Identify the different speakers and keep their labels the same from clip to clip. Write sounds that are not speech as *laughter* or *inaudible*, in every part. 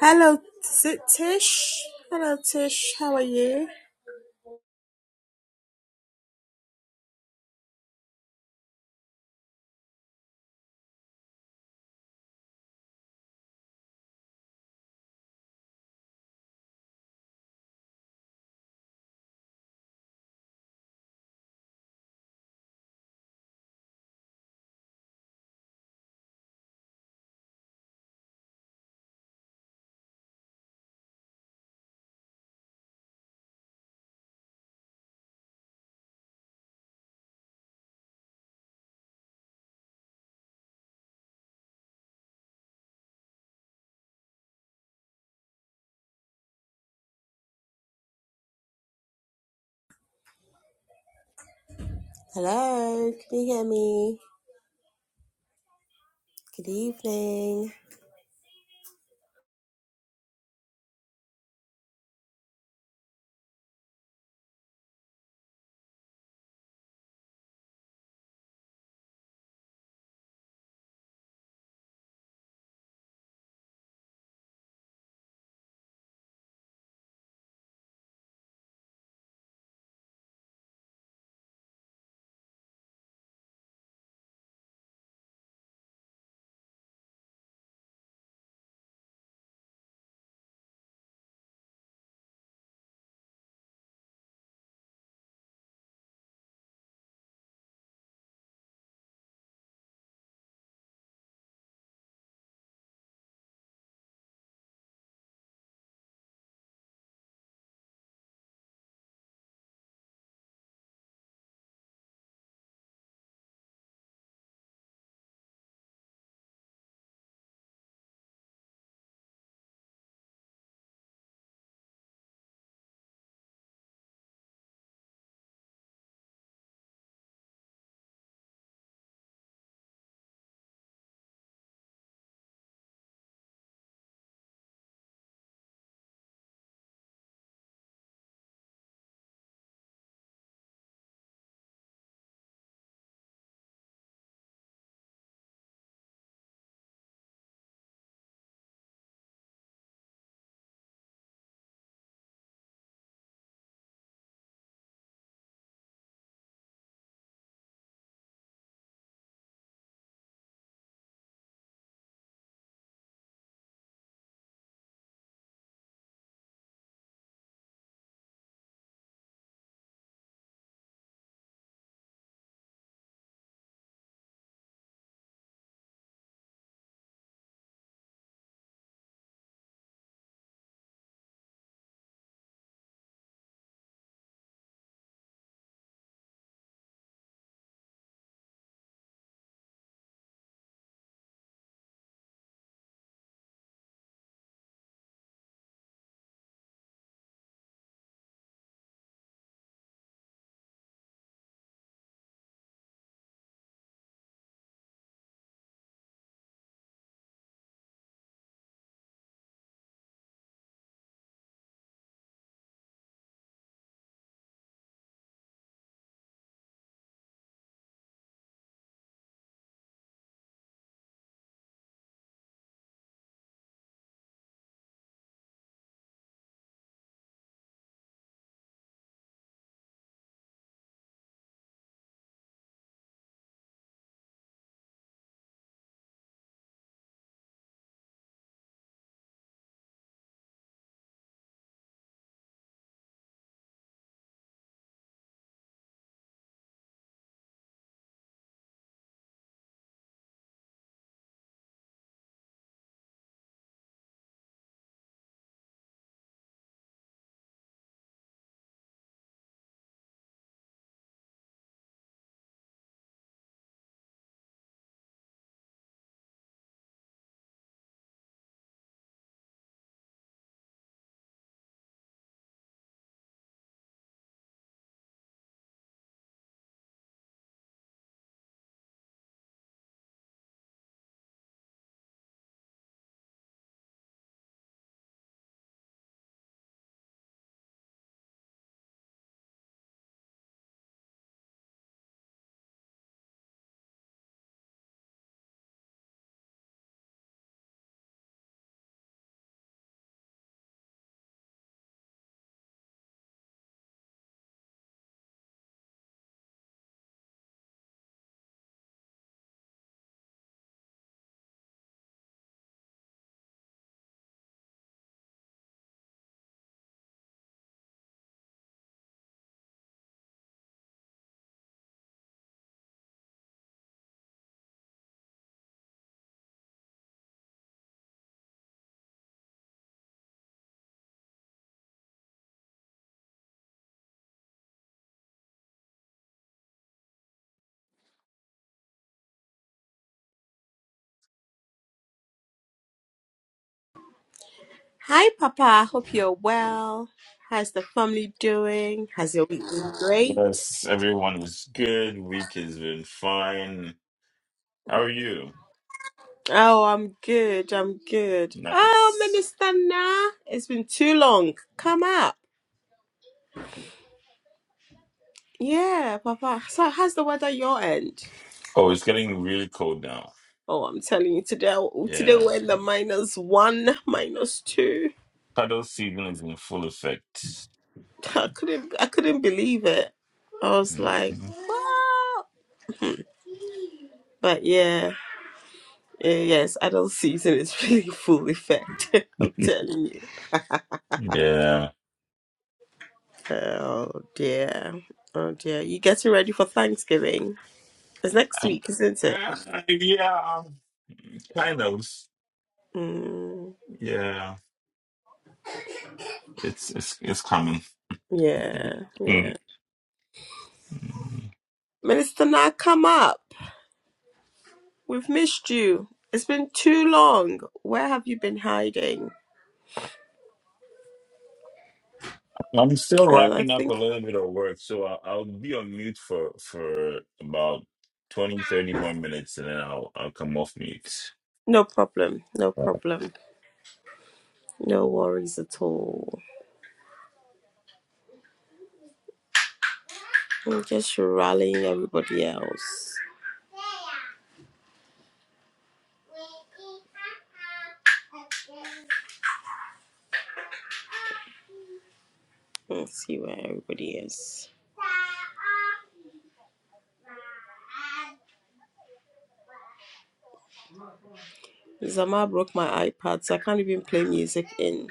Speaker 1: Hello, is it Tish? Hello, Tish. How are you? Hello, can you hear me? Good evening. Hi, Papa. I Hope you're well. How's the family doing? Has your week been great?
Speaker 2: Yes, everyone is good. Week has been fine. How are you?
Speaker 1: Oh, I'm good. I'm good. Oh,
Speaker 2: Nice.
Speaker 1: Minister Nah, it's been too long. Come up. Yeah, Papa. So, how's the weather your end?
Speaker 2: Oh, it's getting really cold now.
Speaker 1: Oh, I'm telling you, today today
Speaker 2: Yeah.
Speaker 1: we're in the minus one, minus two.
Speaker 2: Cuddle season is in full effect.
Speaker 1: I couldn't I couldn't believe it. I was like,
Speaker 2: Mhm.
Speaker 1: "Wow!" But yeah, eh, yes, adult season is *laughs* really full effect. *laughs* I'm
Speaker 2: *laughs*
Speaker 1: telling you.
Speaker 2: Yeah.
Speaker 1: Oh dear, oh dear. You getting ready for Thanksgiving? It's next week, isn't it?
Speaker 2: Uh, yeah. um, Kind of.
Speaker 1: Mm,
Speaker 2: Yeah. It's it's it's coming.
Speaker 1: yeah, yeah.
Speaker 2: Mm.
Speaker 1: Minister, now come up. We've missed you. It's been too long. Where have you been hiding?
Speaker 2: I'm still
Speaker 1: And I
Speaker 2: wrapping up
Speaker 1: think
Speaker 2: a little bit of work, so I'll, I'll be on mute for for about 20, 30 more minutes, and then I'll I'll come off mute.
Speaker 1: No problem. No problem. No worries at all. I'm just rallying everybody else. Let's see where everybody is. Zama broke my iPad, so I can't even play music in.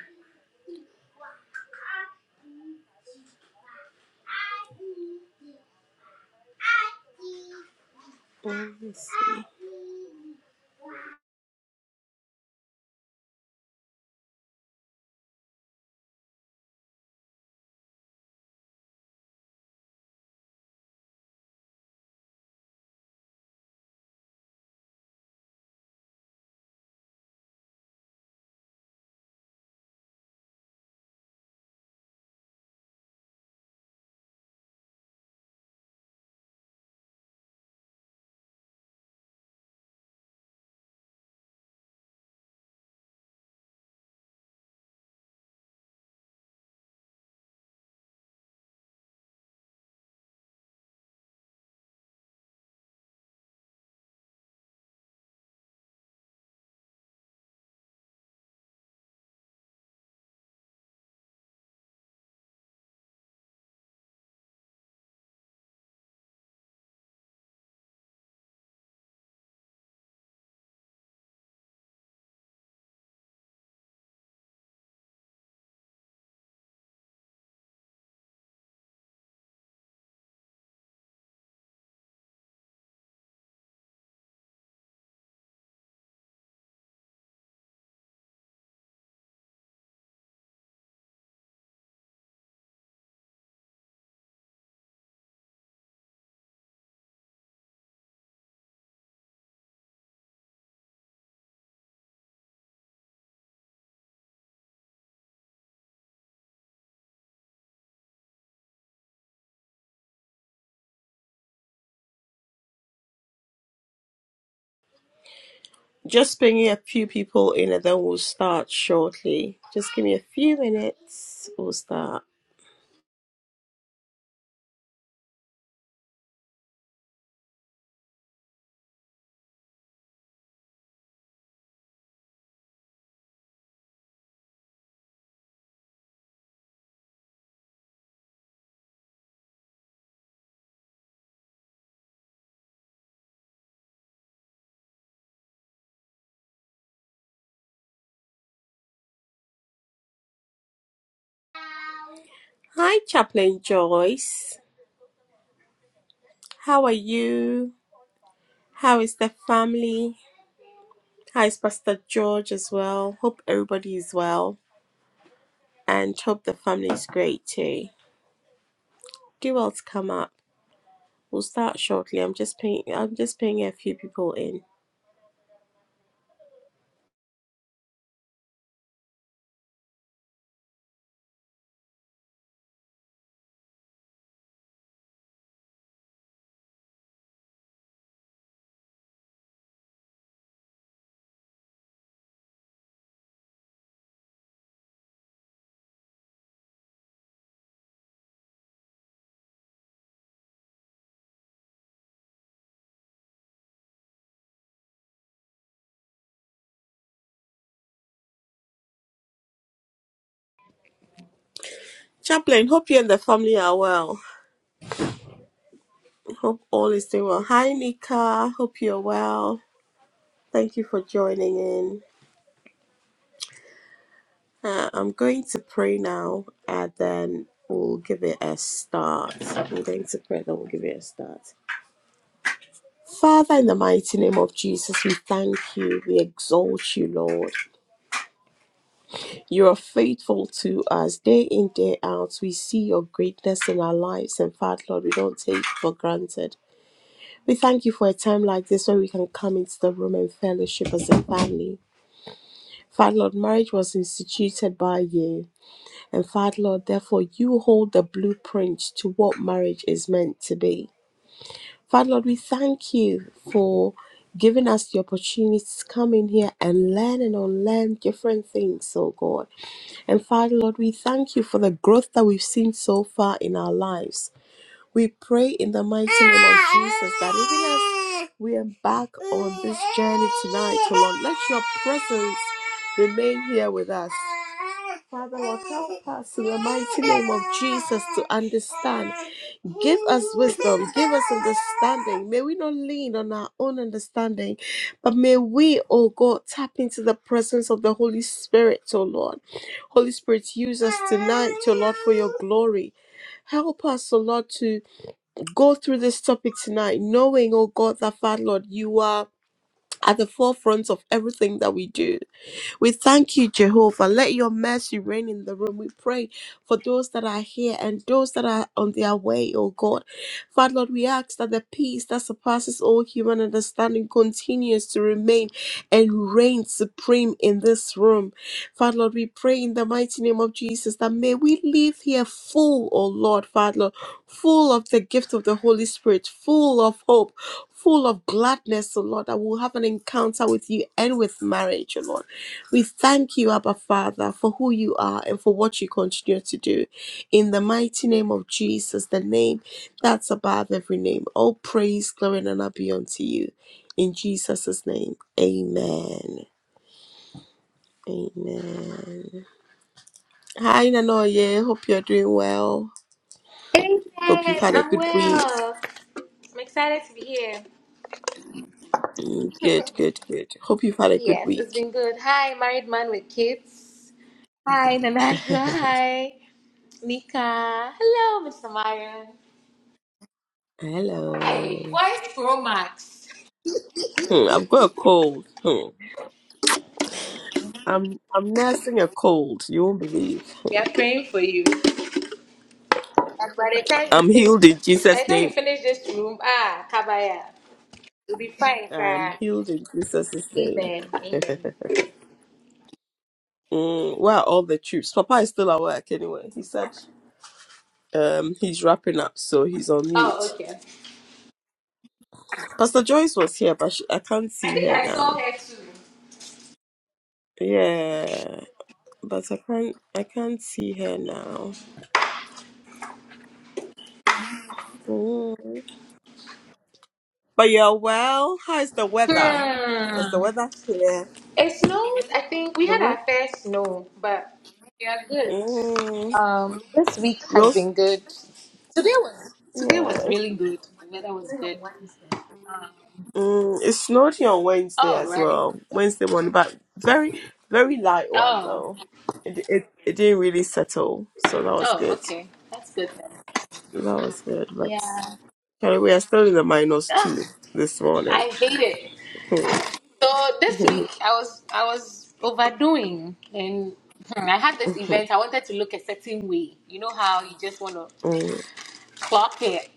Speaker 1: Mm, Let's see. Just bringing a few people in and then we'll start shortly. Just give me a few minutes. We'll start. Hi, Chaplain Joyce. How are you? How is the family? Hi, it's Pastor George as well. Hope everybody is well. and Chop the Family is great too. Do well to come up. We'll start shortly. I'm just paying I'm just paying a few people in. Chaplain, hope you and the family are well. Hope all is doing well. Hi Nika, hope you're well. Thank you for joining in. Uh, I'm going to pray now and then we'll give it a start. I'm going to pray then we'll give it a start. Father, in the mighty name of Jesus, we thank you. We exalt you, Lord. You are faithful to us day in, day out. We see your greatness in our lives. And Father, Lord, we don't take it for granted. We thank you for a time like this where we can come into the room and fellowship as a family. Father, Lord, marriage was instituted by you. And Father, Lord, therefore, you hold the blueprint to what marriage is meant to be. Father, Lord, we thank you for giving us the opportunity to come in here and learn and unlearn different things, oh God. And Father, Lord, we thank you for the growth that we've seen so far in our lives. We pray in the mighty name of Jesus that even as we embark on this journey tonight, oh Lord, let your presence remain here with us. Father, Lord, help us in the mighty name of Jesus to understand. Give us wisdom, give us understanding. May we not lean on our own understanding, but may we, oh God, tap into the presence of the Holy Spirit, oh Lord. Holy Spirit, use us tonight, oh Lord, for your glory. Help us, oh Lord, to go through this topic tonight, knowing, oh God, that Father Lord, you are at the forefront of everything that we do. We thank you, Jehovah. Let your mercy reign in the room. We pray for those that are here and those that are on their way, oh God. Father, Lord, we ask that the peace that surpasses all human understanding continues to remain and reign supreme in this room. Father, Lord, we pray in the mighty name of Jesus that may we live here full, oh Lord, Father, Lord, full of the gift of the Holy Spirit, full of hope, full of gladness, oh Lord, that we'll have an encounter with you and with marriage, oh Lord. We thank you, Abba Father, for who you are and for what you continue to do. In the mighty name of Jesus, the name that's above every name, all praise, glory, and honor be unto you. In Jesus' name, amen. Amen. Hi, Nanoye. Hope you're doing well.
Speaker 3: Amen.
Speaker 1: Hope you've had a
Speaker 3: I'm
Speaker 1: good week.
Speaker 3: well. I'm excited to be here.
Speaker 1: Mm,
Speaker 3: *laughs*
Speaker 1: Good, good, good. Hope you've had a good
Speaker 3: yes, it's
Speaker 1: week.
Speaker 3: been good. Hi, married man with kids. Hi, Nanadra. *laughs* Hi, Nika. Hello, Mr. Marion. Hey,
Speaker 1: Hello.
Speaker 3: voice pro max.
Speaker 1: Hmm, I've got a cold. Hmm. I'm I'm nursing a cold. You won't believe.
Speaker 3: We are praying for you. And by the time you
Speaker 1: I'm
Speaker 3: finish,
Speaker 1: healed in
Speaker 3: by the
Speaker 1: Jesus'
Speaker 3: time you
Speaker 1: name.
Speaker 3: finish this room, ah, kabaya, you'll be fine,
Speaker 1: I'm
Speaker 3: cry.
Speaker 1: healed in Jesus' name.
Speaker 3: Amen.
Speaker 1: *laughs*
Speaker 3: Amen.
Speaker 1: Mm, where are all the troops? Papa is still at work anyway. He said um, he's wrapping up, so he's on mute.
Speaker 3: Oh, okay.
Speaker 1: Pastor Joyce was here, but she, I can't
Speaker 3: I
Speaker 1: see
Speaker 3: think
Speaker 1: her
Speaker 3: I saw
Speaker 1: now.
Speaker 3: her too.
Speaker 1: Yeah, but I can't. I can't see her now. Mm. But you're well. How is the weather? Because the
Speaker 3: Hmm.
Speaker 1: weather here,
Speaker 3: It snowed. I think we
Speaker 1: the
Speaker 3: had
Speaker 1: weather.
Speaker 3: our fair snow, but we are good.
Speaker 1: Mm,
Speaker 3: Um, this week
Speaker 1: we
Speaker 3: has
Speaker 1: also,
Speaker 3: been good. Today was today
Speaker 1: yeah.
Speaker 3: was really good. The weather was good. Um,
Speaker 1: Mm, it snowed here on Wednesday
Speaker 3: oh
Speaker 1: as
Speaker 3: right.
Speaker 1: well. Wednesday morning, but very, very light one
Speaker 3: Oh
Speaker 1: though. It it, it didn't really settle, so that was
Speaker 3: oh
Speaker 1: good.
Speaker 3: okay. That's good then.
Speaker 1: That was good. But
Speaker 3: Yeah.
Speaker 1: Charlie, we are still in the minus
Speaker 3: Ugh,
Speaker 1: two this morning.
Speaker 3: I
Speaker 1: *laughs*
Speaker 3: hate it. So this week I was I was overdoing and hmm, I had this event. I wanted to look a certain way. You know how you just want to
Speaker 1: Mm,
Speaker 3: clock it.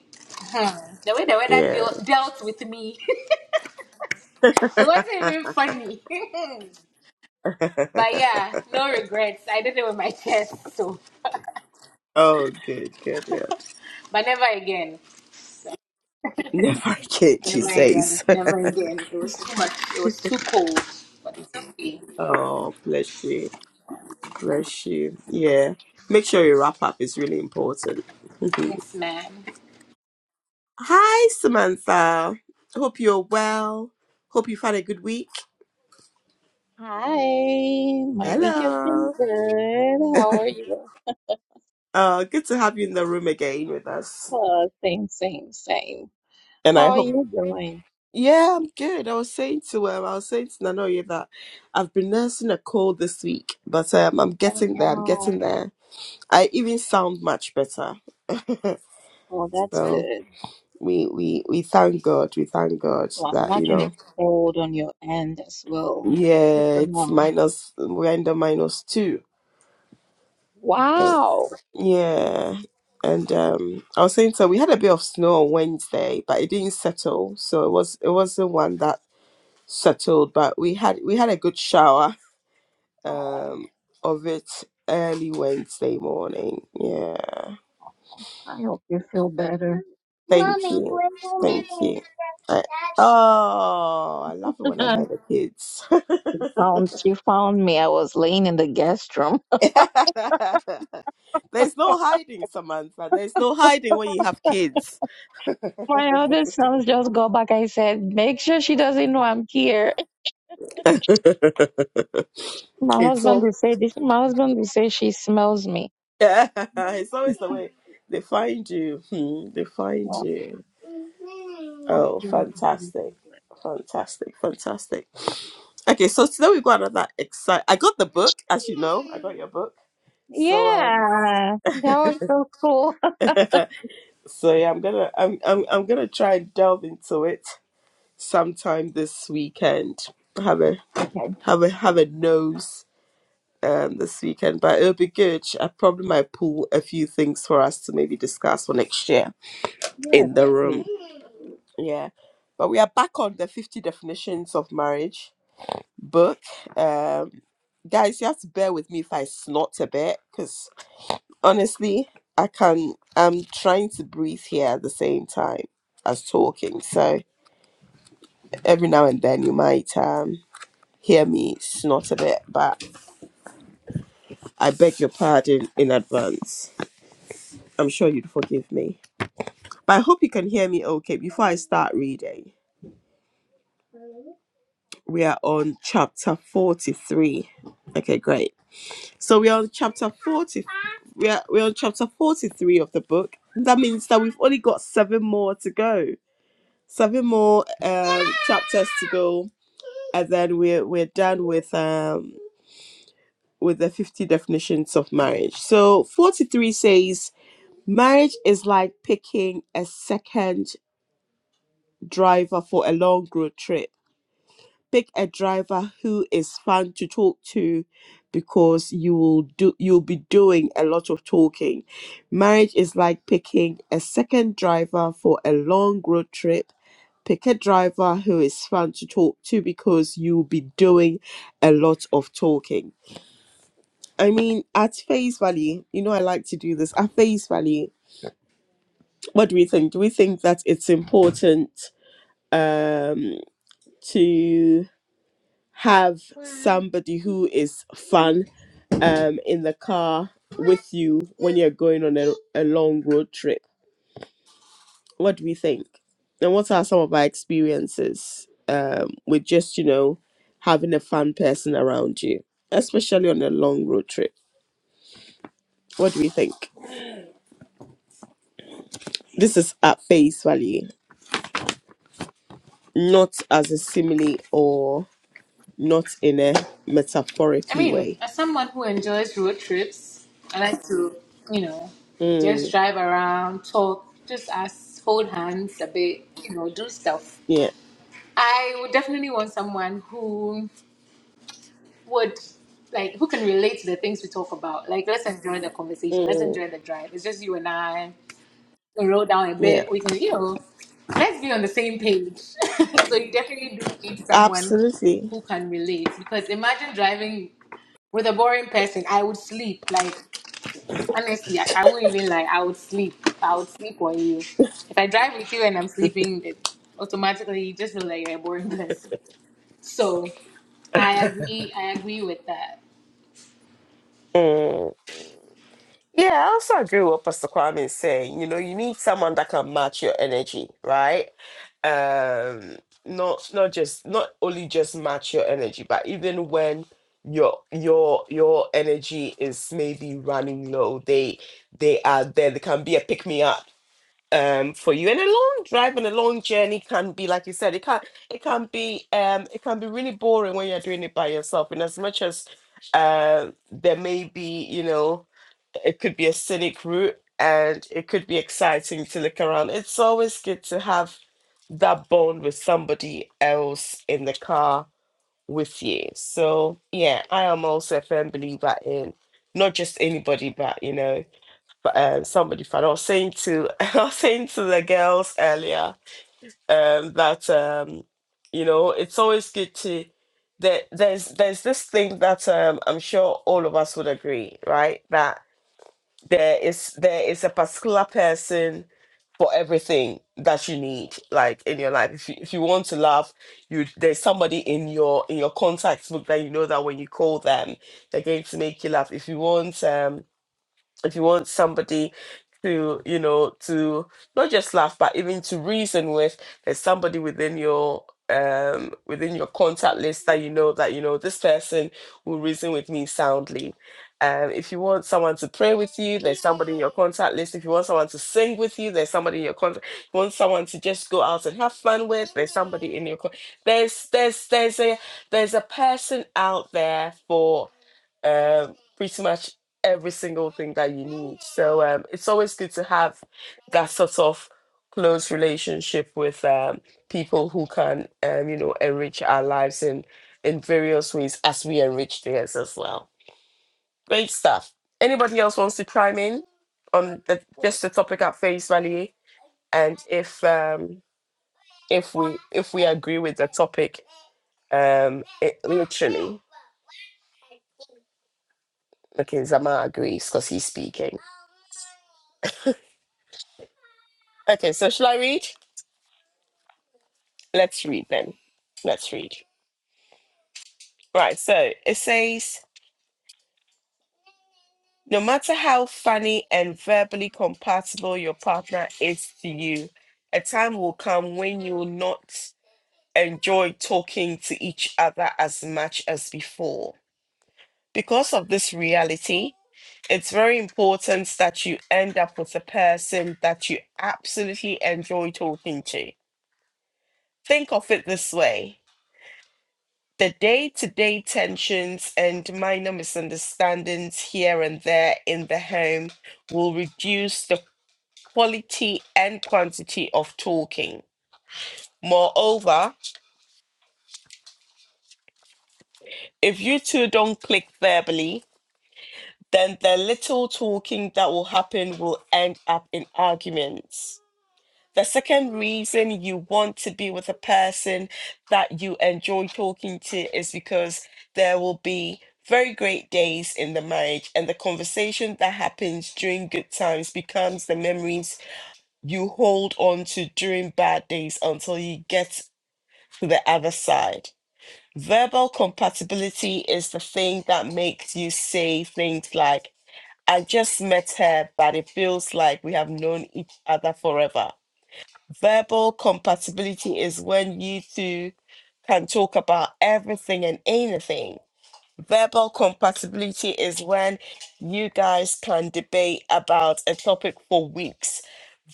Speaker 3: Hmm. The way the weather deal,
Speaker 1: yeah.
Speaker 3: dealt with me. *laughs*
Speaker 1: *laughs*
Speaker 3: It wasn't even funny. *laughs* but yeah, no regrets. I did it with my *laughs* chest, so
Speaker 1: oh, good, good, good.
Speaker 3: but never again.
Speaker 1: Never again, she
Speaker 3: Never again.
Speaker 1: says.
Speaker 3: Never again. It was too much. It was too cold. But it's okay.
Speaker 1: *laughs* oh, bless you, bless you. Yeah. Make sure you wrap up. It's really important. *laughs*
Speaker 3: Yes, ma'am.
Speaker 1: Hi, Samantha. Hope you're well. Hope you've had a good week.
Speaker 4: Hi, my week has
Speaker 1: Hello.
Speaker 4: been good. How are you?
Speaker 1: Uh, good to have you in the room again with us.
Speaker 4: Uh, same, same, same.
Speaker 1: And
Speaker 4: How
Speaker 1: I
Speaker 4: are
Speaker 1: hope,
Speaker 4: you doing?
Speaker 1: yeah, I'm good. I was saying to um, I was saying to Nanoye that I've been nursing a cold this week, but um, I'm
Speaker 4: Oh
Speaker 1: getting there. I'm
Speaker 4: no.
Speaker 1: getting there. I even sound much better. *laughs*
Speaker 4: Oh, that's
Speaker 1: so
Speaker 4: good.
Speaker 1: we we we thank God. We thank God
Speaker 4: Well, I
Speaker 1: that you
Speaker 4: imagine
Speaker 1: know,
Speaker 4: it's cold on your end as well. Good
Speaker 1: yeah,
Speaker 4: to
Speaker 1: it's
Speaker 4: know.
Speaker 1: minus. We're in the minus two.
Speaker 4: Wow.
Speaker 1: Yeah. And um I was saying so we had a bit of snow on Wednesday, but it didn't settle. So it was it wasn't one that settled, but we had we had a good shower
Speaker 4: Oh,
Speaker 1: um of it early Wednesday morning. Yeah.
Speaker 4: I hope you feel better.
Speaker 1: Thank
Speaker 4: Mommy,
Speaker 1: you.
Speaker 4: where mommy
Speaker 1: Thank you. I, oh, I love it when I
Speaker 4: Dad?
Speaker 1: hear
Speaker 4: *laughs*
Speaker 1: the kids.
Speaker 4: found you found me. I was laying in the guest room.
Speaker 1: *laughs* There's no hiding, Samantha. There's no hiding when you have kids.
Speaker 4: *laughs* My other sons just go back. I said, make sure she doesn't know I'm here.
Speaker 1: *laughs*
Speaker 4: My
Speaker 1: it's
Speaker 4: husband will
Speaker 1: all.
Speaker 4: say this. My husband will say she smells me.
Speaker 1: Yeah, *laughs* it's always the way *laughs* they find you. Hmm, they find
Speaker 4: Oh,
Speaker 1: you.
Speaker 4: I
Speaker 1: Oh,
Speaker 4: feel it is really
Speaker 1: fantastic.
Speaker 4: tired.
Speaker 1: Fantastic, fantastic. Okay, so today we got another exciting. I got the book, as you know. I got your book. So um
Speaker 4: Yeah,
Speaker 1: *laughs*
Speaker 4: that was so cool. *laughs*
Speaker 1: so yeah, I'm gonna I'm I'm I'm gonna try and delve into it sometime this weekend. Have a
Speaker 4: Okay.
Speaker 1: have a have a nose. um, this weekend, but it'll be good. I probably might pull a few things for us to maybe discuss for next year
Speaker 4: Yes,
Speaker 1: in the room.
Speaker 4: please.
Speaker 1: Yeah. But we are back on the 50 definitions of marriage book. Um, guys, you have to bear with me if I snort a bit because honestly, I can, I'm trying to breathe here at the same time as talking. So every now and then you might um, hear me snort a bit, but I beg your pardon in advance. I'm sure you'd forgive me. But I hope you can hear me okay before I start reading. We are on chapter 43. Okay, great. So we are on chapter 40. We are we're on chapter 43 of the book. That means that we've only got seven more to go. Seven more um, chapters to go. And then we're we're done with um with the 50 definitions of marriage. So 43 says marriage is like picking a second driver for a long road trip pick a driver who is fun to talk to because you will do you'll be doing a lot of talking. Marriage is like picking a second driver for a long road trip. Pick a driver who is fun to talk to because you'll be doing a lot of talking. I mean, at face value, you know I like to do this. At face value, what do we think? Do we think that it's important um to have somebody who is fun um in the car with you when you're going on a, a long road trip what do we think and what are some of our experiences um with just you know having a fun person around you especially on a long road trip what do we think this is at face value not as a simile or not in a
Speaker 3: I
Speaker 1: metaphorically
Speaker 3: mean,
Speaker 1: way
Speaker 3: as someone who enjoys road trips, I like to, you know, just
Speaker 1: mm,
Speaker 3: drive around, talk, just us, hold hands a bit, you know, do stuff.
Speaker 1: yeah
Speaker 3: I would definitely want someone who would like who can relate to the things we talk about. Like let's enjoy the conversation. Let's
Speaker 1: mm,
Speaker 3: enjoy the drive. It's just you and I. We roll down a
Speaker 1: yeah
Speaker 3: bit. We can, you know, let's be on the same page. *laughs* so you definitely do need someone
Speaker 1: absolutely
Speaker 3: who can relate. Because imagine driving with a boring person. I would sleep. Like honestly, I, I wouldn't even lie. I would sleep. I would sleep on you. If I drive with you and I'm sleeping, it automatically you just feel like you're a boring *laughs* person. So I agree. I agree with that.
Speaker 1: Mm. Yeah, I also agree with what Pastor Kwame is saying. You know, you need someone that can match your energy, right? Um, not not just not only just match your energy, but even when your your your energy is maybe running low, they they are there. They can be a pick me up um for you. And a long drive and a long journey can be, like you said, it can it can be um it can be really boring when you're doing it by yourself. And as much as uh there may be, you know it could be a scenic route and it could be exciting to look around. It's always good to have that bond with somebody else in the car with you. So, yeah, I am also a firm believer in not just anybody, but you know, but um, somebody fun. I was saying to *laughs* I was saying to the girls earlier um, that um, you know it's always good to there, there's there's this thing that um, I'm sure all of us would agree, right? That there is there is a particular person for everything that you need like in your life if you, if you want to laugh you there's somebody in your in your contacts book that you know that when you call them they're going to make you laugh if you want um if you want somebody to you know to not just laugh but even to reason with there's somebody within your um within your contact list that you know that you know this person will reason with me soundly um if you want someone to pray with you there's somebody in your contact list if you want someone to sing with you there's somebody in your contact if you want someone to just go out and have fun with there's somebody in your con- there's there's there's a there's a person out there for um pretty much every single thing that you need. So um, it's always good to have that sort of close relationship with um, people who can, um, you know, enrich our lives in in various ways as we enrich theirs as well. Great stuff. Anybody else wants to chime in on the, just the topic at face value? And if um, if we if we agree with the topic, um, it literally. Okay, Zama agrees because he's speaking. Okay, so shall I read? Let's read then. Let's read. Right, so it says no matter how funny and verbally compatible your partner is to you, a time will come when you will not enjoy talking to each other as much as before. Because of this reality, it's very important that you end up with a person that you absolutely enjoy talking to. Think of it this way the day to day tensions and minor misunderstandings here and there in the home will reduce the quality and quantity of talking. Moreover, if you two don't click verbally, then the little talking that will happen will end up in arguments. The second reason you want to be with a person that you enjoy talking to is because there will be very great days in the marriage, and the conversation that happens during good times becomes the memories you hold on to during bad days until you get to the other side. Verbal compatibility is the thing that makes you say things like, I just met her, but it feels like we have known each other forever. Verbal compatibility is when you two can talk about everything and anything. Verbal compatibility is when you guys can debate about a topic for weeks.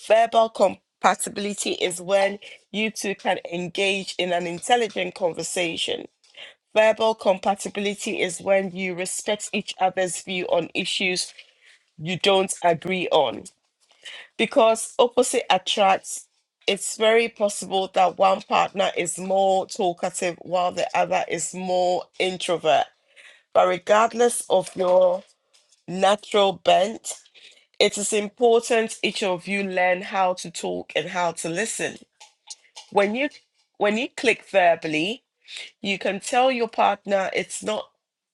Speaker 1: Verbal compatibility is when you two can engage in an intelligent conversation. Verbal compatibility is when you respect each other's view on issues you don't agree on because opposite attracts it's very possible that one partner is more talkative while the other is more introvert but regardless of your natural bent it is important each of you learn how to talk and how to listen when you when you click verbally you can tell your partner it's not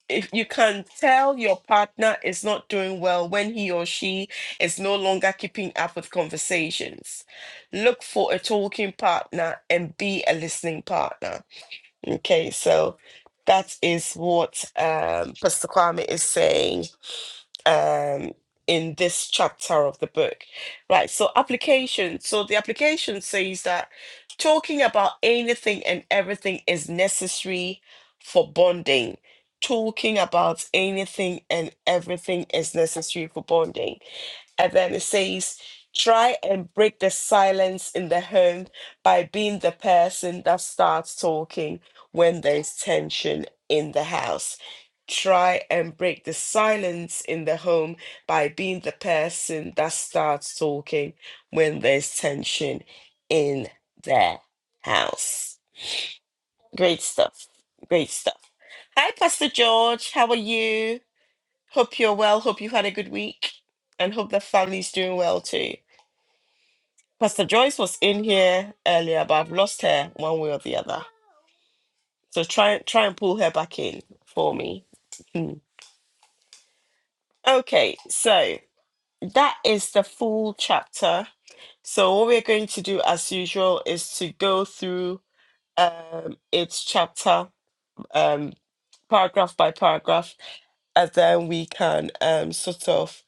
Speaker 1: if you can tell your partner is not doing well when he or she is no longer keeping up with conversations look for a talking partner and be a listening partner okay so that is what um, pastor kwame is saying um, in this chapter of the book. Right, so application. So the application says that talking about anything and everything is necessary for bonding. Talking about anything and everything is necessary for bonding. And then it says, try and break the silence in the home by being the person that starts talking when there's tension in the house. Try and break the silence in the home by being the person that starts talking when there's tension in their house. Great stuff. Great stuff. Hi, Pastor George. How are you? Hope you're well. Hope you had a good week and hope the family's doing well too. Pastor Joyce was in here earlier, but I've lost her one way or the other. So try try and pull her back in for me. Hmm. Okay, so that is the full chapter. So what we're going to do as usual is to go through um its chapter um paragraph by paragraph and then we can um sort of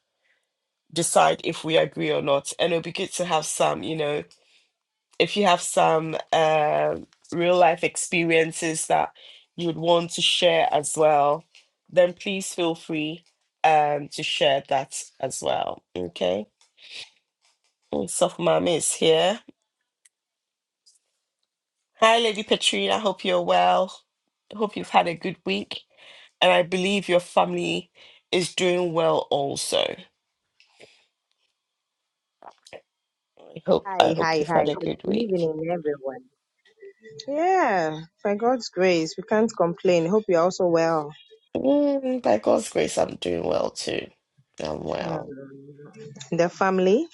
Speaker 1: decide if we agree or not. And it'll be good to have some, you know, if you have some um real life experiences that you would want to share as well, then please feel free um, to share that as well. Okay. Soft Mom is here. Hi, Lady Petrina. Hope you're well. Hope you've had a good week. And I believe your family is doing well also. I hope I
Speaker 5: Hi,
Speaker 1: hope
Speaker 5: hi,
Speaker 1: you've had
Speaker 5: hi.
Speaker 1: a
Speaker 5: Good
Speaker 1: good week.
Speaker 5: evening, everyone. Yeah, by God's grace, we can't complain. Hope you're also well.
Speaker 1: Mm, by God's grace, I'm doing well too. I'm well.
Speaker 5: Mm. The family,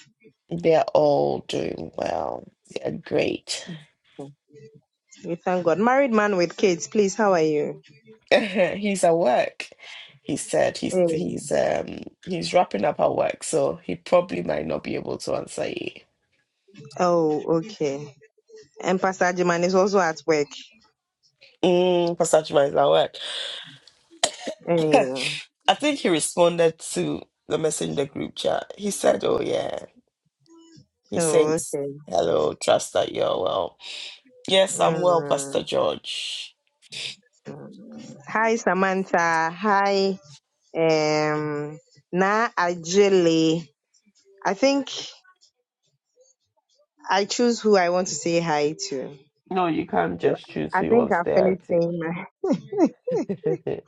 Speaker 1: They're all doing well. They're great.
Speaker 5: we thank God. Married man with kids, please, how are you?
Speaker 1: *laughs* He's at work. He said he's
Speaker 5: Mm.
Speaker 1: he's um he's wrapping up at work, so he probably might not be able to answer you.
Speaker 5: Oh, okay. And Pastor Ajiman is also at work.
Speaker 1: Mm, Pastor Chima is at work. *laughs*
Speaker 5: Mm.
Speaker 1: I think he responded to the message in the group chat. He said, "Oh yeah." He
Speaker 5: Oh,
Speaker 1: says,
Speaker 5: okay.
Speaker 1: "Hello, trust that you're well." Yes, I'm well,
Speaker 5: Mm.
Speaker 1: Pastor George.
Speaker 5: Hi, Samantha. Hi, um, Na Ajele. I think I choose who I want to say hi to.
Speaker 1: No, you can't
Speaker 5: So
Speaker 1: just choose
Speaker 5: I
Speaker 1: who
Speaker 5: think
Speaker 1: wants
Speaker 5: I
Speaker 1: there.
Speaker 5: finished saying
Speaker 1: I
Speaker 5: my
Speaker 1: think. *laughs*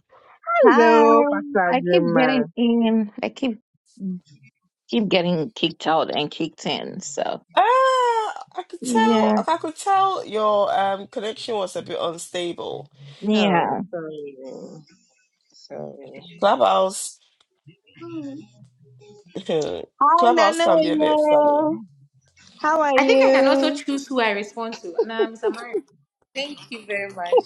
Speaker 5: *laughs*
Speaker 4: Hi,
Speaker 5: hello, Pastor
Speaker 4: I keep
Speaker 5: Juma.
Speaker 4: getting in. I keep keep getting kicked out and kicked in. So
Speaker 1: Uh, I could tell.
Speaker 4: yeah,
Speaker 1: I could tell your um connection was a bit unstable.
Speaker 5: Oh,
Speaker 4: yeah.
Speaker 5: sorry. Sorry.
Speaker 1: Clubhouse,
Speaker 4: Hmm.
Speaker 1: *laughs*
Speaker 5: Hi,
Speaker 1: Clubhouse
Speaker 5: Nana.
Speaker 1: can be a bit funny.
Speaker 5: yeah. How are
Speaker 3: I think I can also
Speaker 5: you?
Speaker 3: choose who I respond to. And I'm Samara. Thank you very much.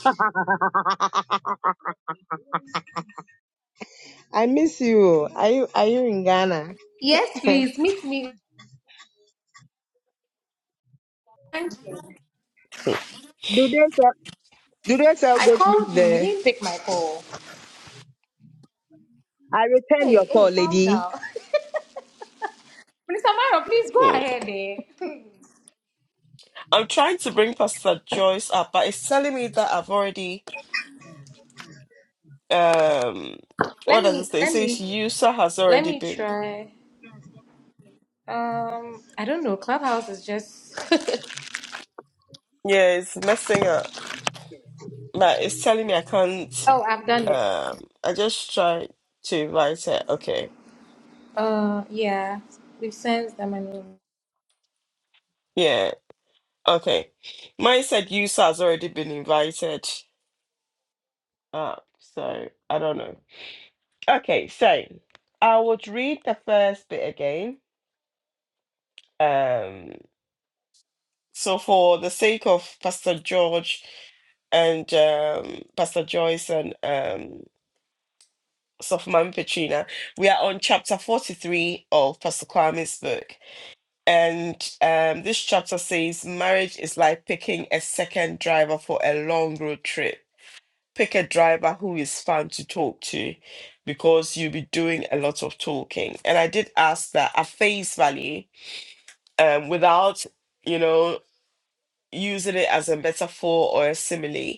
Speaker 5: I miss you. Are you Are you in Ghana?
Speaker 3: Yes,
Speaker 5: *laughs* do
Speaker 3: please meet me. Thank you.
Speaker 5: they sell Do they sell
Speaker 3: I
Speaker 5: goat meat
Speaker 3: called you. You
Speaker 5: there?
Speaker 3: didn't pick my call.
Speaker 5: I returned
Speaker 3: Hey,
Speaker 5: your
Speaker 3: hey,
Speaker 5: call,
Speaker 3: calm
Speaker 5: lady.
Speaker 3: down. *laughs* Miss Samara, please go
Speaker 1: *laughs*
Speaker 3: ahead there. *laughs*
Speaker 1: I'm trying to bring Pastor Joyce up, but it's telling me that I've already um what
Speaker 3: let
Speaker 1: does it
Speaker 3: me
Speaker 1: say? It
Speaker 3: let me
Speaker 1: says user has
Speaker 3: let
Speaker 1: already
Speaker 3: me
Speaker 1: been.
Speaker 3: try. Um I don't know. Clubhouse is just
Speaker 1: Yeah, it's messing up. But it's telling me I
Speaker 3: *laughs*
Speaker 1: can't
Speaker 3: Oh, I've done it.
Speaker 1: um I just tried to invite her. Okay.
Speaker 3: Uh yeah. We've sent them an email.
Speaker 1: Yeah. Okay. Mine said user has already been invited. Uh, so I don't know. Okay, so I would read the first bit again. Um, so for the sake of Pastor George and um, Pastor Joyce and um, Sophoman Petrina, we are on chapter 43 of Pastor Kwame's book. And um, this chapter says marriage is like picking a second driver for a long road trip. pick a driver who is fun to talk to because you'll be doing a lot of talking. And I did ask that at face value, um, without, you know, using it as a metaphor or a simile,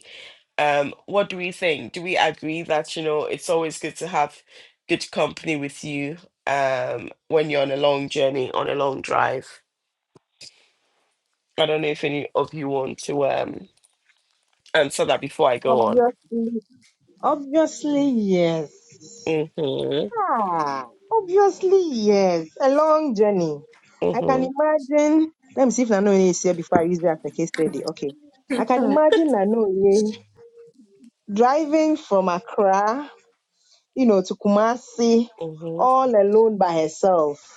Speaker 1: um, what do we think? Do we agree that, you know, it's always good to have good company with you um, when you're on a long journey, on a long drive? I don't know if any of you want to um, answer that before I go on.
Speaker 5: Obviously, obviously, yes.
Speaker 1: Mm-hmm,
Speaker 5: Ah, obviously, yes. A long journey. I can
Speaker 1: mm-hmm,
Speaker 5: imagine. Let me see if Nanoye is here before I use that as a case study. Okay. I can
Speaker 3: Hmm.
Speaker 5: imagine Nanoye driving from Accra, you know, to Kumasi
Speaker 1: mm-hmm.
Speaker 5: all alone by herself.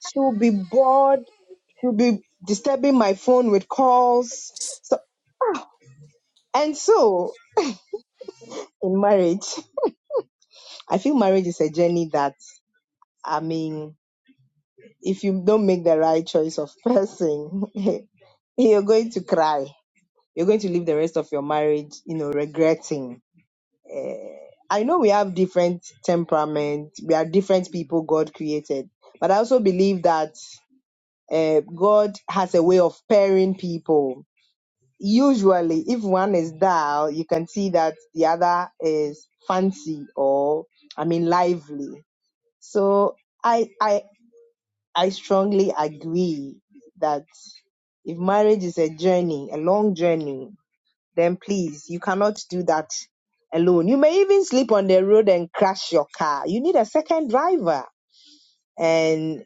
Speaker 5: She will be bored. She'll be disturbing my phone with calls. So and so in marriage, I feel marriage is a journey that I mean if you don't make the right choice of person, *laughs* you're going to cry. You're going to live the rest of your marriage, you know, regretting. I know we have different temperament. We are different people God created. But I also believe that uh, God has a way of pairing people. Usually, if one is dull, you can see that the other is fancy or, I mean, lively. So I, I. I strongly agree that if marriage is a journey, a long journey, then please, you cannot do that alone. You may even sleep on the road and crash your car. You need a second driver. And,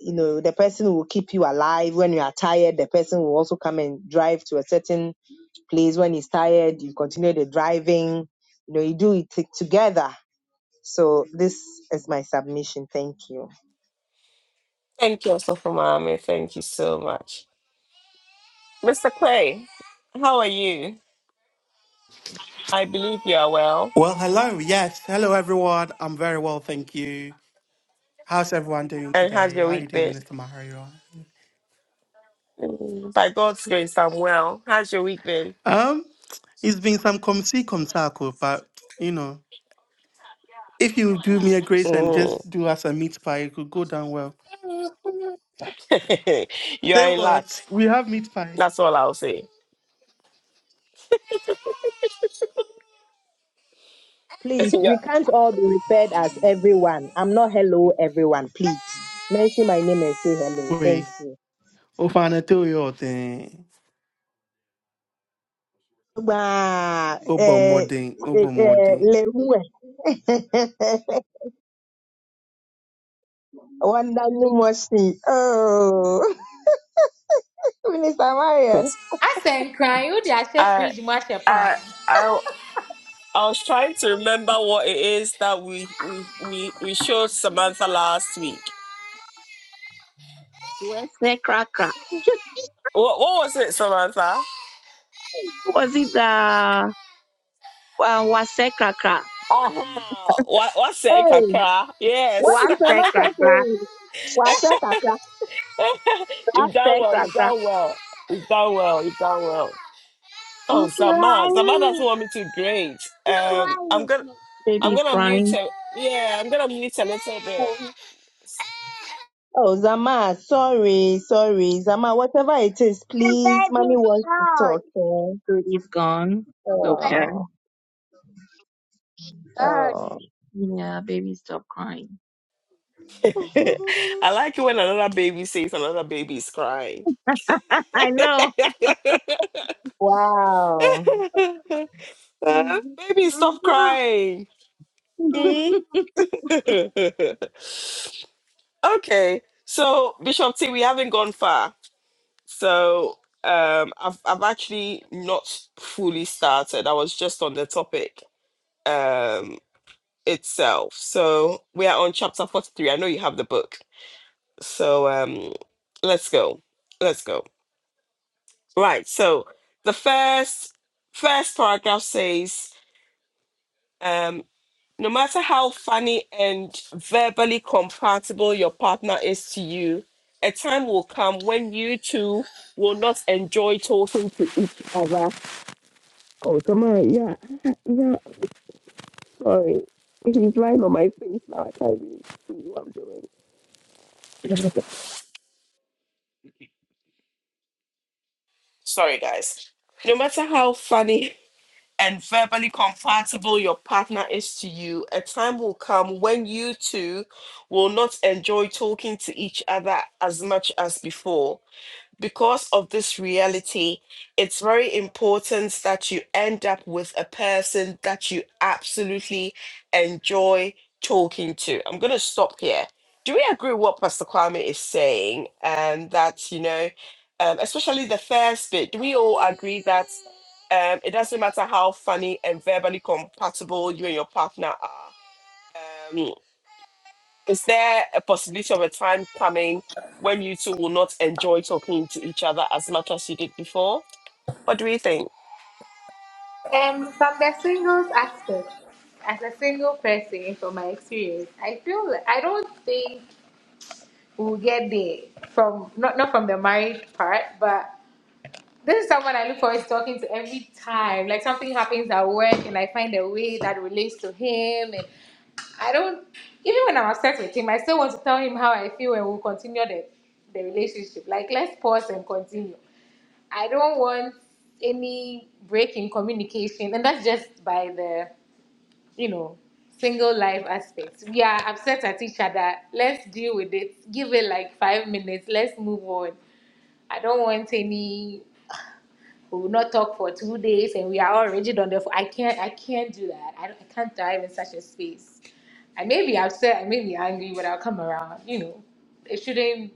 Speaker 5: you know, the person who will keep you alive. When you are tired, the person will also come and drive to a certain place. When he's tired, you continue the driving. You know, you do it t- together. So this is my submission. Thank you.
Speaker 1: Thank you, Osofumami. Thank you so much. Mr. Clay, how are you? I believe you are well.
Speaker 6: Well, hello. Yes, hello everyone. I'm very well, thank you. How's everyone doing
Speaker 1: And how's
Speaker 6: today?
Speaker 1: your
Speaker 6: How are you
Speaker 1: week
Speaker 6: doing,
Speaker 1: been?
Speaker 6: Minister Maharia?
Speaker 1: Mm, By God's grace, I'm well. How's your week been?
Speaker 6: Um, it's been some come see come tackle, but you know, if you do me a grace and
Speaker 1: Mm.
Speaker 6: just do us a meat pie, it could go down well.
Speaker 1: *laughs* you
Speaker 6: Say
Speaker 1: are in luck.
Speaker 6: what? We have meat pie.
Speaker 1: That's all I'll say. *laughs*
Speaker 5: Please,
Speaker 1: yeah.
Speaker 5: we can't all be referred as everyone. I'm not hello everyone. Please mention my name and say hello. Thank
Speaker 6: Wait,
Speaker 5: you.
Speaker 6: Ofanatoyo thing,
Speaker 5: Wow. Eh,
Speaker 6: Obomoding,
Speaker 5: eh, eh,
Speaker 6: Obomoding.
Speaker 5: Leruwe. *laughs* Wanda Numosi. Oh, *laughs* Minister Marion.
Speaker 3: I sent crying. Who did I say
Speaker 1: I,
Speaker 3: fridge mash a
Speaker 1: I,
Speaker 3: pan?
Speaker 1: I, I was trying to remember what it is that we, we, we, we showed Samantha last week.
Speaker 4: Wese cracker. *laughs*
Speaker 1: What, what was it, Samantha?
Speaker 4: Was it uh, uh wase cracker?
Speaker 1: Uh-huh. What, what say, Kakra?
Speaker 5: What
Speaker 1: Yes.
Speaker 4: Wase
Speaker 1: *laughs*
Speaker 5: is
Speaker 4: cracker.
Speaker 5: Zamasa saying? Wasa kaka.
Speaker 1: you've done
Speaker 4: Wase
Speaker 1: well. You've
Speaker 4: cracker.
Speaker 1: done well. You've done well. You've done well. Oh, Sama. Sama doesn't want me to grade. Um, I'm
Speaker 4: Crying.
Speaker 1: gonna, I'm
Speaker 4: Baby's
Speaker 1: gonna mute
Speaker 4: crying.
Speaker 1: her. Yeah, I'm gonna mute a little
Speaker 4: The
Speaker 5: Oh, Zama, sorry, sorry. Zama, whatever it is,
Speaker 4: baby
Speaker 5: please, mommy
Speaker 4: has
Speaker 5: wants to
Speaker 4: gone.
Speaker 5: talk. eh?
Speaker 4: Baby's gone. Okay.
Speaker 5: Oh,
Speaker 4: Gone.
Speaker 5: oh.
Speaker 4: Yeah, baby, stop crying.
Speaker 1: bit. *laughs* I like it when another baby says another baby is crying.
Speaker 4: I know.
Speaker 1: *laughs*
Speaker 5: *laughs* wow.
Speaker 1: Uh, baby, stop crying.
Speaker 4: *laughs*
Speaker 1: Hmm? *laughs* Okay, so Bishop T, we haven't gone far. So um, I've I've actually not fully started. I was just on the topic um, itself. So we are on chapter forty three. I know you have the book. So um, let's go. Let's go. Right. So the first first paragraph says. um, no matter how funny and verbally compatible your partner is to you, a time will come when you two will not enjoy talking to each other. Oh, come on. Yeah. Yeah. Sorry. He's lying on my face now. I can't really see what I'm doing. *laughs* sorry, guys. No matter how funny and verbally compatible your partner is to you, a time will come when you two will not enjoy talking to each other as much as before because of this reality, it's very important that you end up with a person that you absolutely enjoy talking to. I'm going to stop here. Do we agree with what Pastor Kwame is saying? And that, you know, um, especially the first bit, do we all agree that um, it doesn't matter how funny and verbally compatible you and your partner are? Um, is there a possibility of a time coming when you two will not enjoy talking to each other as much as you did before? What do you think?
Speaker 3: Um, from the singles aspect, as a single person, from my experience, I feel like, I don't think we'll get there from not not from the marriage part, but this is someone I look forward to talking to every time. Like something happens at work, and I find a way that relates to him, and I don't even when I'm upset with him, I still want to tell him how I feel, and we'll continue the the relationship. Like let's pause and continue. I don't want any break in communication, and that's just by the you know, single life aspects. We are upset at each other. Let's deal with it. Give it like five minutes. Let's move on. I don't want any. We will not talk for two days, and we are all rigid on the. ph- I can't. I can't do that. I, don't, I can't thrive in such a space. I may be upset. I may be angry, but I'll come around. You know, it shouldn't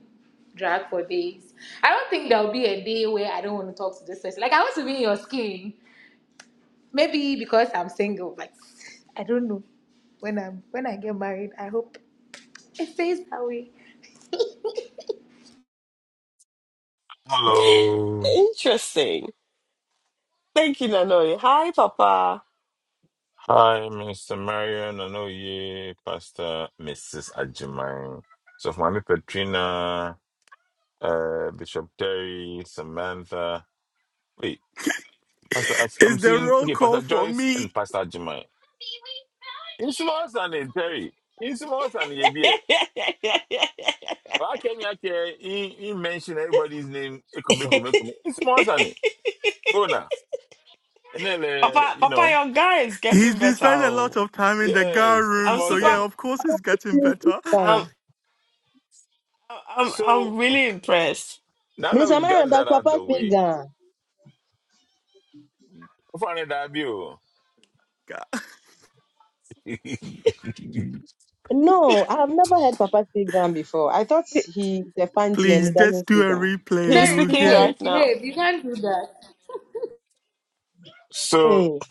Speaker 3: drag for days. I don't think there'll be a day where I don't want to talk to this person. Like I want to be in your skin. Maybe because I'm single, like I don't know. When I'm when I get married, I hope it stays that way.
Speaker 2: Hello.
Speaker 1: Interesting. Thank you, Nanoi. Hi, Papa.
Speaker 2: Hi, Mr. Marion I know you, Pastor Mrs. Ajimai, So, for Mommy Petrina, uh, Bishop Terry, Samantha. Wait, Pastor, As-
Speaker 6: It's
Speaker 2: I'm
Speaker 6: the
Speaker 2: seeing,
Speaker 6: roll
Speaker 2: okay,
Speaker 6: call
Speaker 2: Pastor
Speaker 6: for
Speaker 2: Joyce and
Speaker 6: me.
Speaker 2: Pastor Ajimai. In small and in Terry, in small and in Yedie.
Speaker 1: *laughs*
Speaker 2: Why can you care? He he mention everybody's name. Ekome, ekome, ekome. In small and go now. And then, uh,
Speaker 1: Papa,
Speaker 2: you
Speaker 1: Papa,
Speaker 2: know,
Speaker 1: your guy is
Speaker 6: He's
Speaker 1: getting
Speaker 6: been
Speaker 1: better.
Speaker 6: spending a lot
Speaker 1: oh.
Speaker 6: of time in the guard
Speaker 2: yes, in
Speaker 6: room,
Speaker 1: I'm
Speaker 2: small
Speaker 6: so
Speaker 1: super.
Speaker 6: yeah,
Speaker 2: and
Speaker 6: of course he's getting
Speaker 5: speak
Speaker 6: better.
Speaker 5: Ghana.
Speaker 1: I'm, I'm, I'm
Speaker 2: so
Speaker 1: really impressed.
Speaker 2: now that
Speaker 5: Minister
Speaker 2: we've
Speaker 5: Marion,
Speaker 2: gotten
Speaker 5: does
Speaker 2: that out of
Speaker 5: Papa
Speaker 2: the
Speaker 5: speak
Speaker 2: way,
Speaker 5: Ghana?
Speaker 2: Funny that view.
Speaker 6: *laughs*
Speaker 2: *laughs*
Speaker 5: No, I have never heard Papa speak Ghana before. I thought
Speaker 1: He-
Speaker 5: he's a fancy and
Speaker 6: Please
Speaker 5: he
Speaker 6: just
Speaker 5: doesn't
Speaker 6: do a
Speaker 5: speak Ghana.
Speaker 6: replay.
Speaker 1: He's
Speaker 3: Sorry,
Speaker 6: You
Speaker 1: speaking
Speaker 6: hear?
Speaker 3: behave,
Speaker 1: right now.
Speaker 3: behave. You can't do that.
Speaker 2: so,
Speaker 5: Hey,
Speaker 2: *clears throat*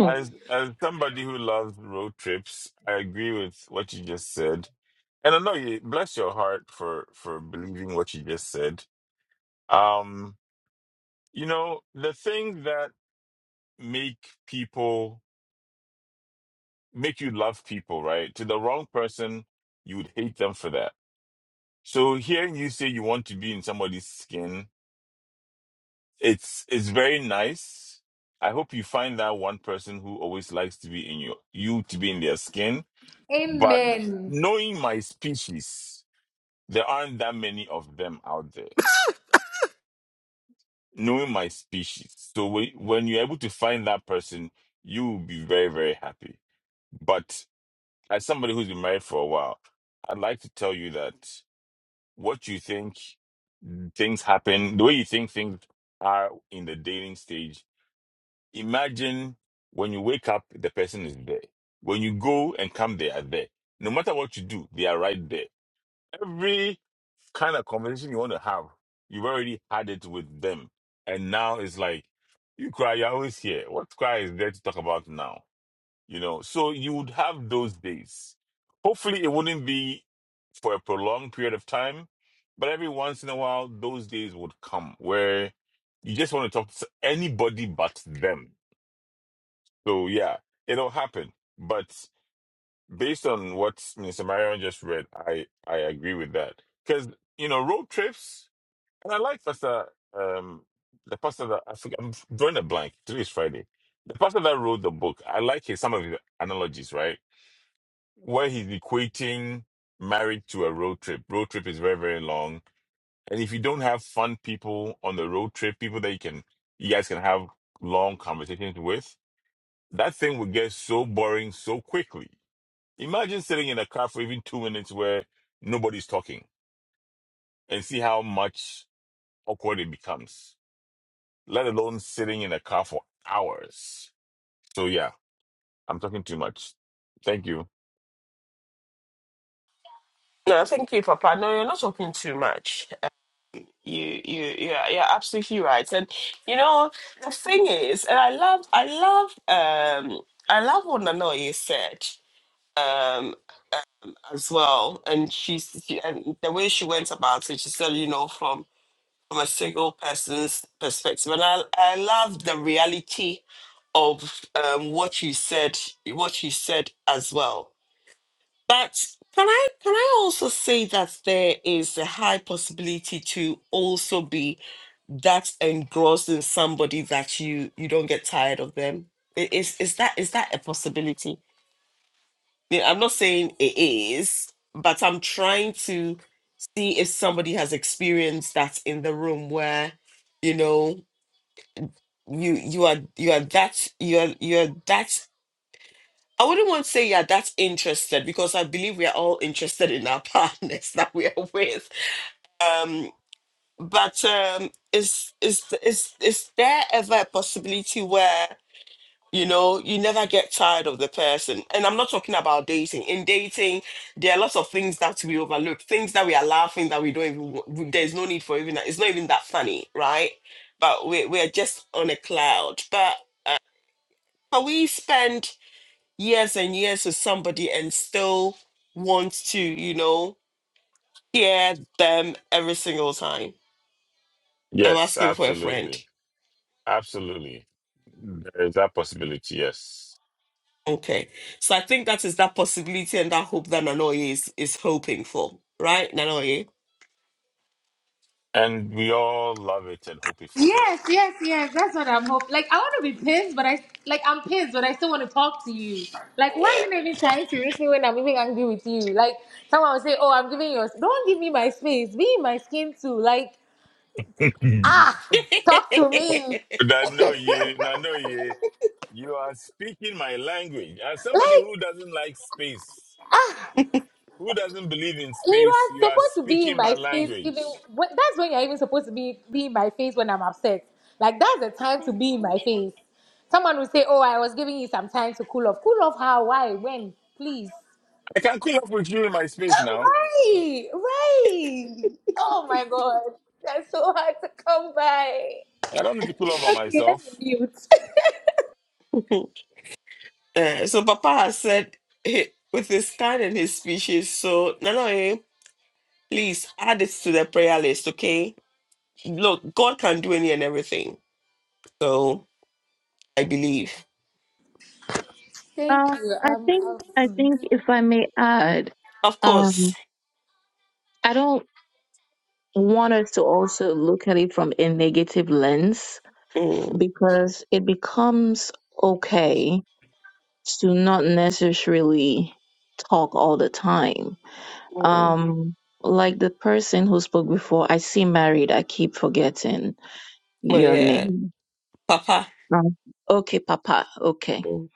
Speaker 2: as as somebody who loves road trips, I agree with what you just said, and I know you bless your heart for for believing what you just said. Um, you know the thing that make people make you love people, right? To the wrong person, you would hate them for that. So hearing you say you want to be in somebody's skin It's it's very nice. I hope you find that one person who always likes to be in your you to be in their skin. But
Speaker 3: Amen.
Speaker 2: knowing my species, there aren't that many of them out there. Knowing my species, so when when you're able to find that person, you will be very very happy. But as somebody who's been married for a while, I'd like to tell you that what you think things happen, the way you think things are in the dating stage Imagine when you wake up, the person is there. When you go and come, they are there. No matter what you do, they are right there. Every kind of conversation you want to have, you've already had it with them. And now it's like, you cry, you're always here. What cry is there to talk about now? You know, so you would have those days. Hopefully, it wouldn't be for a prolonged period of time, but every once in a while, those days would come where you just want to talk to anybody but them so yeah, it'll happen. But based on what Mr. Marion just read, I I agree with that because you know road trips, and I like Pastor um the pastor that I think I'm drawing a blank. Today is Friday. The pastor that wrote the book, I like his some of his analogies, right? Where he's equating marriage to a road trip. Road trip is very very long, and if you don't have fun people on the road trip, people that you can you guys can have long conversations with that thing would get so boring so quickly. Imagine sitting in a car for even two minutes where nobody's talking and see how much awkward it becomes, let alone sitting in a car for hours. So, yeah, I'm talking too much. Thank you.
Speaker 1: No, thank you, Papa. No, you're not talking too much. You you yeah are absolutely right. And you know the thing is, and I love I love um I love what Nanoye said um as well. And she's she, and the way she went about it, she said, you know, from from a single person's perspective. And I I love the reality of um what you said what you said as well. But can I can I also say that there is a high possibility to also be that's engrossed in somebody that you you don't get tired of them I- is is that is that a possibility I mean, i'm not saying it is but i'm trying to see if somebody has experienced that in the room where you know you you are you are that you are you are that I wouldn't want to say you're that interested because I believe we are all interested in our *laughs* partners that we are with. Um, but um, is is is is there ever a possibility where You know, you never get tired of the person. And I'm not talking about dating. In dating, there are lots of things that we overlook, things that we are laughing that we don't even, wa- we- there's no need for even that. It's not even that funny, right? But we're, we're just on a cloud. But can we spend years and years with somebody and still want to, you know, hear them every single time? I'm
Speaker 2: Yes,
Speaker 1: asking for a friend.
Speaker 2: absolutely. Absolutely. There is that possibility, yes.
Speaker 1: Okay. So I think that is that possibility and that hope that Nanoye is, is hoping for, right, Nanoye?
Speaker 2: And we all love it and hope it for her.
Speaker 3: Yes, yes, yes. That's what I'm hoping. Like I want to be pissed, but I like I'm pissed, but I still want to talk to you. Like why are
Speaker 1: Yeah.
Speaker 3: you not even trying to reach me when I'm even angry with you? Like someone will say, "Oh, I'm giving you." Don't give me my space. Be in my skin too. Like
Speaker 2: *laughs*
Speaker 3: talk to
Speaker 1: *laughs*
Speaker 3: me.
Speaker 2: Nano ye, Nano ye, you are speaking my language. As somebody who
Speaker 3: Like
Speaker 2: doesn't like space, Who doesn't believe in
Speaker 3: You
Speaker 2: space?
Speaker 3: are
Speaker 2: You are
Speaker 3: supposed to be in
Speaker 2: speaking my
Speaker 3: my face even
Speaker 2: language.
Speaker 3: when, that's when you're even supposed to be be in my face when I'm upset. Like that's the time to be in my face. Someone will say, "Oh, I was giving you some time to cool off." Cool off how? Why? When? Please. *laughs*
Speaker 2: I can cool off with you in my space
Speaker 3: Oh,
Speaker 2: now.
Speaker 3: right, right. Oh my God, that's so hard to come by.
Speaker 2: I don't need to cool
Speaker 3: It's
Speaker 2: off on
Speaker 3: okay. Let me
Speaker 2: myself.
Speaker 3: mute.
Speaker 1: Uh, so Papa has said, eh, with his kind and his species, so Nana, eh, please add it to the prayer list, okay? Look, God can do any and everything. So I believe.
Speaker 3: *laughs*
Speaker 4: Uh,
Speaker 3: Thank you.
Speaker 4: I
Speaker 3: Um,
Speaker 4: think I
Speaker 3: um,
Speaker 4: think if I may add,
Speaker 1: Of course.
Speaker 4: um, I don't want us to also look at it from a negative lens
Speaker 1: Mm,
Speaker 4: because it becomes okay to not necessarily talk all the time.
Speaker 1: mm.
Speaker 4: Um, like the person who spoke before, I see married. I keep forgetting
Speaker 1: Oh,
Speaker 4: your
Speaker 1: yeah.
Speaker 4: name.
Speaker 1: Papa.
Speaker 4: Um, okay, Papa. Okay.
Speaker 1: Mm.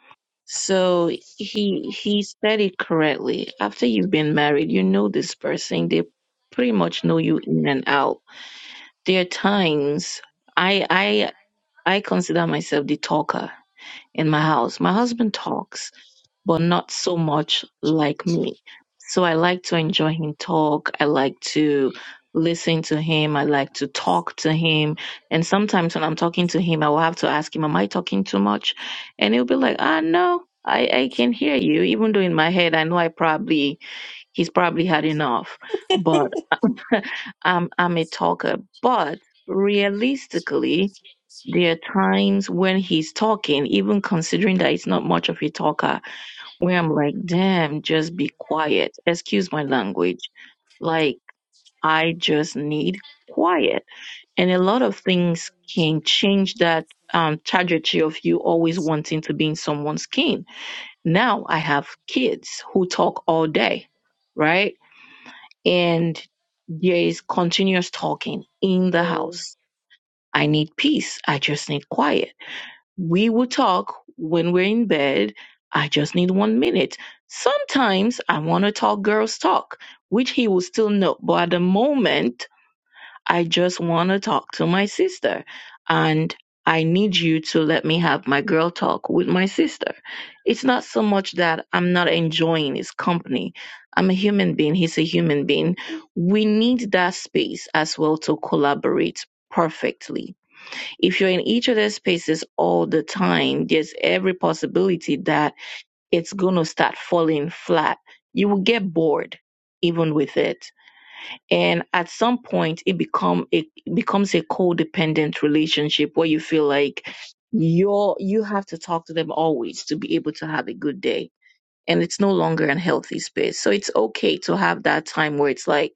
Speaker 4: So he he said it correctly. After you've been married, you know this person. They pretty much know you in and out. There are times I I I consider myself the talker. in my house. My husband talks, but not so much like me. So I like to enjoy him talk. I like to listen to him. I like to talk to him. And sometimes when I'm talking to him, I will have to ask him, Am I talking too much? And he'll be like, Ah, no. I, I can hear you, even though in my head I know I probably he's probably had enough, but *laughs* I'm I'm a talker. But realistically, there are times when he's talking, even considering that he's not much of a talker, where I'm like, damn, just be quiet. Excuse my language. Like, I just need quiet. And a lot of things can change that um, trajectory of you always wanting to be in someone's skin. Now I have kids who talk all day, right? And there is continuous talking in the house. I need peace. I just need quiet we will talk when we're in bed. I just need one minute. Sometimes I want to talk girls talk, which he will still know. But at the moment, I just want to talk to my sister. And I need you to let me have my girl talk with my sister. It's not so much that I'm not enjoying his company. I'm a human being. He's a human being. We need that space as well to collaborate perfectly if you're in each of their spaces all the time, there's every possibility that it's going to start falling flat. You will get bored even with it. And at some point, it become it becomes a codependent relationship where you feel like you're you have to talk to them always to be able to have a good day. And it's no longer a healthy space. So it's okay to have that time where it's like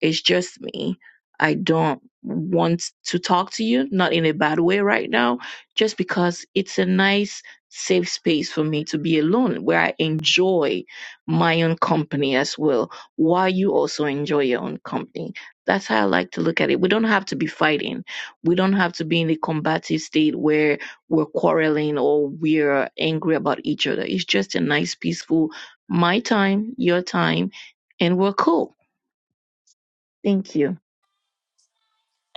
Speaker 4: it's just me. I don't want to talk to you, not in a bad way right now, just because it's a nice, safe space for me to be alone where I enjoy my own company as well, while you also enjoy your own company. That's how I like to look at it. We don't have to be fighting. We don't have to be in a combative state where we're quarreling or we're angry about each other. It's just a nice, peaceful, my time, your time, and we're cool. Thank you.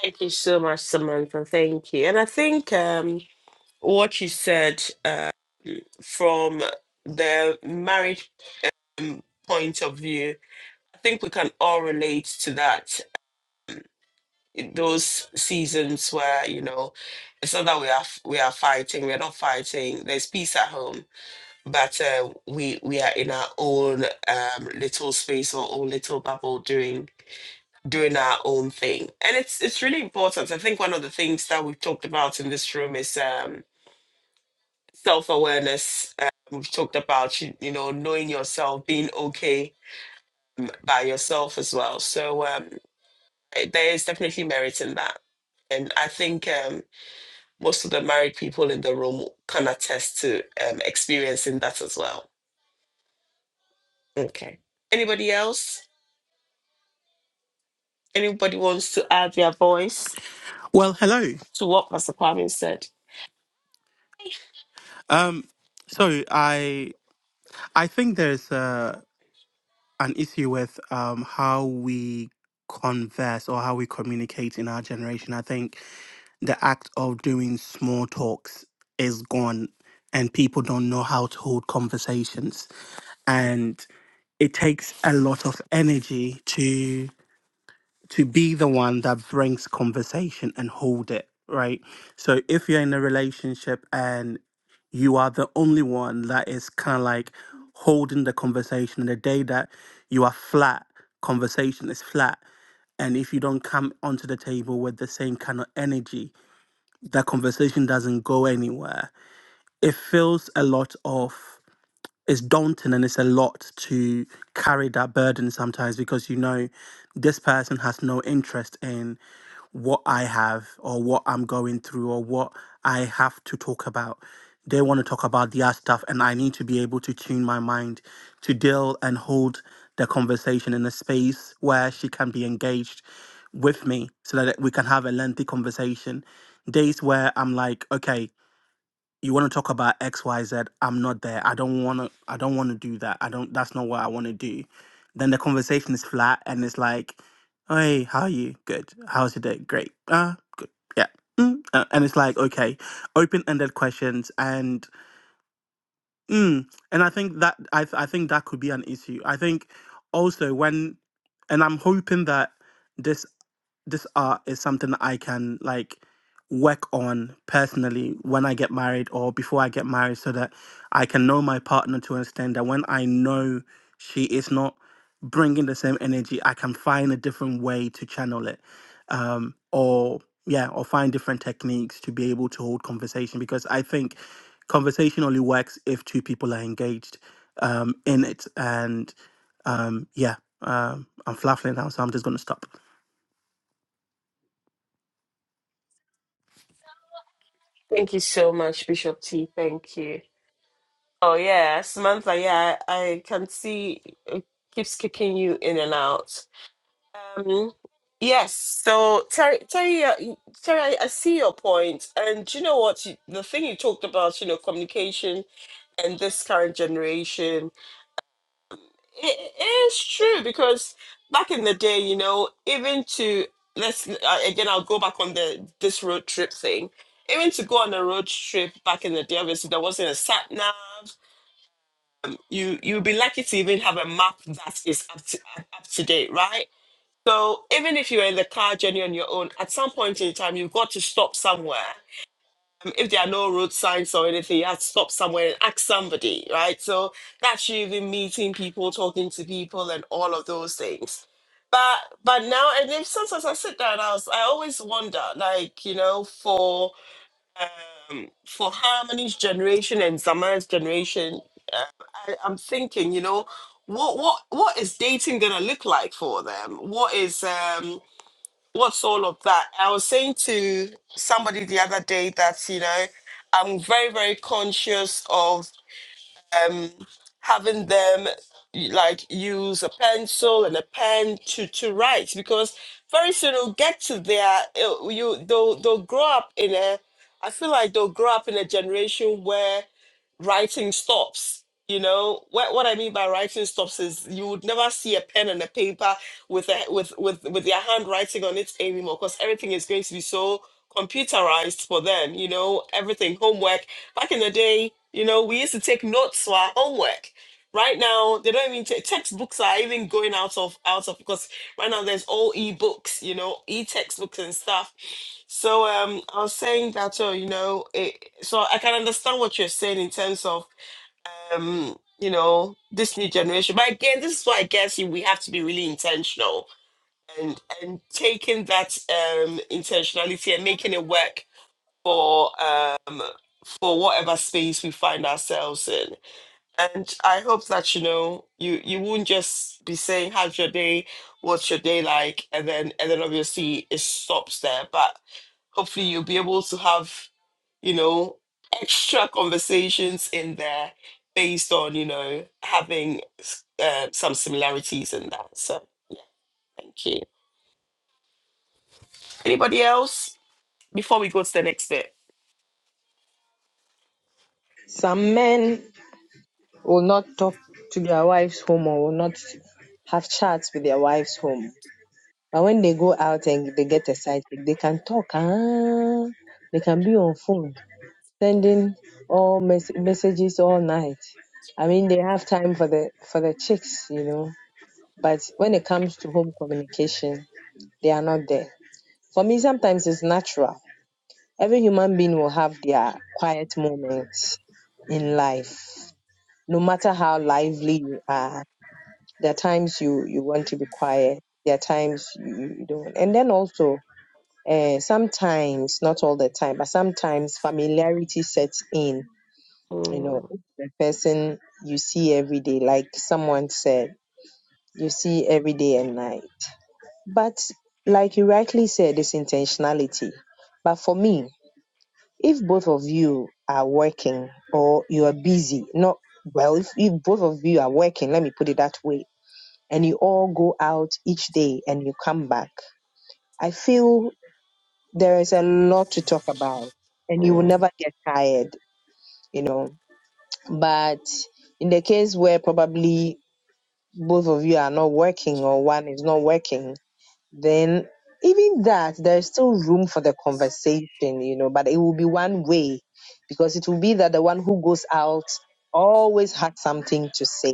Speaker 1: Thank you so much, Samantha. Thank you. And I think um, what you said uh, from the marriage um, point of view, I think we can all relate to that. those seasons where you know it's not that we are f- we are fighting we're not fighting there's peace at home but uh, we we are in our own um little space or own little bubble doing doing our own thing and it's it's really important i think one of the things that we've talked about in this room is um self-awareness uh, we've talked about you, you know knowing yourself being okay by yourself as well so um eh, there is definitely merit in that and i think um most of the married people in the room can attest to um, experiencing that as well. Okay. Anybody else? Anybody wants to add their voice
Speaker 6: Well, hello.
Speaker 1: to what Pastor Kwame said?
Speaker 6: Um, so I I think there's uh an issue with um how we converse or how we communicate in our generation. I think the act of doing small talks is gone, and people don't know how to hold conversations, and it takes a lot of energy to to be the one that brings conversation and hold it, right? So if you're in a relationship and you are the only one that is kind of like holding the conversation, and the day that you are flat, conversation is flat. And if you don't come onto the table with the same kind of energy, that conversation doesn't go anywhere. It feels a lot of it's daunting and it's a lot to carry that burden sometimes because you know this person has no interest in what I have or what I'm going through or what I have to talk about. They want to talk about their stuff, and I need to be able to tune my mind to deal and hold the conversation in a space where she can be engaged with me so that we can have a lengthy conversation. Days where I'm like, okay, you want to talk about xyz i'm not there i don't want to i don't want to do that i don't that's not what i want to do then the conversation is flat and it's like hey how are you good how's your day great Ah, good yeah mm. uh, and it's like okay open-ended questions and mm. and i think that I, th- I think that could be an issue i think also when and i'm hoping that this this art is something I can like work on personally when I get married or before I get married so that I can know my partner to understand that when I know she is not bringing the same energy, I can find a different way to channel it. Um, or, yeah, or find different techniques to be able to hold conversation because I think conversation only works if two people are engaged um, in it. And um, yeah, um, I'm fluffing now, so I'm just going to stop.
Speaker 1: Thank you so much, Bishop T. Thank you. Oh yeah, Samantha. Yeah, I can see it keeps kicking you in and out. Um, yes. So Terry, Terry, uh, y- Terry, I, I see your point, and do you know what? You- The thing you talked about, you know, communication and this current generation It is true because back in the day, you know, even to let's uh, again, I'll go back on the this road trip thing. Even to go on a road trip back in the day, obviously there wasn't a sat nav. You you'd be lucky to even have a map that is up to up up to date, right? So even if you're in the car journey on your own, at some point in time, you've got to stop somewhere um, if there are no road signs or anything, you have to stop somewhere and ask somebody, right? So that's you even meeting people, talking to people, and all of those things. But but now, and then sometimes I sit down, I was I always wonder, like you know, for um, for Harmony's generation and Zamara's generation, uh, I, I'm thinking, you know, what what what is dating gonna look like for them? What is um what's all of that? I was saying to somebody the other day that, you know, I'm very, very conscious of um, having them like use a pencil and a pen to, to write because very soon it'll get to their, it you, they'll, they'll grow up in a, I feel like they'll grow up in a generation where writing stops. You know what? What I mean by writing stops is you would never see a pen and a paper with a, with with with their handwriting on it anymore because everything is going to be so computerized for them. You know everything homework. Back in the day, you know we used to take notes for our homework. Right now, they don't even take textbooks are even going out of out of because right now there's all e-books, you know, e-textbooks and stuff so um, I was saying that, uh, you know, it, so I can understand what you're saying in terms of, um, you know, this new generation. But again, this is why I guess you- we have to be really intentional and and taking that um intentionality and making it work for um for whatever space we find ourselves in. And I hope that you know you you won't just be saying how's your day, what's your day like, and then and then obviously it stops there. But hopefully you'll be able to have you know extra conversations in there based on you know having uh, some similarities in that. So thank you. Anybody else before we go to the next bit?
Speaker 5: some men will not talk to their wives home or will not have chats with their wives home. But when they go out and they get a side they can talk. Ah, they can be on phone, sending all mes- messages all night. I mean, they have time for the for the chicks, you know. But when it comes to home communication, they are not there. For me, sometimes it's natural. Every human being will have their quiet moments in life. No matter how lively you are, there are times you, you want to be quiet, there are times you, you don't. And then also, uh, sometimes, not all the time, but sometimes familiarity sets in. You know,
Speaker 1: Mm,
Speaker 5: if the person you see every day, like someone said, you see every day and night But like you rightly said, it's intentionality. But for me, if both of you are working or you are busy, not well, if, if both of you are working, let me put it that way, and you all go out each day and you come back, I feel there is a lot to talk about and you will
Speaker 1: mm.
Speaker 5: never get tired, you know. But in the case where probably both of you are not working or one is not working, then even that there's still room for the conversation you know but it will be one way because it will be that the one who goes out always had something to say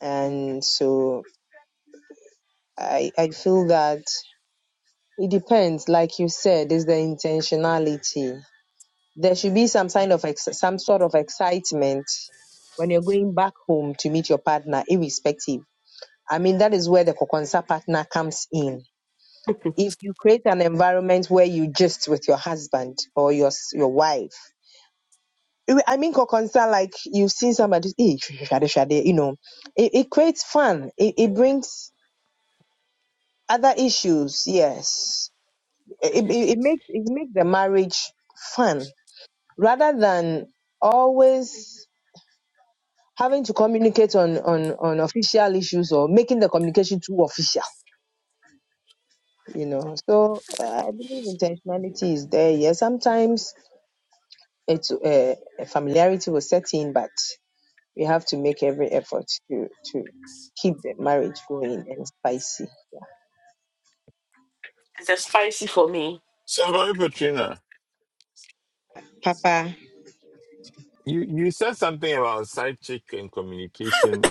Speaker 5: and so i i feel that it depends like you said is the intentionality there should be some kind of ex- some sort of excitement when you're going back home to meet your partner irrespective i mean that is where the kokonsa partner comes in if you create an environment where you just with your husband or your s- your wife i I mean concern like you've seen somebody "Eh, shade, shade, shade," you know it, it creates fun it, it brings other issues yes it, it, it makes it makes the marriage fun rather than always having to communicate on on on official issues or making the communication too official you know so uh, i believe intentionality is there yes sometimes it's uh, familiarity will set in, but we have to make every effort to to keep the marriage going and spicy.
Speaker 1: It's just spicy for me.
Speaker 2: So, Mami Petrina, you, you said something about side chick and communication,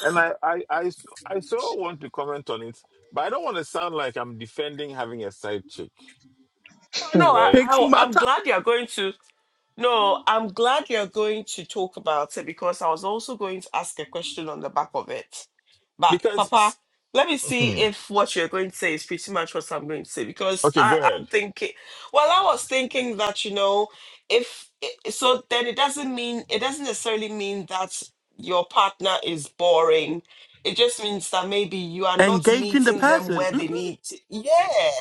Speaker 2: and I, I, I, I so want to comment on it, but I don't want to sound like I'm defending having a side chick,
Speaker 1: Oh, no,
Speaker 5: Hmm.
Speaker 1: I,
Speaker 2: right?
Speaker 6: Takes
Speaker 1: I I'm
Speaker 6: matter.
Speaker 1: glad you're going to. No, I'm glad you're going to talk about it because I was also going to ask a question on the back of it. But
Speaker 2: Because,
Speaker 1: Papa, let me
Speaker 2: *clears throat*
Speaker 1: see
Speaker 2: okay,
Speaker 1: if what you're going to say is pretty much what I'm going to say because
Speaker 2: go
Speaker 1: I,
Speaker 2: ahead.
Speaker 1: I'm thinking. Well, I was thinking that you know, if i- so, then it doesn't mean it doesn't necessarily mean that your partner is boring. It just means that maybe you are not
Speaker 6: engaging the
Speaker 1: meeting them
Speaker 6: person.
Speaker 1: where
Speaker 6: Mm,
Speaker 1: they need. To. Yeah.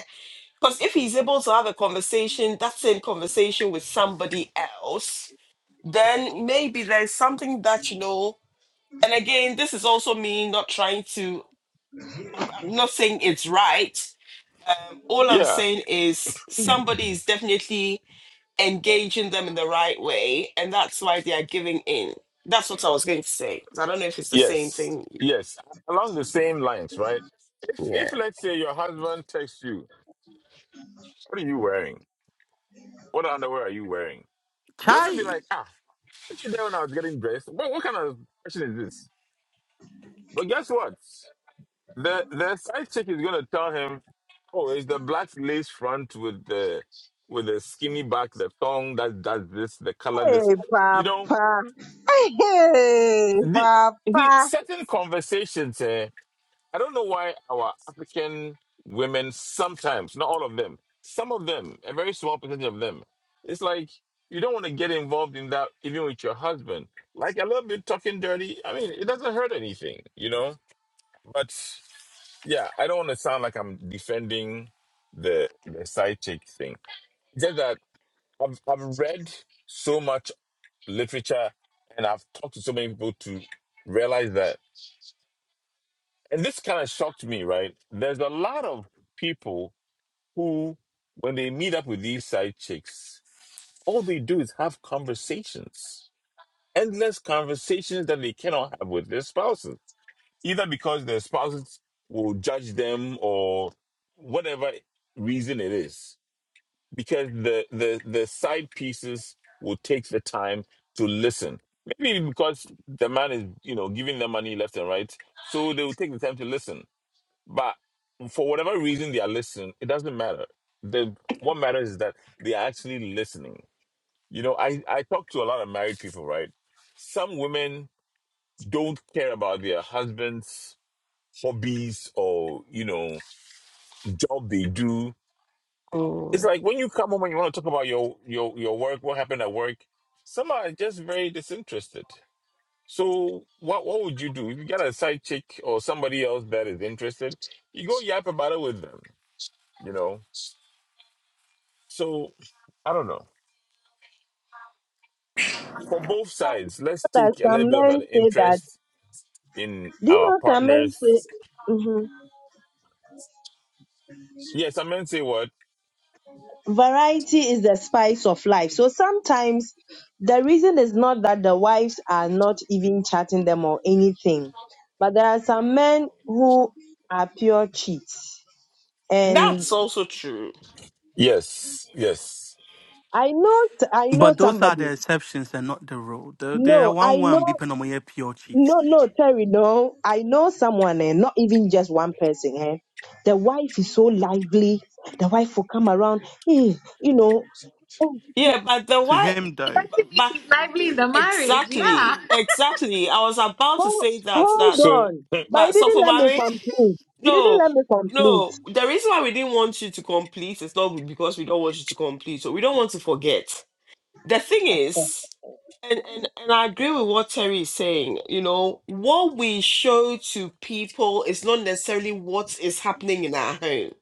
Speaker 1: Because if he's able to have a conversation, that same conversation with somebody else, then maybe there's something that, you know, and again, this is also me not trying to, I'm not saying it's right. All I'm
Speaker 2: Yeah.
Speaker 1: saying is
Speaker 2: *laughs*
Speaker 1: somebody is definitely engaging them in the right way, and that's why they are giving in. That's what I was going to say. So, I don't know if it's the same
Speaker 2: Yes,
Speaker 1: thing.
Speaker 2: yes. Along the same lines, right? If
Speaker 1: Yeah.
Speaker 2: if let's say your husband texts you, what are you wearing? What underwear are you wearing? They're going to be
Speaker 6: Chai.
Speaker 2: like, ah, what you there when I was getting dressed? What, what kind of question is this? But guess what? The the side chick is going to tell him, oh, it's the black lace front with the with the skinny back, the thong that does this, the color
Speaker 5: Hey,
Speaker 2: this. You know,
Speaker 5: Papa. Hey,
Speaker 2: the, the
Speaker 5: Papa.
Speaker 2: certain conversations. eh, I don't know why our African women sometimes, not all of them, some of them, a very small percentage of them, it's like you don't want to get involved in that even with your husband. Like a little bit talking dirty, I mean, it doesn't hurt anything, you know? But yeah, I don't want to sound like I'm defending the the side chick thing. It's just that I've I've read so much literature and I've talked to so many people to realize that. And this kind of shocked me, right? There's a lot of people who, when they meet up with these side chicks, all they do is have conversations, endless conversations that they cannot have with their spouses, either because their spouses will judge them or whatever reason it is, because the, the, the side pieces will take the time to listen. Maybe because the man is, you know, giving them money left and right, so they will take the time to listen but for whatever reason they are listening, it doesn't matter. The what matters is that they are actually listening. You know, I, I talk to a lot of married people, right? Some women don't care about their husband's hobbies or, you know, job they do. It's
Speaker 1: Mm.
Speaker 2: like when you come home and you want to talk about your your your work, what happened at work, some are just very disinterested. So what what would you do? If you got a side chick or somebody else that is interested, you go yap about it with them, you know So I don't know. For both sides, let's
Speaker 5: But
Speaker 2: take a little
Speaker 5: some
Speaker 2: bit of
Speaker 5: men
Speaker 2: an
Speaker 5: say that.
Speaker 2: interest in
Speaker 5: Do you
Speaker 2: our
Speaker 5: know some men
Speaker 2: partners.
Speaker 5: say Mhm.
Speaker 2: Yes, I meant to say what?
Speaker 5: variety is the spice of life? So sometimes the reason is not that the wives are not even chatting them or anything, but there are some men who are pure cheats. and.
Speaker 1: That's also true.
Speaker 2: Yes, yes.
Speaker 5: I know, I know
Speaker 6: But those are the
Speaker 5: somebody.
Speaker 6: exceptions and not the rule. They they are
Speaker 5: No, I
Speaker 6: one
Speaker 5: know,
Speaker 6: one beeping on my pure cheats.
Speaker 5: no, no, Terry, no. I know someone, and not even just one person. Eh? The wife is so lively. The wife will come around, eh, you know. Oh,
Speaker 1: Yeah,
Speaker 5: le-
Speaker 1: but the
Speaker 6: To
Speaker 1: why?
Speaker 6: him
Speaker 3: it
Speaker 6: though,
Speaker 3: doesn't mean
Speaker 1: but.
Speaker 3: she's lively in the marriage.
Speaker 1: Exactly,
Speaker 3: Yeah.
Speaker 1: exactly. I was about to
Speaker 5: hold,
Speaker 1: say that
Speaker 5: hold
Speaker 1: that
Speaker 2: So
Speaker 5: on. But you
Speaker 1: but so
Speaker 5: didn't
Speaker 1: for
Speaker 5: let me
Speaker 1: Mary,
Speaker 5: complete. You didn't
Speaker 1: no,
Speaker 5: let me
Speaker 1: no.
Speaker 5: complete.
Speaker 1: The reason why we didn't want you to complete is not because we don't want you to complete, so we don't want to forget. The thing is, and, and and I agree with what Terry is saying, you know, what we show to people is not necessarily what is happening in our home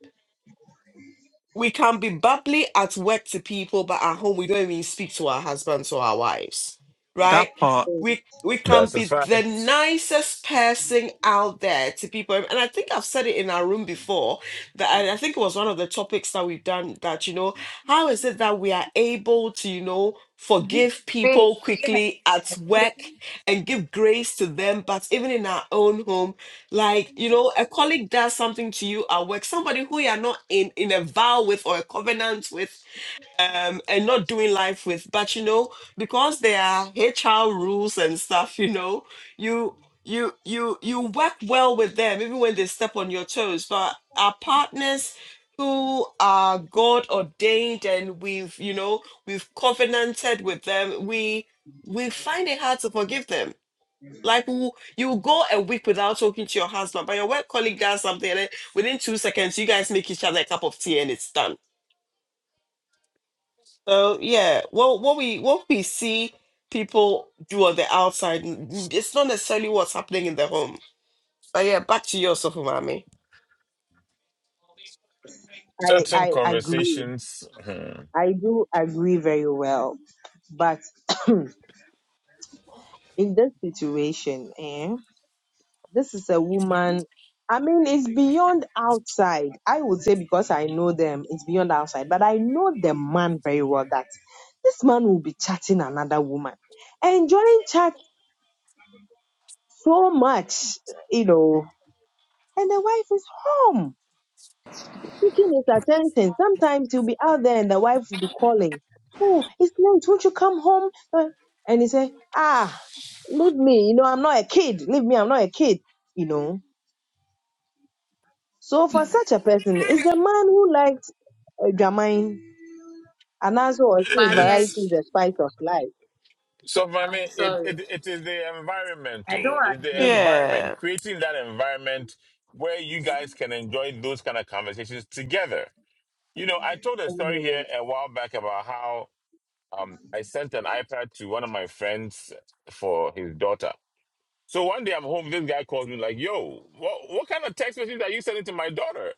Speaker 1: we can be bubbly at work to people, but at home we don't even speak to our husbands or our wives, right?
Speaker 6: that part
Speaker 1: We we can
Speaker 2: that's a
Speaker 1: be the
Speaker 2: fact.
Speaker 1: nicest person out there to people, and I think I've said it in our room before. That and I think it was one of the topics that we've done. That you know, how is it that we are able to you know
Speaker 3: *laughs* Give
Speaker 1: forgive
Speaker 3: grace.
Speaker 1: people
Speaker 3: Yes.
Speaker 1: quickly at work and give grace to them, but even in our own home like, you know, a colleague does something to you at work, somebody who you are not in, in a vow with or a covenant with, um, and not doing life with. But you know, because there are HR rules and stuff, you know, you you you you work well with them even when they step on your toes. But our partners who are God ordained and we've, you know, we've covenanted with them, we we find it hard to forgive them like we will- you will go a week without talking to your husband, but your work colleague does something, and then within two seconds, you guys make each other a cup of tea, and it's done. So yeah, well, what we what we see people do on the outside, n- it's not necessarily what's happening in the home. But yeah, back to you, Sofumami.
Speaker 2: Certain
Speaker 5: I, I agree.
Speaker 2: conversations, hmm,
Speaker 5: I do agree very well. But in this situation, eh? This is a woman. I mean, it's beyond outside. I would say because I know them, it's beyond outside. But I know the man very well that this man will be chatting another woman, enjoying chat so much, you know. And the wife is home, seeking his attention. Sometimes he'll be out there and the wife will be calling. Oh, it's late. Won't you come home? Uh, And he say, Ah, leave me. You know, I'm not a kid. Leave me. I'm not a kid. You know. So for such a person, it's the man who liked Jamine and also was says
Speaker 3: Mommy, I-
Speaker 5: variety
Speaker 2: it's
Speaker 5: is the spice of life.
Speaker 2: so for
Speaker 3: I'm
Speaker 2: me, it,
Speaker 3: sorry.
Speaker 2: it, it is the
Speaker 3: I don't
Speaker 2: environmental, it's
Speaker 3: agree.
Speaker 2: the environment,
Speaker 1: Yeah,
Speaker 2: creating that environment where you guys can enjoy those kind of conversations together. You know, I told a story here a while back about how Um, I sent an iPad to one of my friends for his daughter. So one day I'm home, this guy calls me like, "Yo, what what kind of text message are you sending to my daughter?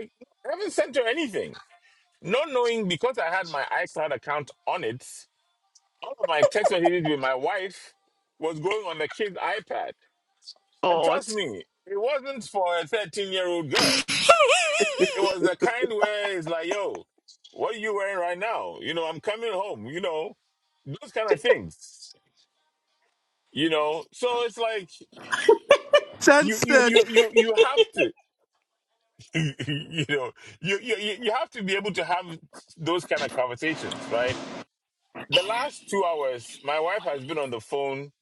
Speaker 2: I haven't sent her anything." Not knowing because I had my iCloud account on it, all of my text messages with my wife was going on the kid's iPad. And
Speaker 1: God,
Speaker 2: trust me, it wasn't for a 13 year old girl.
Speaker 6: *laughs*
Speaker 2: It was the kind where it's like, "Yo, what are you wearing right now? You know, I'm coming home. You know, those kind of things." you know so it's like you you
Speaker 6: censored.
Speaker 2: you you you have to *laughs* you know you you you you have to be able to have those kind of conversations right the last 2 hours my wife has been on the phone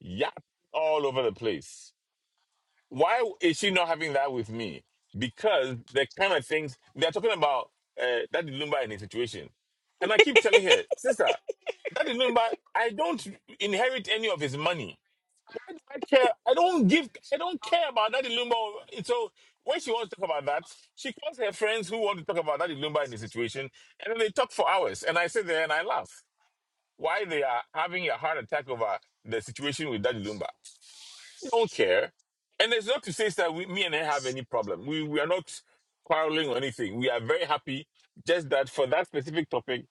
Speaker 2: yapping all over the place why is she not having that with me because the kind of things they're talking about uh that lumba in a situation and i keep telling her sister that lumba i don't inherit any of his money I care. I don't give. I don't care about that Lumba. So when she wants to talk about that, she calls her friends who want to talk about that Lumba in the situation, and then they talk for hours. And I sit there and I laugh. Why they are having a heart attack over the situation with Daddy Lumba? They don't care. And it's not to say that we, me and I have any problem. We, we are not quarreling or anything. We are very happy. Just that for that specific topic,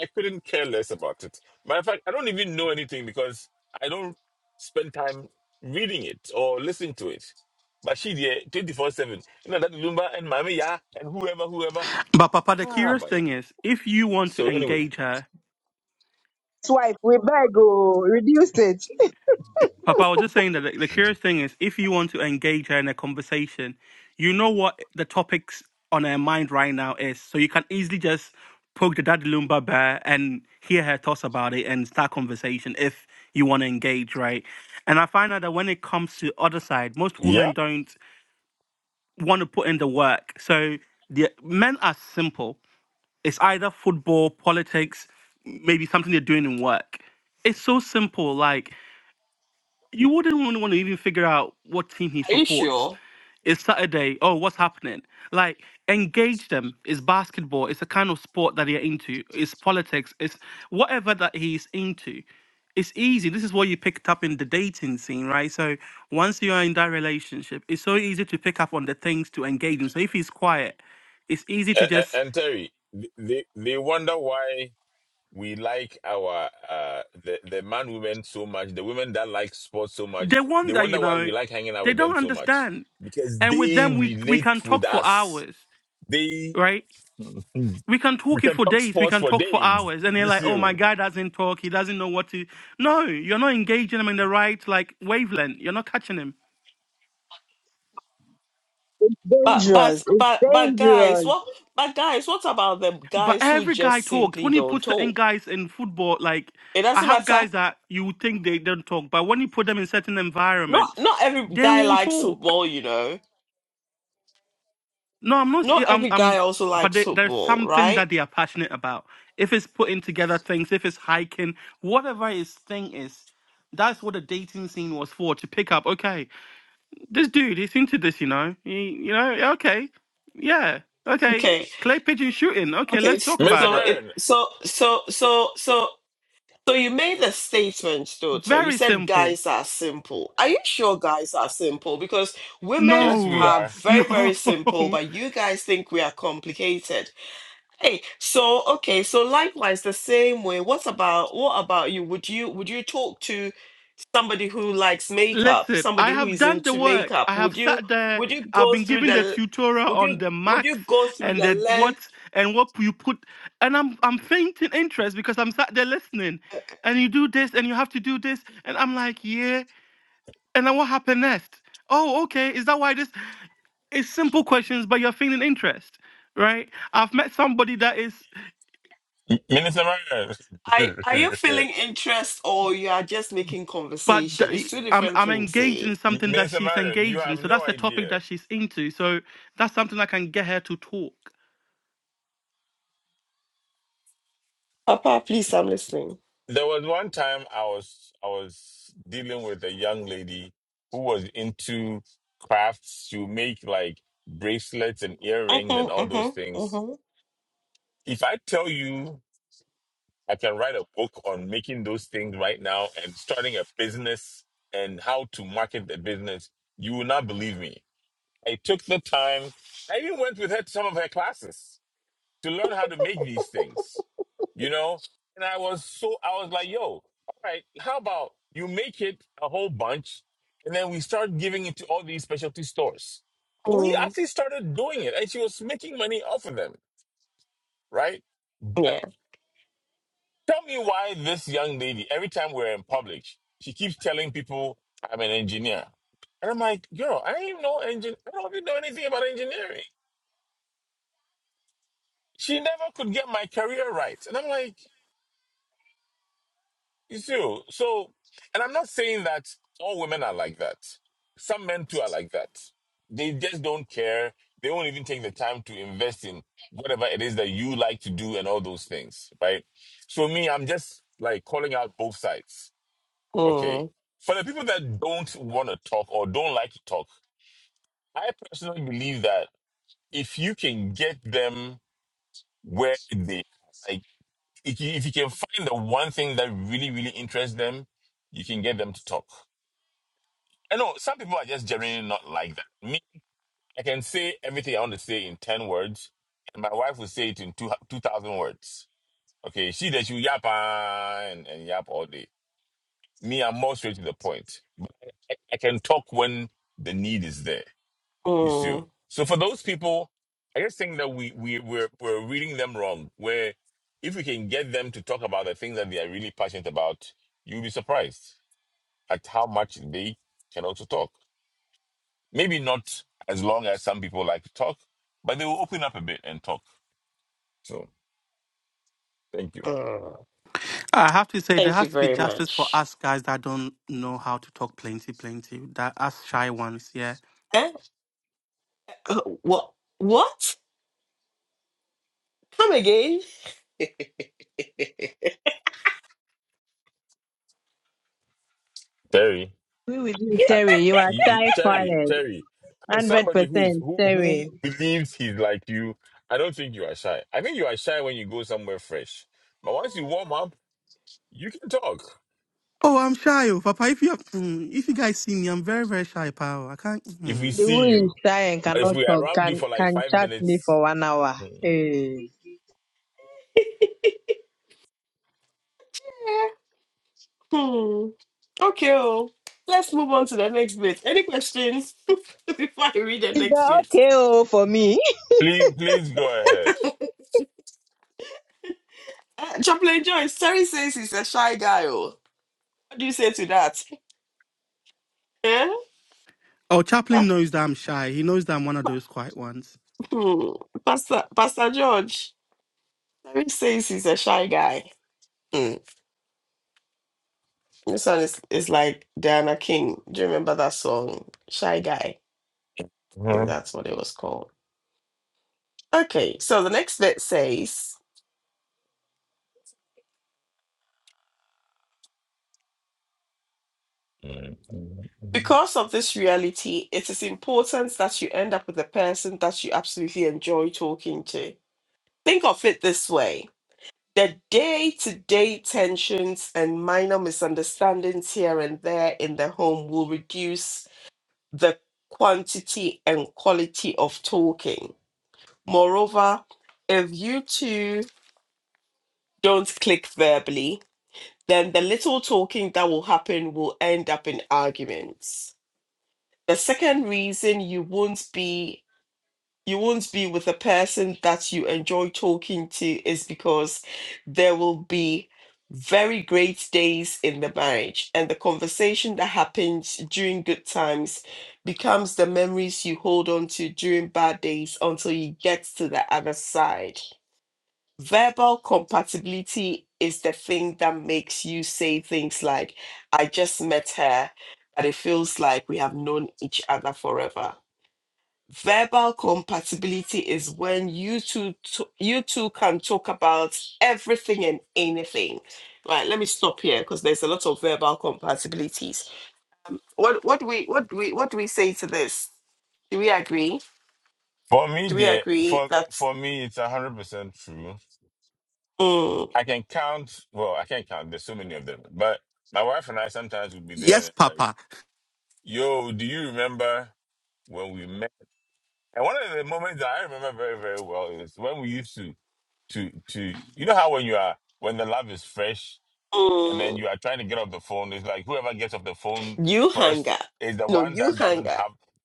Speaker 2: I couldn't care less about it. Matter of fact, I don't even know anything because I don't spend time reading it or listening to it. But she there 24 7. You know, that Lumba and Mami, yeah, and whoever, whoever.
Speaker 6: But Papa, the
Speaker 2: Ah,
Speaker 6: curious
Speaker 2: boy.
Speaker 6: thing is, if you want to
Speaker 2: So, anyway,
Speaker 6: engage her
Speaker 5: Swipe, we beg, oh, reduce it.
Speaker 6: Papa, I was just saying that the, the curious thing is if you want to engage her in a conversation, you know what the topics on her mind right now is. So you can easily just poke the daddy Lumba bear and hear her toss about it and start conversation if you want to engage, right? And I find out that when it comes to other side, most
Speaker 2: yeah.
Speaker 6: women don't want to put in the work. So the men are simple. It's either football, politics, maybe something they're doing in work it's so simple. Like you wouldn't even want to even figure out what team he
Speaker 1: are you
Speaker 6: supports.
Speaker 1: sure?
Speaker 6: It's Saturday. Oh, what's happening? Like, engage them. It's basketball. It's the kind of sport that they're into. It's politics. It's whatever that he's into. It's easy. This is what you picked up in the dating scene, right? So once you are in that relationship, it's so easy to pick up on the things to engage him. So if he's quiet, it's easy to
Speaker 2: And,
Speaker 6: just
Speaker 2: and Terry, they, they they wonder why we like our uh the the man women so much the women that like sports so much
Speaker 6: they
Speaker 2: they
Speaker 6: wonder, you
Speaker 2: wonder why
Speaker 6: know,
Speaker 2: we like hanging out
Speaker 6: they
Speaker 2: with them
Speaker 6: don't
Speaker 2: so much
Speaker 6: understand.
Speaker 2: because
Speaker 6: And with
Speaker 2: they
Speaker 6: them, we we
Speaker 2: relate
Speaker 6: can
Speaker 2: with
Speaker 6: talk for
Speaker 2: us
Speaker 6: hours,
Speaker 2: they
Speaker 6: right?
Speaker 2: *laughs* we
Speaker 6: we can talk it
Speaker 2: can
Speaker 6: for
Speaker 2: talk
Speaker 6: days, we
Speaker 2: sports
Speaker 6: can
Speaker 2: for
Speaker 6: talk for
Speaker 2: days
Speaker 6: hours, and they're
Speaker 2: you
Speaker 6: like, oh,
Speaker 2: see
Speaker 6: my guy doesn't talk, he doesn't know what to. No, you're not engaging him in the right like wavelength, you're not catching him.
Speaker 1: But but
Speaker 5: Dangerous.
Speaker 1: but but guys, what? But guys, what about the
Speaker 6: But
Speaker 1: guys who
Speaker 6: every guy
Speaker 1: just
Speaker 6: talks.
Speaker 1: simply
Speaker 6: When you put
Speaker 1: don't
Speaker 6: certain
Speaker 1: talk?
Speaker 6: guys in football, like
Speaker 1: It
Speaker 6: I
Speaker 1: doesn't
Speaker 6: have
Speaker 1: matter.
Speaker 6: guys that you would think they don't talk, but when you put them in certain
Speaker 1: Not
Speaker 6: environments,
Speaker 1: not every
Speaker 6: they
Speaker 1: guy
Speaker 6: will
Speaker 1: likes
Speaker 6: talk.
Speaker 1: football, you know
Speaker 6: No, I'm not.
Speaker 1: not
Speaker 6: s- I'm.
Speaker 1: every
Speaker 6: I'm.
Speaker 1: guy also
Speaker 6: But
Speaker 1: likes
Speaker 6: they, there's
Speaker 1: football,
Speaker 6: something
Speaker 1: right?
Speaker 6: that they are passionate about. If it's putting together things, if it's hiking, whatever his thing is, that's what the dating scene was for to pick up. Okay, this dude, he's into this, you know. He, you know, yeah, okay, yeah, okay.
Speaker 1: Okay,
Speaker 6: Clay pigeon shooting. Okay,
Speaker 1: okay.
Speaker 6: let's
Speaker 1: s-
Speaker 6: talk
Speaker 2: minister
Speaker 6: about
Speaker 1: So
Speaker 6: it.
Speaker 1: it,
Speaker 2: marion
Speaker 1: so, so, so, so, so you made a statement, daughter. You
Speaker 6: Very
Speaker 1: said
Speaker 6: simple.
Speaker 1: guys are simple. Are you sure guys are simple? Because women
Speaker 2: yes we
Speaker 6: No,
Speaker 1: are
Speaker 2: are
Speaker 1: very,
Speaker 6: no.
Speaker 1: very simple,
Speaker 6: *laughs*
Speaker 1: but you guys think we are complicated. Hey, so okay, so likewise, the same way. What about what about you? Would you would you talk to? somebody who likes makeup,
Speaker 6: Listen, I
Speaker 1: somebody who
Speaker 6: have
Speaker 1: is
Speaker 6: done the
Speaker 1: into
Speaker 6: work. I
Speaker 1: makeup,
Speaker 6: have
Speaker 1: would you
Speaker 6: sat there.
Speaker 1: would you
Speaker 6: I've
Speaker 1: go
Speaker 6: been
Speaker 1: through
Speaker 6: given
Speaker 1: the
Speaker 6: the tutorial
Speaker 1: would
Speaker 6: on
Speaker 1: you
Speaker 6: the
Speaker 1: would
Speaker 6: max
Speaker 1: you go through
Speaker 6: and
Speaker 1: the
Speaker 6: the
Speaker 1: lens?
Speaker 6: what and what you put. And I'm I'm fainting interest because I'm sat there listening. And you do this, and you have to do this, and I'm like, yeah. And then what happened next? Oh, okay. Is that why this? It's simple questions, but you're feeling interest, right? I've met somebody that is,
Speaker 2: M- minister marion
Speaker 1: Are are you
Speaker 2: *laughs*
Speaker 1: feeling interest or you are just making
Speaker 6: but
Speaker 1: conversation? It's
Speaker 6: th-
Speaker 1: two
Speaker 6: I'm
Speaker 1: different
Speaker 6: I'm
Speaker 1: things.
Speaker 6: engaged
Speaker 1: Eh?
Speaker 6: in
Speaker 2: M-
Speaker 6: something that
Speaker 2: minister
Speaker 6: she's
Speaker 2: marion you
Speaker 6: engaged
Speaker 2: have
Speaker 6: in, so
Speaker 2: no
Speaker 6: that's the topic
Speaker 2: idea
Speaker 6: that she's into. So that's something that can get her to talk.
Speaker 1: Papa, please, I'm listening.
Speaker 2: There was one time I was I was dealing with a young lady who was into crafts. She would make like bracelets and earrings and
Speaker 1: Mm-hmm,
Speaker 2: all those
Speaker 1: mm-hmm,
Speaker 2: things.
Speaker 1: mm-hmm.
Speaker 2: If I tell you I can write a book on making those things right now and starting a business and how to market the business, you will not believe me. I took the time. I even went with her to some of her classes to learn how to make these things, you know? And I was so, I was like, yo, all right, how about you make it a whole bunch and then we start giving it to all these specialty stores? We
Speaker 1: Mm,
Speaker 2: actually started doing it and she was making money off of them, right? But
Speaker 1: yeah.
Speaker 2: tell me why this young lady, every time we're in public, she keeps telling people, I'm an engineer. And I'm like, girl, I ain't no engine. I don't even know anything about engineering. She never could get my career right. And I'm like, You see, so, and I'm not saying that all women are like that. Some men too are like that. They just don't care. They won't even take the time to invest in whatever it is that you like to do and all those things, right? So me, I'm just like calling out both sides. Okay.
Speaker 1: Mm,
Speaker 2: For the people that don't want to talk or don't like to talk, I personally believe that if you can get them where they are, like, if you, if you can find the one thing that really, really interests them, you can get them to talk. I know some people are just generally not like that. Me, I can say everything I want to say in 10 words, and my wife will say it in two 2,000 words. Okay, she does, you yap ah, and, and yap all day. Me, I'm more straight to the point. But I, I can talk when the need is there. You see.
Speaker 1: mm,
Speaker 2: So for those people, I just think that we we we're, we're reading them wrong. Where if we can get them to talk about the things that they are really passionate about, you'll be surprised at how much they can also talk. Maybe not as long as some people like to talk, but they will open up a bit and talk. So thank you,
Speaker 1: mm.
Speaker 6: I have to say there
Speaker 1: Thank
Speaker 6: has
Speaker 1: you
Speaker 6: to be
Speaker 1: very
Speaker 6: justice for
Speaker 1: much.
Speaker 6: us guys that don't know how to talk plenty, plenty. That us shy ones, yeah.
Speaker 1: Eh? Uh, What? What? Come again?
Speaker 2: Terry. I, I,
Speaker 5: Mary, you are
Speaker 2: you, you- Terry, Terry. As somebody who is who who believes he's like you, I don't think you are shy. I think you are shy when you go somewhere fresh. But once you warm up, You can talk
Speaker 6: Oh, I'm shy, oh, Papa. If you have, mm, if you guys see me, I'm very, very shy, pal. I can't.
Speaker 2: if we
Speaker 6: Mm.
Speaker 5: the
Speaker 2: see
Speaker 5: one who is
Speaker 2: you.
Speaker 5: shy and
Speaker 2: But if
Speaker 5: cannot
Speaker 2: we're
Speaker 5: talk,
Speaker 2: around you
Speaker 5: can
Speaker 2: for like
Speaker 5: can
Speaker 2: five
Speaker 5: chat me
Speaker 2: minutes,
Speaker 5: for one hour.
Speaker 2: mm,
Speaker 5: Hey.
Speaker 1: *laughs* Hmm. Okay. oh. Let's move on to the next bit. Any questions *laughs* before I read the
Speaker 5: Is
Speaker 1: next
Speaker 5: that
Speaker 1: bit?
Speaker 5: okay oh, for me? *laughs*
Speaker 2: please please go ahead.
Speaker 1: Uh, Chaplain Joyce, Terry says he's a shy guy. Oh. What do you say to that? Eh?
Speaker 6: Oh, Chaplin
Speaker 1: Pa-
Speaker 6: knows that I'm shy. He knows that I'm one of those quiet ones.
Speaker 1: hmm. Pastor, Pastor George, Terry says he's a shy guy. Hmm. This one is, is like Diana King. Do you remember that song? Shy Guy. I think
Speaker 2: Mhm.
Speaker 1: that's what it was called. Okay, so the next bit says.
Speaker 2: Mm, mm, mm.
Speaker 1: Because of this reality, it is important that you end up with a person that you absolutely enjoy talking to. Think of it this way the day to day tensions and minor misunderstandings here and there in the home will reduce the quantity and quality of talking. Moreover, if you two don't click verbally, then the little talking that will happen will end up in arguments. The second reason you won't be you won't be with a person that you enjoy talking to is because there will be very great days in the marriage and the conversation that happens during good times becomes the memories you hold on to during bad days until you get to the other side verbal compatibility is the thing that makes you say things like i just met her but it feels like we have known each other forever verbal compatibility is when you two to, you two can talk about everything and anything right let me stop here because there's a lot of verbal compatibilities um, what what do we what do we what do we say to this do we agree
Speaker 2: For me,
Speaker 1: do we
Speaker 2: dear,
Speaker 1: agree
Speaker 2: for
Speaker 1: that
Speaker 2: for me, it's a hundred percent true.
Speaker 1: mm,
Speaker 2: I can count. Well, I can't count. There's so many of them. But my wife and I sometimes would be there,
Speaker 6: Yes,
Speaker 2: and like,
Speaker 6: Papa.
Speaker 2: "Yo, do you remember when we met?" And one of the moments that I remember very very well is when we used to to to. You know how when you are when the love is fresh and then you
Speaker 1: mm,
Speaker 2: are trying to get off the phone. It's like whoever gets off the phone
Speaker 1: you hang
Speaker 2: first
Speaker 1: up
Speaker 2: is the
Speaker 1: no
Speaker 2: one
Speaker 1: you
Speaker 2: that
Speaker 1: hang
Speaker 2: doesn't
Speaker 1: up
Speaker 2: have. oh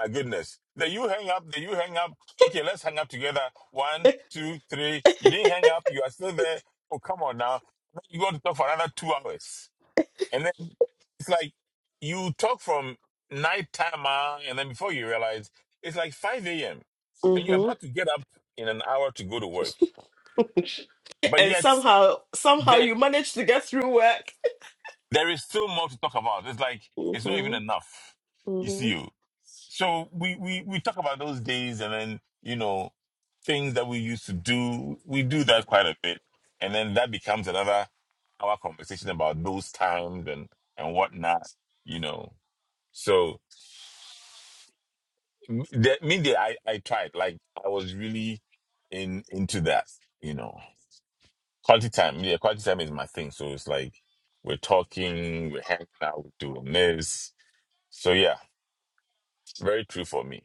Speaker 2: My goodness, then you hang up. Then you hang up. Okay, let's hang up together. One, two, three. You didn't hang up. You are still there. Oh, come on now. Then You got to talk for another two hours, and then it's like you talk from night time, ah, and then before you realize it's like five a.m. and you're
Speaker 1: hmm
Speaker 2: about to get up in an hour to go to work, but
Speaker 1: and
Speaker 2: yet.
Speaker 1: somehow somehow you manage to get through work
Speaker 2: there is still more to talk about. It's like it's not even
Speaker 1: hmm
Speaker 2: enough. You see,
Speaker 1: hmm
Speaker 2: you. So we we we talk about those days, and then you know things that we used to do. We do that quite a bit, and then that becomes another our conversation about those times and and whatnot. You know. So m- the, me, the, I I tried. Like I was really in into that. You know, quality time. Yeah, quality time is my thing. So it's like we're talking, we're hanging out, we're doing this So yeah, very true for me.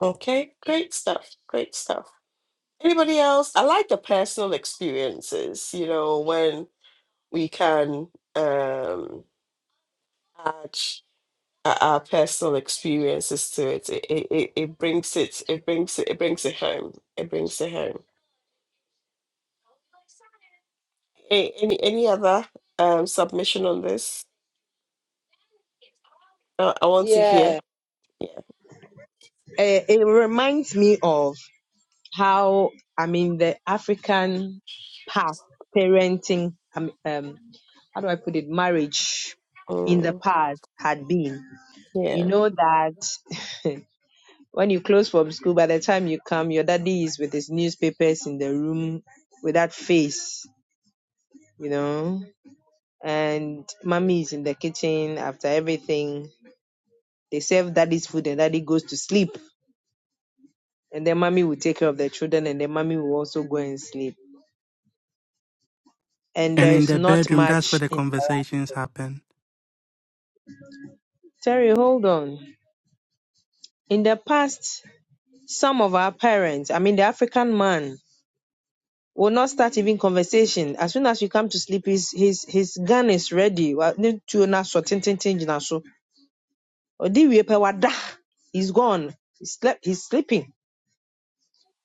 Speaker 1: okay great stuff great stuff Anybody else? I like the personal experiences, you know, when we can um, add uh, our personal experiences to it. It, it, it it brings it, it brings it, it brings it home. It brings it home. A- Any any other um, submission on this? Uh, I want to hear.
Speaker 5: Yeah.
Speaker 1: Yeah,
Speaker 5: Eh, it reminds me of how I mean the African path, parenting, um, um, how do I put it, marriage in the
Speaker 1: Mm,
Speaker 5: past had been. You
Speaker 1: yeah.
Speaker 5: know that when you close from school, by the time you come, your daddy is with his newspapers in the room with that face, you know, and mommy is in the kitchen after everything. They serve daddy's food and daddy goes to sleep. And then mommy will take care of the children and then mommy will also go and sleep and
Speaker 6: And in
Speaker 5: there's
Speaker 6: the
Speaker 5: not
Speaker 6: bedroom, that's where
Speaker 5: much
Speaker 6: the conversations happen.
Speaker 5: Terry, hold on. In the past, some of our parents, I mean the African man, will not start even conversation. As soon as you come to sleep, his his his gun is ready. Wa- ne tuo na so, tin, tin, tin gyina so. Ɔde wie pɛ, wada. He's gone. He slept he's sleeping.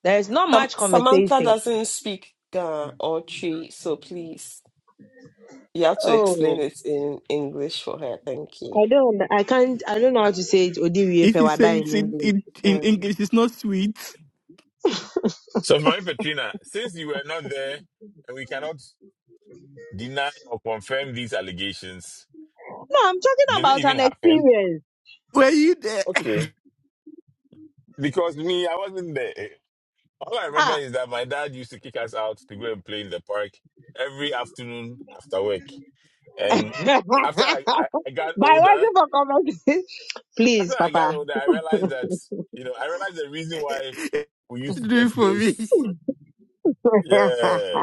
Speaker 5: There is not
Speaker 1: Sam
Speaker 5: much
Speaker 1: Samantha
Speaker 5: conversation.
Speaker 1: doesn't speak Ga or Chi, so please, you have to explain
Speaker 5: Oh
Speaker 1: it in English for her. Thank you.
Speaker 5: I don't I can't I don't know how to say it Ɔde wie
Speaker 6: If
Speaker 5: pɛ,
Speaker 6: you
Speaker 5: wada
Speaker 6: say
Speaker 5: in
Speaker 6: it in,
Speaker 5: English.
Speaker 6: in, in
Speaker 5: Um,
Speaker 6: English, it's not sweet.
Speaker 2: So Marie Petrina, since you were not there and we cannot deny or confirm these allegations,
Speaker 5: No, I'm talking
Speaker 2: did it
Speaker 5: about
Speaker 2: even
Speaker 5: an
Speaker 2: happen?
Speaker 5: experience.
Speaker 6: Were you there?
Speaker 2: Okay. Because me, I wasn't there. All I remember
Speaker 5: Ah
Speaker 2: is that my dad used to kick us out to go and play in the park every afternoon after work. And after I,
Speaker 5: *laughs*
Speaker 2: I, I got
Speaker 5: By
Speaker 2: older,
Speaker 5: working for comedy, *laughs*
Speaker 2: after
Speaker 5: please,
Speaker 2: I got
Speaker 5: Papa,
Speaker 2: older, I realized that, you know, I realized the reason why
Speaker 6: *laughs*
Speaker 2: we used to
Speaker 6: Do
Speaker 2: get
Speaker 6: it for me.
Speaker 2: those, yeah,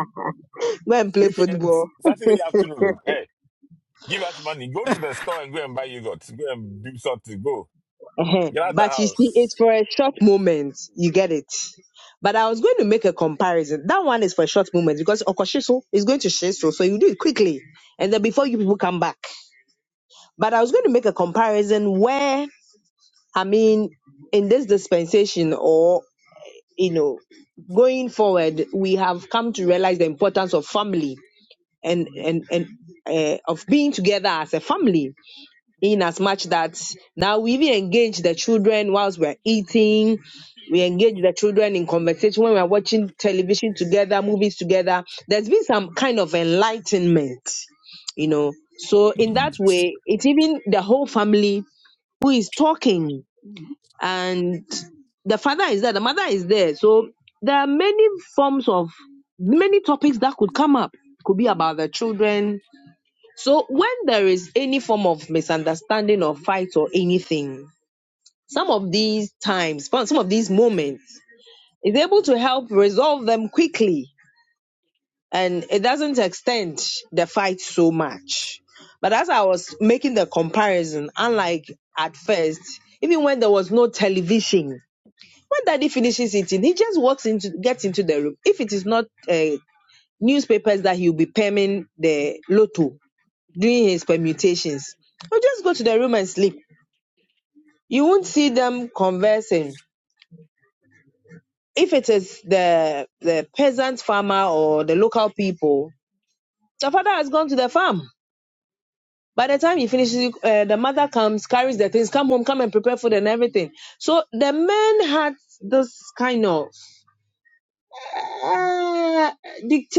Speaker 5: go and play
Speaker 2: weekends,
Speaker 5: football.
Speaker 2: Saturday afternoon. Hey, Give us money. Go to
Speaker 6: *laughs*
Speaker 2: the store and go and buy yogurt. Go and do something. Go.
Speaker 5: Eh-heh.
Speaker 2: Get out the
Speaker 5: But you see, it's
Speaker 2: house.
Speaker 5: for a short moment. You get it. But I was going to make a comparison. That one is for a short moment because Okoshiso is going to Shiso, so so you do it quickly, and then before you people come back. But I was going to make a comparison where, I mean, in this dispensation, or you know, going forward, we have come to realize the importance of family and and and uh, of being together as a family in as much that now we even engage the children whilst we're eating. We engage the children in conversation when we're watching television together, movies together. There's been some kind of enlightenment, you know. So in that
Speaker 2: Mm.
Speaker 5: way, it's even the whole family who is talking and the father is there, the mother is there. So there are many forms of many topics that could come up. Could be about the children, so when there is any form of misunderstanding or fight or anything, some of these times, some of these moments is able to help resolve them quickly and it doesn't extend the fight so much. But as I was making the comparison, unlike at first, even when there was no television, when daddy finishes eating, he just walks into gets into the room. If it is not uh, newspapers that he'll be perming the lotto, doing his permutations. Or just go to the room and sleep. You won't see them conversing. If it is the the peasant farmer or the local people, the father has gone to the farm. By the time he finishes, uh, the mother comes, carries the things, come home, come and prepare food and everything. So the men had this kind of uh,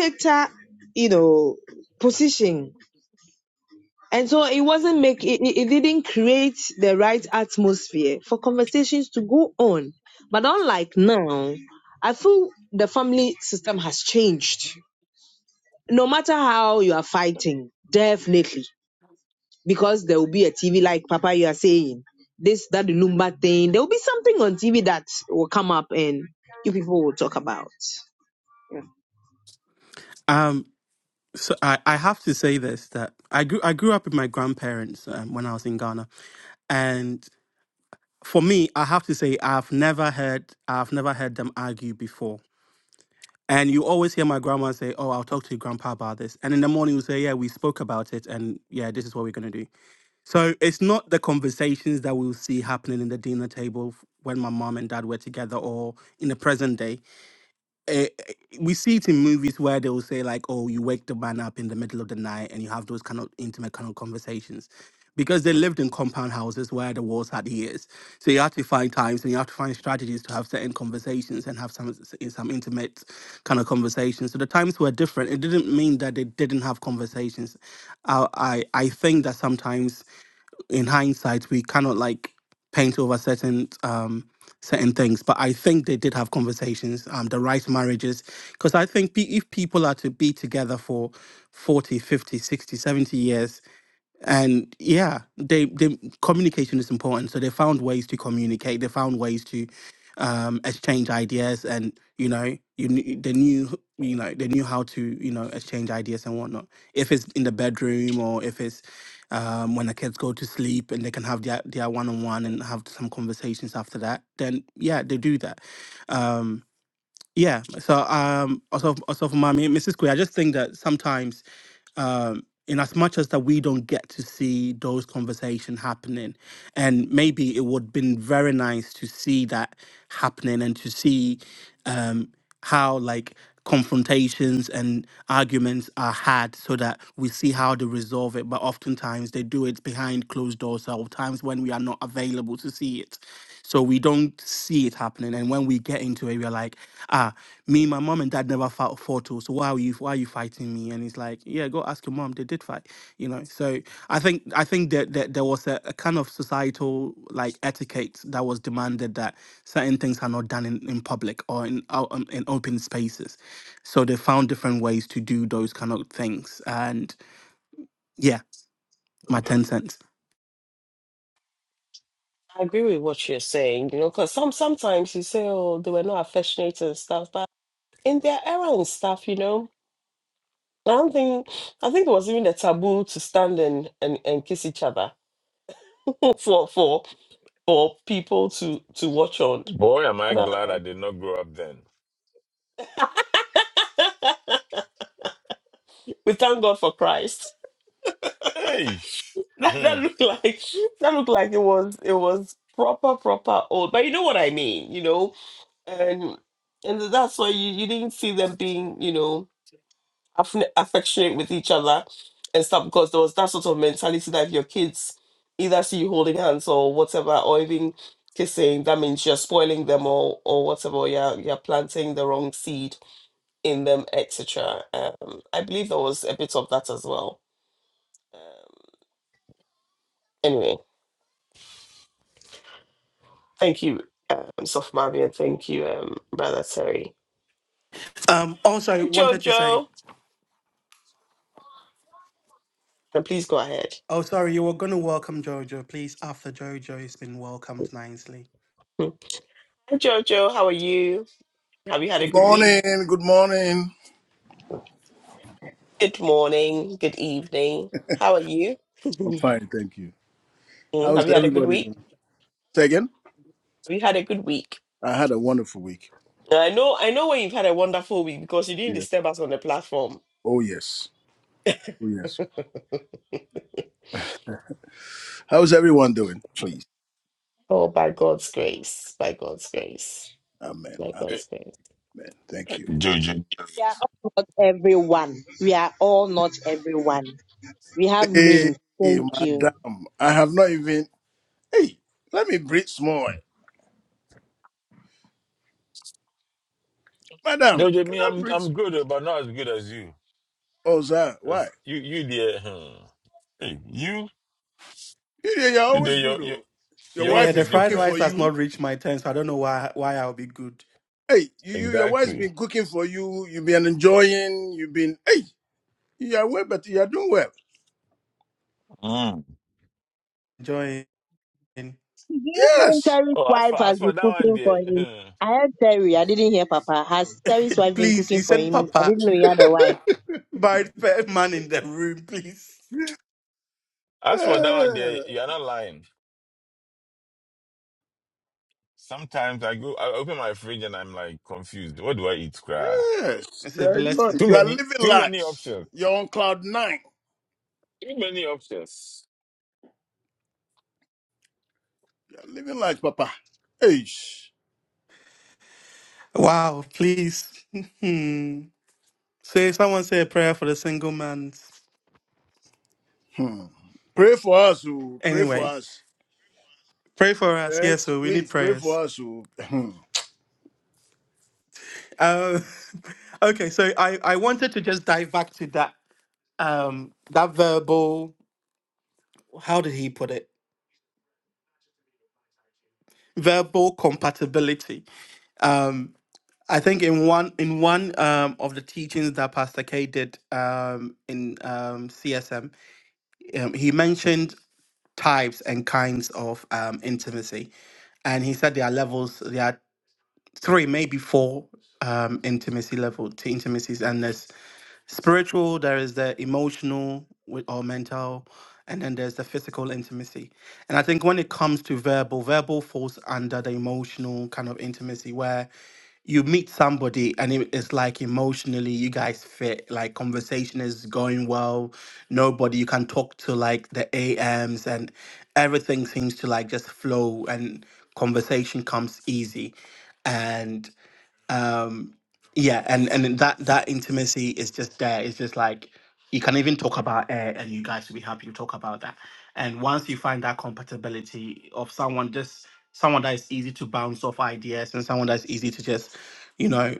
Speaker 5: dictator, you know, position And so it wasn't make it, it it didn't create the right atmosphere for conversations to go on. But unlike now, I feel the family system has changed. No matter how you are fighting, definitely, because there will be a TV like Papa you are saying this that the Lumba thing. There will be something on TV that will come up and you people will talk about.
Speaker 6: Um, so I, I have to say this that I grew I grew up with my grandparents um, when I was in Ghana, and for me, I have to say I've never heard I've never heard them argue before. And you always hear my grandma say, "Oh, I'll talk to your grandpa about this," and in the morning you say, "Yeah, we spoke about it, and yeah, this is what we're gonna do." So it's not the conversations that we'll see happening in the dinner table f- when my mom and dad were together or in the present day. Eh, eh, we see it in movies where they will say like, "Oh, you wake the man up in the middle of the night and you have those kind of intimate kind of conversations," because they lived in compound houses where the walls had ears. So you have to find times and you have to find strategies to have certain conversations and have some s- eh, some intimate kind of conversations. So the times were different. It didn't mean that they didn't have conversations. I I, I think that sometimes in hindsight we cannot like paint over certain um certain things but i think they did have conversations um the right marriages because i think pe- if people are to be together for 40, 50, 60, 70 years and yeah they they communication is important so they found ways to communicate they found ways to um exchange ideas and you know you kn- they knew you know they knew how to you know exchange ideas and whatnot if it's in the bedroom or if it's um when the kids go to sleep and they can have their their one-on-one and have some conversations after that then yeah they do that um yeah so um also also for mommy mrs queer i just think that sometimes um, in as much as that we don't get to see those conversations happening and maybe it would have been very nice to see that happening and to see um, how like confrontations and arguments are had so that we see how they resolve it. But oftentimes they do it behind closed doors or times when we are not available to see it. So we don't see it happening. And when we get into it, we're like, ah, me, my mom and dad never fought fought. oh, So why are you why are you fighting me? And it's like, yeah, go ask your mom. They did fight. You know. So I think I think that, that there was a, a kind of societal like etiquette that was demanded that certain things are not done in, in public or in out um, in open spaces so they found different ways to do those kind of things and yeah my 10 cents
Speaker 1: I agree with what you're saying, you know, because some sometimes you say, oh, they were not affectionate and stuff, but in their era and stuff, you know, I don't think I think it was even a taboo to stand and, and, and kiss each other *laughs* for for for people to to watch on.
Speaker 2: Boy, am I
Speaker 1: And,
Speaker 2: glad I
Speaker 1: uh,
Speaker 2: did not grow up then.
Speaker 1: *laughs* we thank God for Christ. *laughs*
Speaker 2: Hey.
Speaker 1: That,
Speaker 2: Hmm.
Speaker 1: that looked like that looked like it was it was proper proper old, but you know what I mean, you know, and and that's why you, you didn't see them being, you know. affin- affectionate with each other and stuff because there was that sort of mentality that if your kids either see you holding hands or whatever or even kissing that means you're spoiling them or or whatever or you're, you're planting the wrong seed in them etc um i believe there was a bit of that as well um, anyway thank you um soft Mavi, and thank you um brother terry
Speaker 6: um also I
Speaker 1: hi
Speaker 6: wanted to say
Speaker 1: jojo and please go ahead
Speaker 6: oh sorry you were going to welcome jojo please after jojo has been welcomed nicely
Speaker 1: Hmm. hi jojo how are you have you had a good week
Speaker 7: Morning. Good morning.
Speaker 1: Good morning, good evening. How are you?
Speaker 7: I'm
Speaker 1: *laughs*
Speaker 7: fine, thank you.
Speaker 1: Mm, Have
Speaker 7: How's
Speaker 1: you had a good
Speaker 7: everybody
Speaker 1: week?
Speaker 7: doing? Say again?
Speaker 1: Have you had a good week?
Speaker 7: I had a wonderful week.
Speaker 1: I know, I know when you've had a wonderful week because you didn't
Speaker 7: Yeah.
Speaker 1: disturb us on the platform.
Speaker 7: Oh yes. Oh yes. How's everyone doing? Please.
Speaker 1: Oh, by God's grace, by God's grace,
Speaker 7: Amen.
Speaker 1: by God's grace.
Speaker 7: Amen. Thank you.
Speaker 2: Jojo.
Speaker 5: We are all not everyone. We are all not everyone. We have
Speaker 7: Hey,
Speaker 5: names.
Speaker 7: hey,
Speaker 5: Thank you.
Speaker 7: madam. I have not even. Hey, let me breathe small. Madam,
Speaker 2: Jojo,
Speaker 7: can
Speaker 2: me,
Speaker 7: I
Speaker 2: I'm
Speaker 7: breathe?
Speaker 2: I'm good, oh, but not as good as you.
Speaker 7: Oh, sir. Why?
Speaker 2: Cause you you there, hmm. Hey, you
Speaker 7: You, you- you're
Speaker 2: you there,
Speaker 7: always good.
Speaker 2: your your
Speaker 7: Oh. Your
Speaker 2: your
Speaker 6: yeah
Speaker 7: wife
Speaker 2: own be
Speaker 6: the
Speaker 7: is
Speaker 6: fried
Speaker 7: cooking
Speaker 2: different.
Speaker 7: for
Speaker 6: rice has
Speaker 7: you.
Speaker 6: not reached my turn so i don't know why why i'll be good
Speaker 7: Hey, you, you, your wife's
Speaker 2: Exactly.
Speaker 7: been cooking for you. You've been enjoying. You've been. Hey, you are well, but you are doing well.
Speaker 2: Mm.
Speaker 6: join *laughs*
Speaker 5: Do you mean
Speaker 7: Yes.
Speaker 5: Terry's
Speaker 2: Oh, as
Speaker 5: wife
Speaker 2: for
Speaker 5: has
Speaker 2: as
Speaker 5: been
Speaker 2: for that one
Speaker 5: cooking
Speaker 2: there,
Speaker 5: for him?
Speaker 2: hmm.
Speaker 5: I heard Terry. I didn't hear Papa. Has Terry's wife been
Speaker 6: please he
Speaker 5: cooking for
Speaker 6: said
Speaker 5: him? I
Speaker 6: papa
Speaker 5: didn't know he had a wife.
Speaker 6: by the man in the room please
Speaker 7: Yeah.
Speaker 2: as for that one there, you are not lying. Sometimes I go, I open my fridge and I'm like confused. What do I eat, cry?
Speaker 7: Yes,
Speaker 6: it's
Speaker 7: you
Speaker 6: a
Speaker 7: are enjoying.
Speaker 6: blessing
Speaker 2: Too
Speaker 7: You are
Speaker 2: many,
Speaker 7: living
Speaker 2: too many
Speaker 7: large.
Speaker 2: options.
Speaker 7: You're on cloud nine.
Speaker 2: Too many options.
Speaker 7: You are living large, Papa. Hey.
Speaker 6: wow please *laughs* Say, someone say a prayer for the single man.
Speaker 7: Hmm. Pray for us. oh. Pray for
Speaker 6: Anyway,
Speaker 7: us.
Speaker 6: pray for us.
Speaker 7: Yes,
Speaker 6: Yes, so we need
Speaker 7: please pray
Speaker 6: prayers.
Speaker 7: for us. oh. *clears throat*
Speaker 6: Um, *laughs* okay, so I, I wanted to just dive back to that um, that verbal. How did he put it? Verbal compatibility. Um, I think in one in one um, of the teachings that Pastor K did um, in um, CSM, um, he mentioned types and kinds of um, intimacy and he said there are levels. There are three, maybe four um, intimacy level to intimacies, and there's spiritual there is the emotional with- or mental and then there's the physical intimacy and i think when it comes to verbal verbal falls under the emotional kind of intimacy where you meet somebody and it- it's like emotionally you guys fit like conversation is going well nobody you can talk to like the ams and everything seems to like just flow and conversation comes easy And um yeah and and that that intimacy is just there it's just like you can even talk about air and you guys will be happy to talk about that and once you find that compatibility of someone just someone that is easy to bounce off ideas and someone that's easy to just you know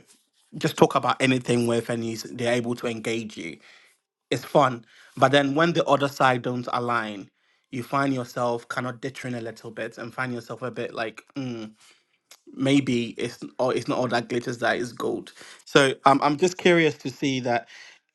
Speaker 6: just talk about anything with and you, s- they're able to engage you it's fun but then when the other side don't align you find yourself kind of ditching a little bit and find yourself a bit like mm, maybe it's or it's not all that glitters that is gold. So um, I'm just curious to see that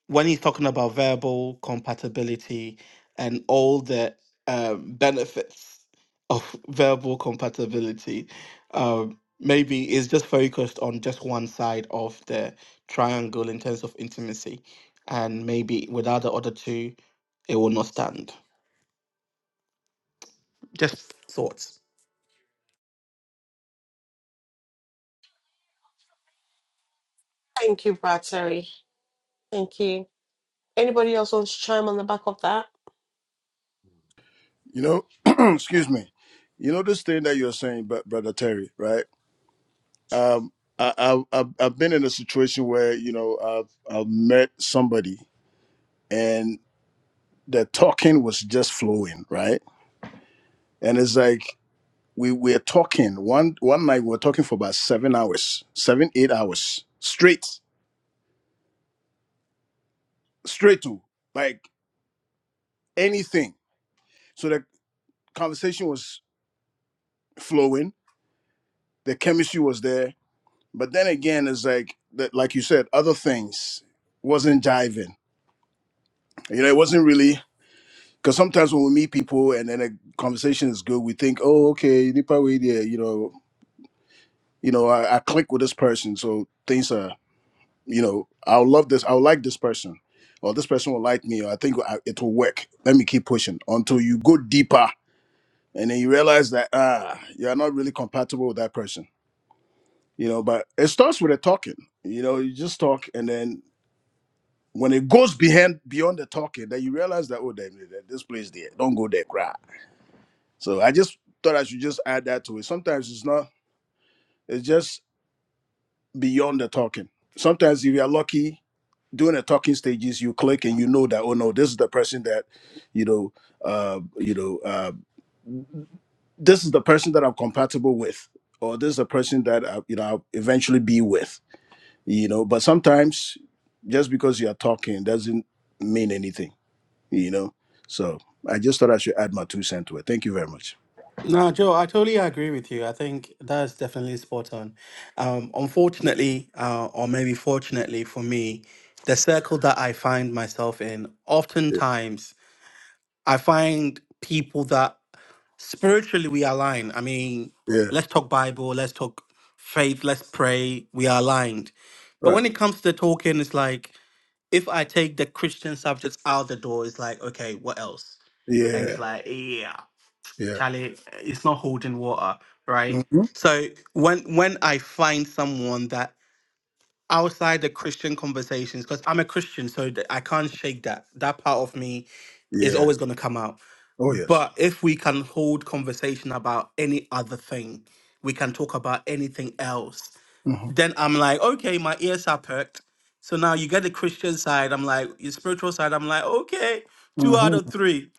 Speaker 6: when he's talking about verbal compatibility and all the um, benefits of *laughs* verbal compatibility, um, maybe it's just focused on just one side of the triangle in terms of intimacy, and maybe without the other two, it will not stand. Just thoughts.
Speaker 1: Thank you, Brad Terry. Thank you. Anybody else wants to chime on the back of that?
Speaker 7: You know, *clears throat* excuse me. You know this thing that you're saying, Br- brother Terry, right? Um, I, I, I've I've been in a situation where you know I've I've met somebody and the talking was just flowing, right? And it's like we were talking one one night we were talking for about seven hours seven eight hours straight straight to like anything so the conversation was flowing the chemistry was there but then again it's like that like you said other things wasn't jiving you know it wasn't really because sometimes when we meet people and then a conversation is good we think oh okay nipa we there you know you know I, I click with this person so things are you know, I'll love this. I'll like this person, or this person will like me, or I think I- it will work. Let me keep pushing until you go deeper, and then you realize that ah, you're not really compatible with that person. You know, but it starts with the talking. You know, you just talk, and then when it goes behind beyond the talking, then you realize that oh, damn, that- this place there, don't go there, cry. So I just thought I should just add that to it. Sometimes it's not. It's just beyond the talking. Sometimes if you're lucky. during the talking stages you click and you know that oh no this is the person that you know uh you know uh this is the person that i'm compatible with or this is the person that I, you know i'll eventually be with you know but sometimes just because you are talking doesn't mean anything you know so i just thought i should add my two cents to it thank you very much
Speaker 6: No, Joe, I totally agree with you. I think that's definitely spot on. Um, unfortunately, uh, or maybe fortunately for me, the circle that I find myself in,
Speaker 7: yeah,
Speaker 6: oftentimes I find people that spiritually we align. I mean,
Speaker 7: yeah.
Speaker 6: let's talk Bible, let's talk faith, let's pray, we are aligned. But
Speaker 7: right
Speaker 6: when it comes to the talking, it's like if I take the Christian subjects out the door, it's like, okay, what else? And
Speaker 7: yeah
Speaker 6: it's like, yeah.
Speaker 7: yeah
Speaker 6: Charlie, it's not holding water, right?
Speaker 7: hmm
Speaker 6: So when when I find someone that outside the Christian conversations, because I'm a Christian, so th- I can't shake that. That part of me is
Speaker 7: yeah
Speaker 6: always going to come out.
Speaker 7: oh yes
Speaker 6: But if we can hold conversation about any other thing, we can talk about anything else.
Speaker 7: hmm
Speaker 6: Then I'm like, okay, my ears are perked. So now you get the Christian side. I'm like, your spiritual side. I'm like, okay, two out
Speaker 7: hmm
Speaker 6: of three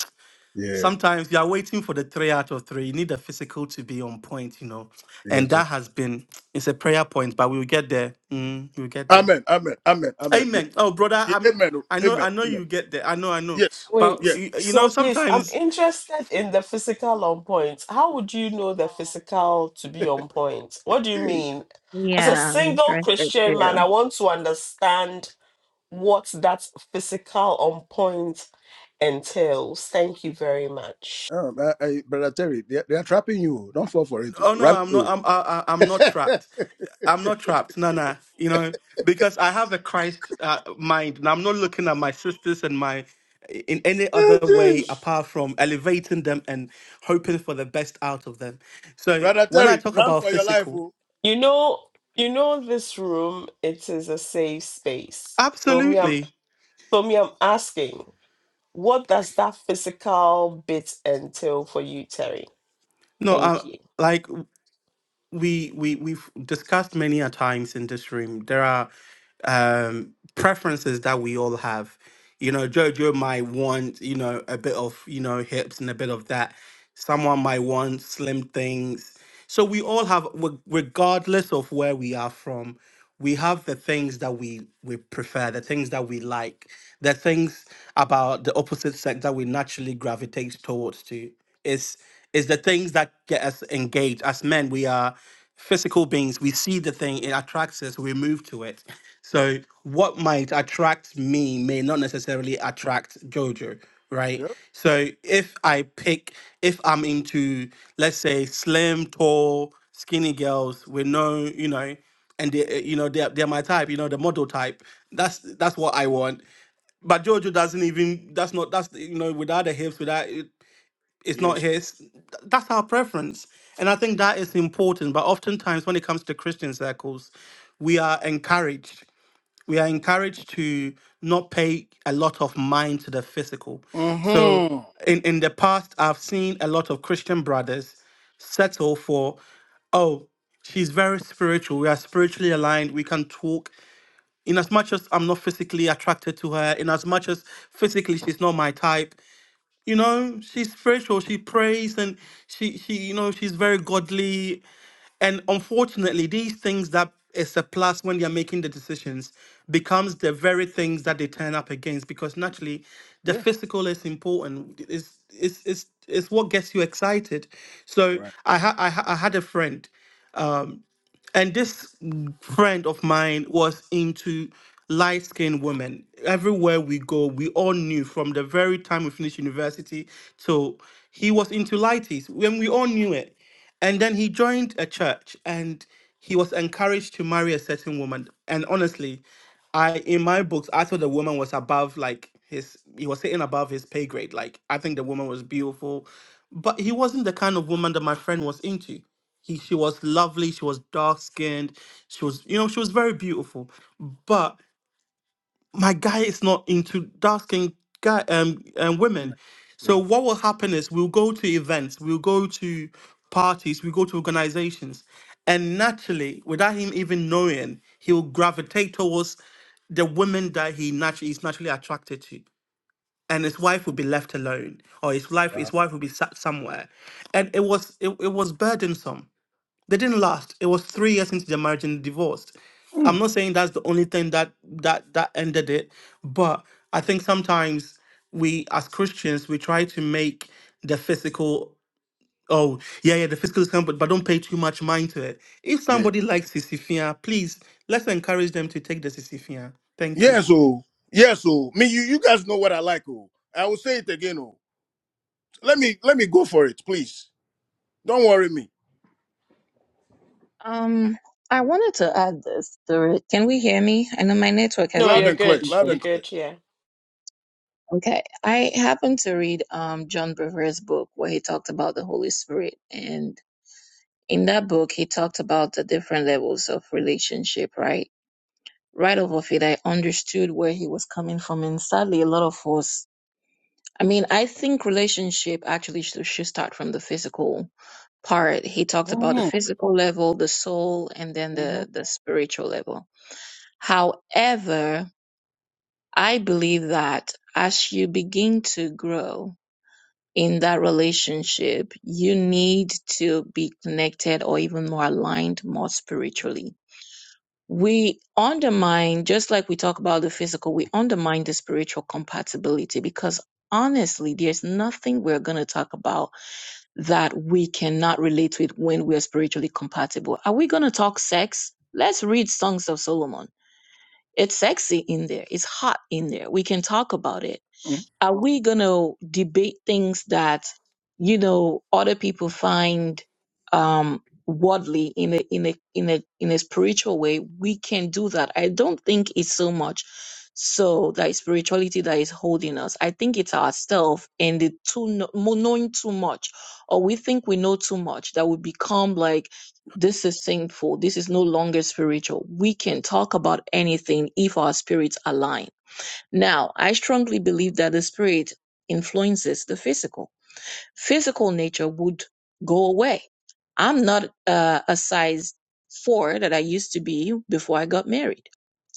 Speaker 7: yeah
Speaker 6: sometimes you are waiting for the three out of three. You need the physical to be on point, you know. And
Speaker 7: yes
Speaker 6: that has been it's a prayer point, but we will get there. Mm, we will get there.
Speaker 7: amen amen amen amen Yeah.
Speaker 6: Amen. Oh, brother,
Speaker 7: Yeah,
Speaker 6: I'm.
Speaker 7: amen. oh,
Speaker 6: I know,
Speaker 7: Amen.
Speaker 6: I know
Speaker 7: Amen.
Speaker 6: you get there. I know, I know.
Speaker 7: Yes.
Speaker 6: But
Speaker 7: Yeah.
Speaker 1: Wait,
Speaker 6: you, you know,
Speaker 1: so please, I'm
Speaker 6: sometimes,
Speaker 1: interested in the physical on point. How would you know the physical to be on point? What do you
Speaker 7: Hey,
Speaker 1: mean? As a
Speaker 4: Yeah, I'm
Speaker 1: single
Speaker 4: interested
Speaker 1: Christian man,
Speaker 4: too.
Speaker 1: I want to understand what that physical on point entails. Thank you very much.
Speaker 7: um, I, I, brother Terry, they, they are trapping you. oh. Don't fall for it. oh.
Speaker 6: oh no,
Speaker 7: Run
Speaker 6: I'm not.
Speaker 7: away.
Speaker 6: I'm, I, I- I'm not
Speaker 7: *laughs*
Speaker 6: trapped. I'm not trapped, no, no. You know, because I have a Christ uh, mind, and I'm not looking at my sisters and my in any other
Speaker 7: Oh,
Speaker 6: way
Speaker 7: jeez.
Speaker 6: apart from elevating them and hoping for the best out of them. So
Speaker 7: brother
Speaker 6: when I
Speaker 7: Terry,
Speaker 6: talk
Speaker 7: run
Speaker 6: about
Speaker 7: for your life.
Speaker 6: physical,
Speaker 7: Oh.
Speaker 1: You know, you know this room, it is a safe space. So me, I'm
Speaker 6: absolutely,
Speaker 1: so me, I'm asking, what does that physical bit entail for you, Terry?
Speaker 6: no,
Speaker 1: Thank
Speaker 6: uh,
Speaker 1: you.
Speaker 6: like we we we've discussed many a times in this room. There are um, preferences that we all have. You know, Jojo might want, you know, a bit of, you know, hips and a bit of that. Someone might want slim things. So we all have, reg- regardless of where we are from, we have the things that we we prefer, the things that we like, the things about the opposite sex that we naturally gravitate towards. To is is the things that get us engaged. As men, we are physical beings, we see the thing, it attracts us, we move to it. So what might attract me may not necessarily attract Jojo, right?
Speaker 7: Yeah.
Speaker 6: So if I pick, if I'm into, let's say, slim, tall, skinny girls with no, you know, and they, eh, you know, they're, they're my type, you know, the model type. That's that's what I want. But Jojo doesn't even. That's not. That's you know, without the hips, without. eh, it's not
Speaker 7: Yes.
Speaker 6: his. That's our preference. And I think that is important. But oftentimes, when it comes to Christian circles, we are encouraged. We are encouraged to not pay a lot of mind to the physical. So,
Speaker 7: Mm-hmm.
Speaker 6: in, in the past, I've seen a lot of Christian brothers settle for, oh, she's very spiritual. We are spiritually aligned. We can talk. In as much as I'm not physically attracted to her, in as much as physically she's not my type, you know she's spiritual she prays and she she you know she's very godly and unfortunately these things that is a plus when they're making the decisions becomes the very things that they turn up against because naturally the
Speaker 7: Yes.
Speaker 6: physical is important it's it's it's, it's what gets you excited so
Speaker 7: Right.
Speaker 6: i ha- I, ha- I had a friend and this friend of mine was into light skinned women. Everywhere we go, we all knew from the very time we finished university till he was into lighties. When we all knew it. And then he joined a church and he was encouraged to marry a certain woman. And honestly, I in my books, I thought the woman was above like his he was sitting above his pay grade. Like I think the woman was beautiful. But he wasn't the kind of woman that my friend was into he, she was lovely she was dark skinned she was you know she was very beautiful but my guy is not into dark skinned guy um and women
Speaker 7: Amen.
Speaker 6: so
Speaker 7: Yeah.
Speaker 6: what will happen is we'll go to events we'll go to parties we go to organizations and naturally without him even knowing he'll gravitate towards the women that he naturally is naturally attracted to and his wife would be left alone or his life his
Speaker 7: Wow.
Speaker 6: wife would be sat somewhere and it was it, it was burdensome they didn't last. It was three years into their marriage and divorced. I'm
Speaker 7: Mm.
Speaker 6: not saying that's the only thing that that that ended it, but I think sometimes we as Christians we try to make the physical oh yeah yeah the physical is coming, but, don't pay too much mind to it. If
Speaker 7: Yeah.
Speaker 6: somebody likes Sisifia, please let's encourage them to take the Sisifia. Thank you.
Speaker 7: Yes. Oh. Yes. Oh. Me. You. You guys know what I like. Oh. I will say it again. Oh. Let me. Let me go for it, please. Don't worry me.
Speaker 4: Um, I wanted to add this to it. Can we hear me? I know my network has
Speaker 1: No,
Speaker 7: Loud
Speaker 4: been.
Speaker 1: you're
Speaker 7: and clear.
Speaker 1: good.
Speaker 7: Loud
Speaker 4: horrible.
Speaker 1: You're
Speaker 7: and clear.
Speaker 1: good. Yeah.
Speaker 4: Okay. I happened to read um John Brever's book where he talked about the Holy Spirit. And in that book, he talked about the different levels of relationship, right? Right off of it, I understood where he was coming from. And sadly, a lot of us, I mean, I think relationship actually should, should start from the physical. part he talked about the
Speaker 7: Mm-hmm.
Speaker 4: physical level the soul and then
Speaker 7: Mm-hmm.
Speaker 4: the the spiritual level however i believe that as you begin to grow in that relationship you need to be connected or even more aligned more spiritually we undermine just like we talk about the physical we undermine the spiritual compatibility because honestly there's nothing we're going to talk about that we cannot relate with when we're spiritually compatible. Are we going to talk sex? Let's read Songs of Solomon. It's sexy in there, it's hot in there. We can talk about it
Speaker 7: Mhm.
Speaker 4: are we going to debate things that, you know, other people find um, worldly in a, in a, in a, in a spiritual way? We can do that. I don't think it's so much so that is spirituality that is holding us. I think it's ourselves and the too kno- mo- knowing too much, or we think we know too much that we become like this is sinful. This is no longer spiritual. We can talk about anything if our spirits align now, I strongly believe that the spirit influences the physical. Physical nature would go away. I'm not uh, a size four that I used to be before I got married.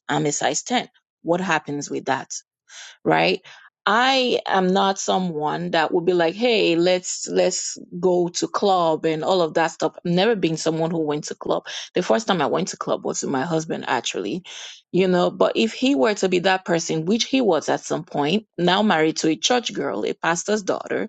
Speaker 4: I'm a size 10. What happens with that? right? I am not someone that would be like, hey, let's let's go to club and all of that stuff. I've never been someone who went to club. The first time I went to club was with my husband, actually. You know, but if he were to be that person, which he was at some point, now married to a church girl, a pastor's daughter,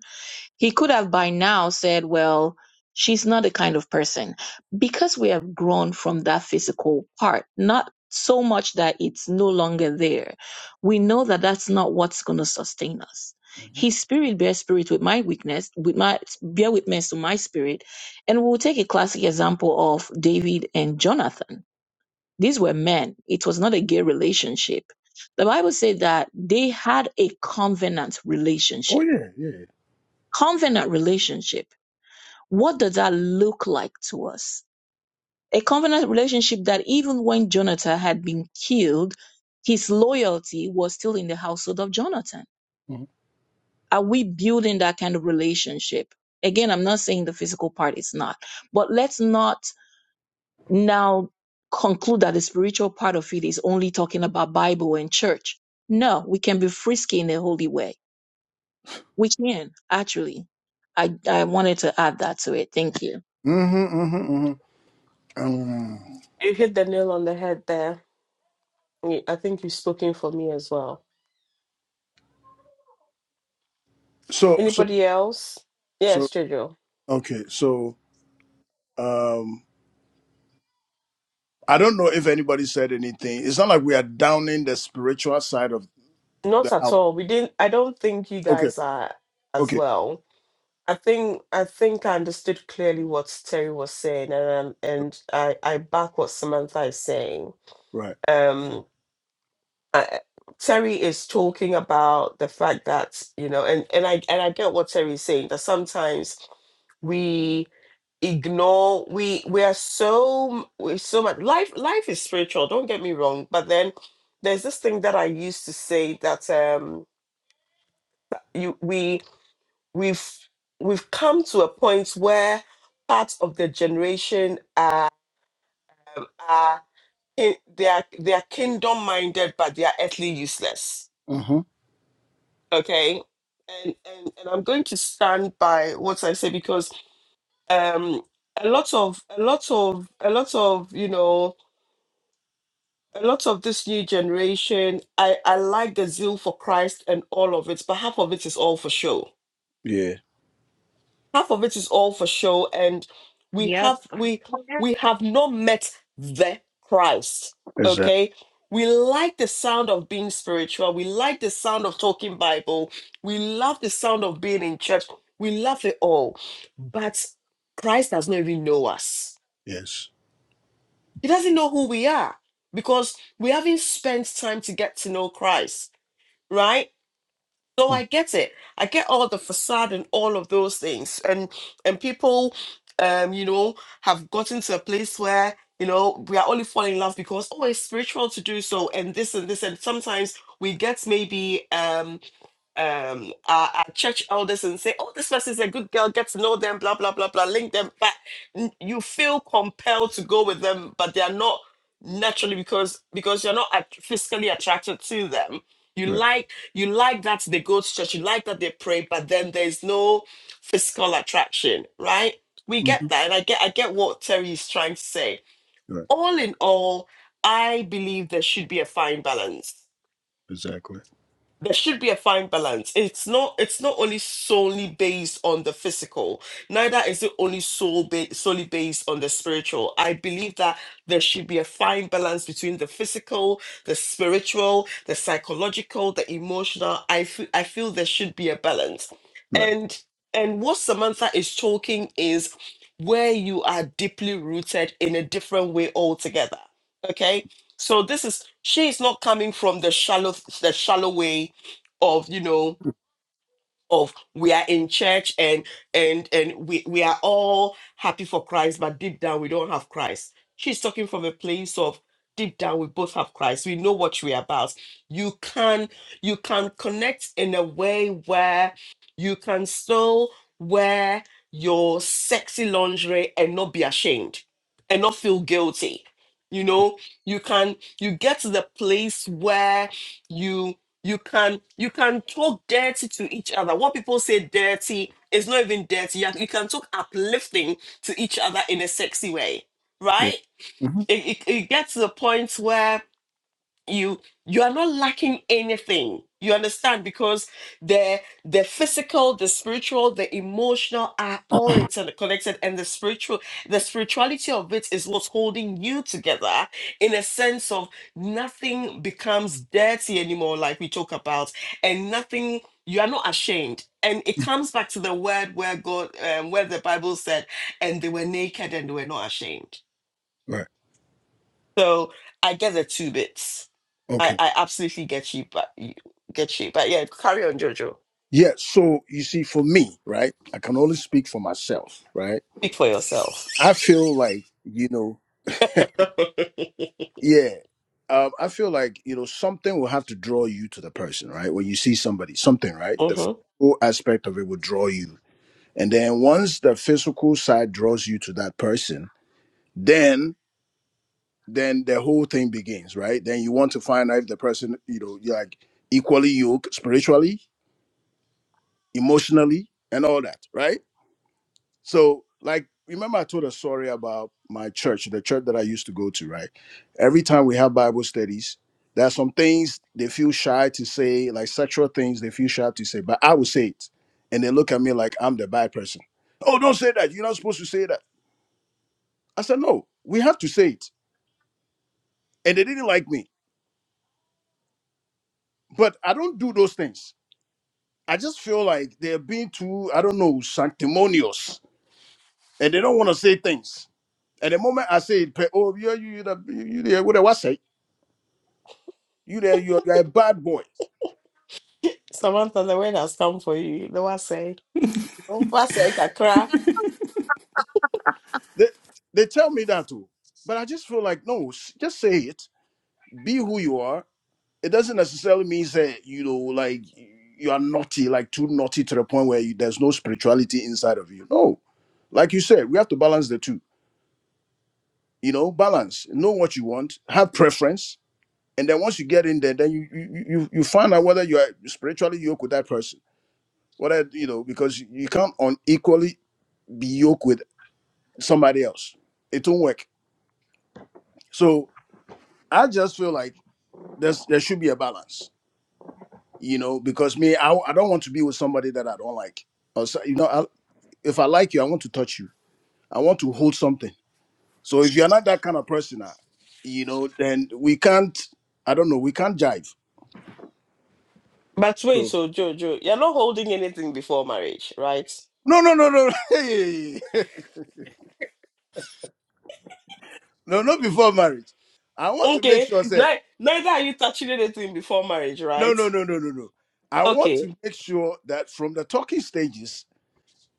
Speaker 4: he could have by now said, Well, she's not the kind of person. Because we have grown from that physical part, not so much that it's no longer there, we know that that's not what's going to sustain us.
Speaker 7: Mhm.
Speaker 4: His spirit bears spirit with my weakness, with my bear witness to my spirit. And we'll take a classic example of David and Jonathan. These were men. It was not a gay relationship. The Bible said that they had a covenant
Speaker 7: Oh
Speaker 4: relationship.
Speaker 7: yeah, yeah.
Speaker 4: Covenant relationship what does that look like to us? A covenant relationship that even when Jonathan had been killed, his loyalty was still in the household of Jonathan.
Speaker 7: Mm-hmm.
Speaker 4: Are we building that kind of relationship? Again, I'm not saying the physical part is not, but let's not now conclude that the spiritual part of it is only talking about Bible and church. No, we can be frisky in a holy way. We can, actually. I, I wanted to add that to it. Thank you.
Speaker 7: Mm-hmm. Mm-hmm. Um,
Speaker 1: You hit the nail on the head there. You- I think you've spoken for me as well.
Speaker 7: so so
Speaker 1: Anybody else?
Speaker 7: so
Speaker 1: Yes, Jojo.
Speaker 7: okay. So um, I don't know if anybody said anything. It's not like we are downing the spiritual side of
Speaker 1: Not
Speaker 7: the
Speaker 1: at
Speaker 7: house.
Speaker 1: all. We didn't I don't think you
Speaker 7: Okay.
Speaker 1: guys are as
Speaker 7: Okay.
Speaker 1: well. I think I think I understood clearly what Terry was saying and um, and I, I back what Samantha is saying.
Speaker 7: Right.
Speaker 1: Um I, Terry is talking about the fact that, you know, and, and I and I get what Terry is saying, that sometimes we ignore we we are so we so much life life is spiritual don't get me wrong but then there's this thing that i used to say that um you we we've we've come to a point where parts of the generation are are ki- they are they are kingdom minded but they are earthly useless
Speaker 7: Mm-hmm.
Speaker 1: okay and and, and i'm going to stand by what i say because um a lot of a lot of a lot of you know a lot of this new generation, I, I like the zeal for Christ and all of it, but half of it is all for show.
Speaker 7: Yeah.
Speaker 1: Half of it is all for show, and we have
Speaker 4: Yep.
Speaker 1: we we have not met the Christ.
Speaker 7: Exactly.
Speaker 1: Okay. We like the sound of being spiritual. We like the sound of talking Bible. We love the sound of being in church. We love it all. But Christ does not even know us.
Speaker 7: Yes.
Speaker 1: He doesn't know who we are because we haven't spent time to get to know Christ. right so
Speaker 7: Mm,
Speaker 1: i get it i get all the facade and all of those things and and people um you know have gotten to a place where you know we are only falling in love because oh it's spiritual to do so and this and this and sometimes we get maybe um um our, our church elders and say, "Oh, this person's a good girl. Get to know them. Blah blah blah blah. Link them back." N- You feel compelled to go with them, but they are not naturally because because you're not at- physically attracted to them. You
Speaker 7: Right.
Speaker 1: like you like that they go to church. You like that they pray, but then there's no physical attraction, right? We get
Speaker 7: Mm-hmm.
Speaker 1: that, and I get I get what Terry is trying to say.
Speaker 7: Right.
Speaker 1: All in all, I believe there should be a fine balance
Speaker 7: Exactly.
Speaker 1: there should be a fine balance it's not it's not only solely based on the physical neither is it only soul ba- solely based on the spiritual i believe that there should be a fine balance between the physical the spiritual the psychological the emotional i feel i feel there should be a balance
Speaker 7: Right.
Speaker 1: and and what samantha is talking is where you are deeply rooted in a different way altogether okay so this is she is not coming from the shallow the shallow way of you know of we are in church and and and we we are all happy for Christ but deep down we don't have Christ she's talking from a place of deep down we both have Christ we know what we're about you can you can connect in a way where you can still wear your sexy lingerie and not be ashamed and not feel guilty you know you can you get to the place where you can you can talk dirty to each other what people say dirty is not even dirty you can talk uplifting to each other in a sexy way
Speaker 7: Yeah.
Speaker 1: right
Speaker 7: hmm
Speaker 1: it, it, it gets to the point where you you are not lacking anything you understand because the the physical the spiritual the emotional are all interconnected and the spiritual the spirituality of it is what's holding you together in a sense of nothing becomes dirty anymore like we talk about and nothing you are not ashamed and it comes back to the word where god um, where the bible said and they were naked and they were not ashamed
Speaker 7: Right.
Speaker 1: so I get the two bits. I,
Speaker 7: Okay.
Speaker 1: I absolutely get you, but you get you. But yeah, carry on, Jojo.
Speaker 7: Yeah. So you see, for me, right, I can only speak for myself, right?
Speaker 1: Speak for yourself.
Speaker 7: I feel like, you know,
Speaker 1: *laughs*
Speaker 7: yeah, um, I feel like, you know, something will have to draw you to the person, right? When you see somebody, something, right? The
Speaker 1: hmm
Speaker 7: physical aspect of it will draw you. And then once the physical side draws you to that person, then then the whole thing begins, right? Then you want to find out if the person, you know, you're like equally yoked spiritually, emotionally, and all that, right? So, like, remember I told a story about my church, the church that I used to go to, right? Every time we have Bible studies, there are some things they feel shy to say, like sexual things they feel shy to say, but I will say it. And they look at me like I'm the bad person. Oh, don't say that. You're not supposed to say that. I said, no, we have to say it. And they didn't like me. But I don't do those things I just feel like they're being too, I don't know, sanctimonious, and they don't want to say things. At the moment I say, pe- "Oh, you, you, you, the- you, you there? What do I say? You there? You're, you're a bad boy."
Speaker 1: Samantha, the word has come for you. The one say,
Speaker 7: You know,
Speaker 1: what say, Kakra?
Speaker 7: they they tell me that too, but I just feel like no, s- just say it. Be who you are. It doesn't necessarily mean that you know, like you are naughty, like too naughty to the point where you, there's no spirituality inside of you. No, like you said, we have to balance the two. You know, balance. Know what you want. Have preference and then once you get in there, then you you you, you find out whether you are spiritually yoked with that person, whether you know because you you can't unequally be yoked with somebody else. It won't work. So I just feel like there's there should be a balance, you know, because me I I don't want to be with somebody that I don't like. Or so, you know, I, if I like you, I want to touch you. I want to hold something. So if you're not that kind of person, uh, you know, then we can't. I don't know. We can't jive.
Speaker 1: But wait,
Speaker 7: So
Speaker 1: so Jojo, you're not holding anything before marriage, right?
Speaker 7: no, no, no, no. *laughs* No, not before marriage. I want to make
Speaker 1: Okay.
Speaker 7: sure, say,
Speaker 1: Ni- neither are you touching anything before marriage,
Speaker 7: no,
Speaker 1: right?
Speaker 7: no, no, no, no, no. I want
Speaker 1: Okay.
Speaker 7: to make sure that from the talking stages,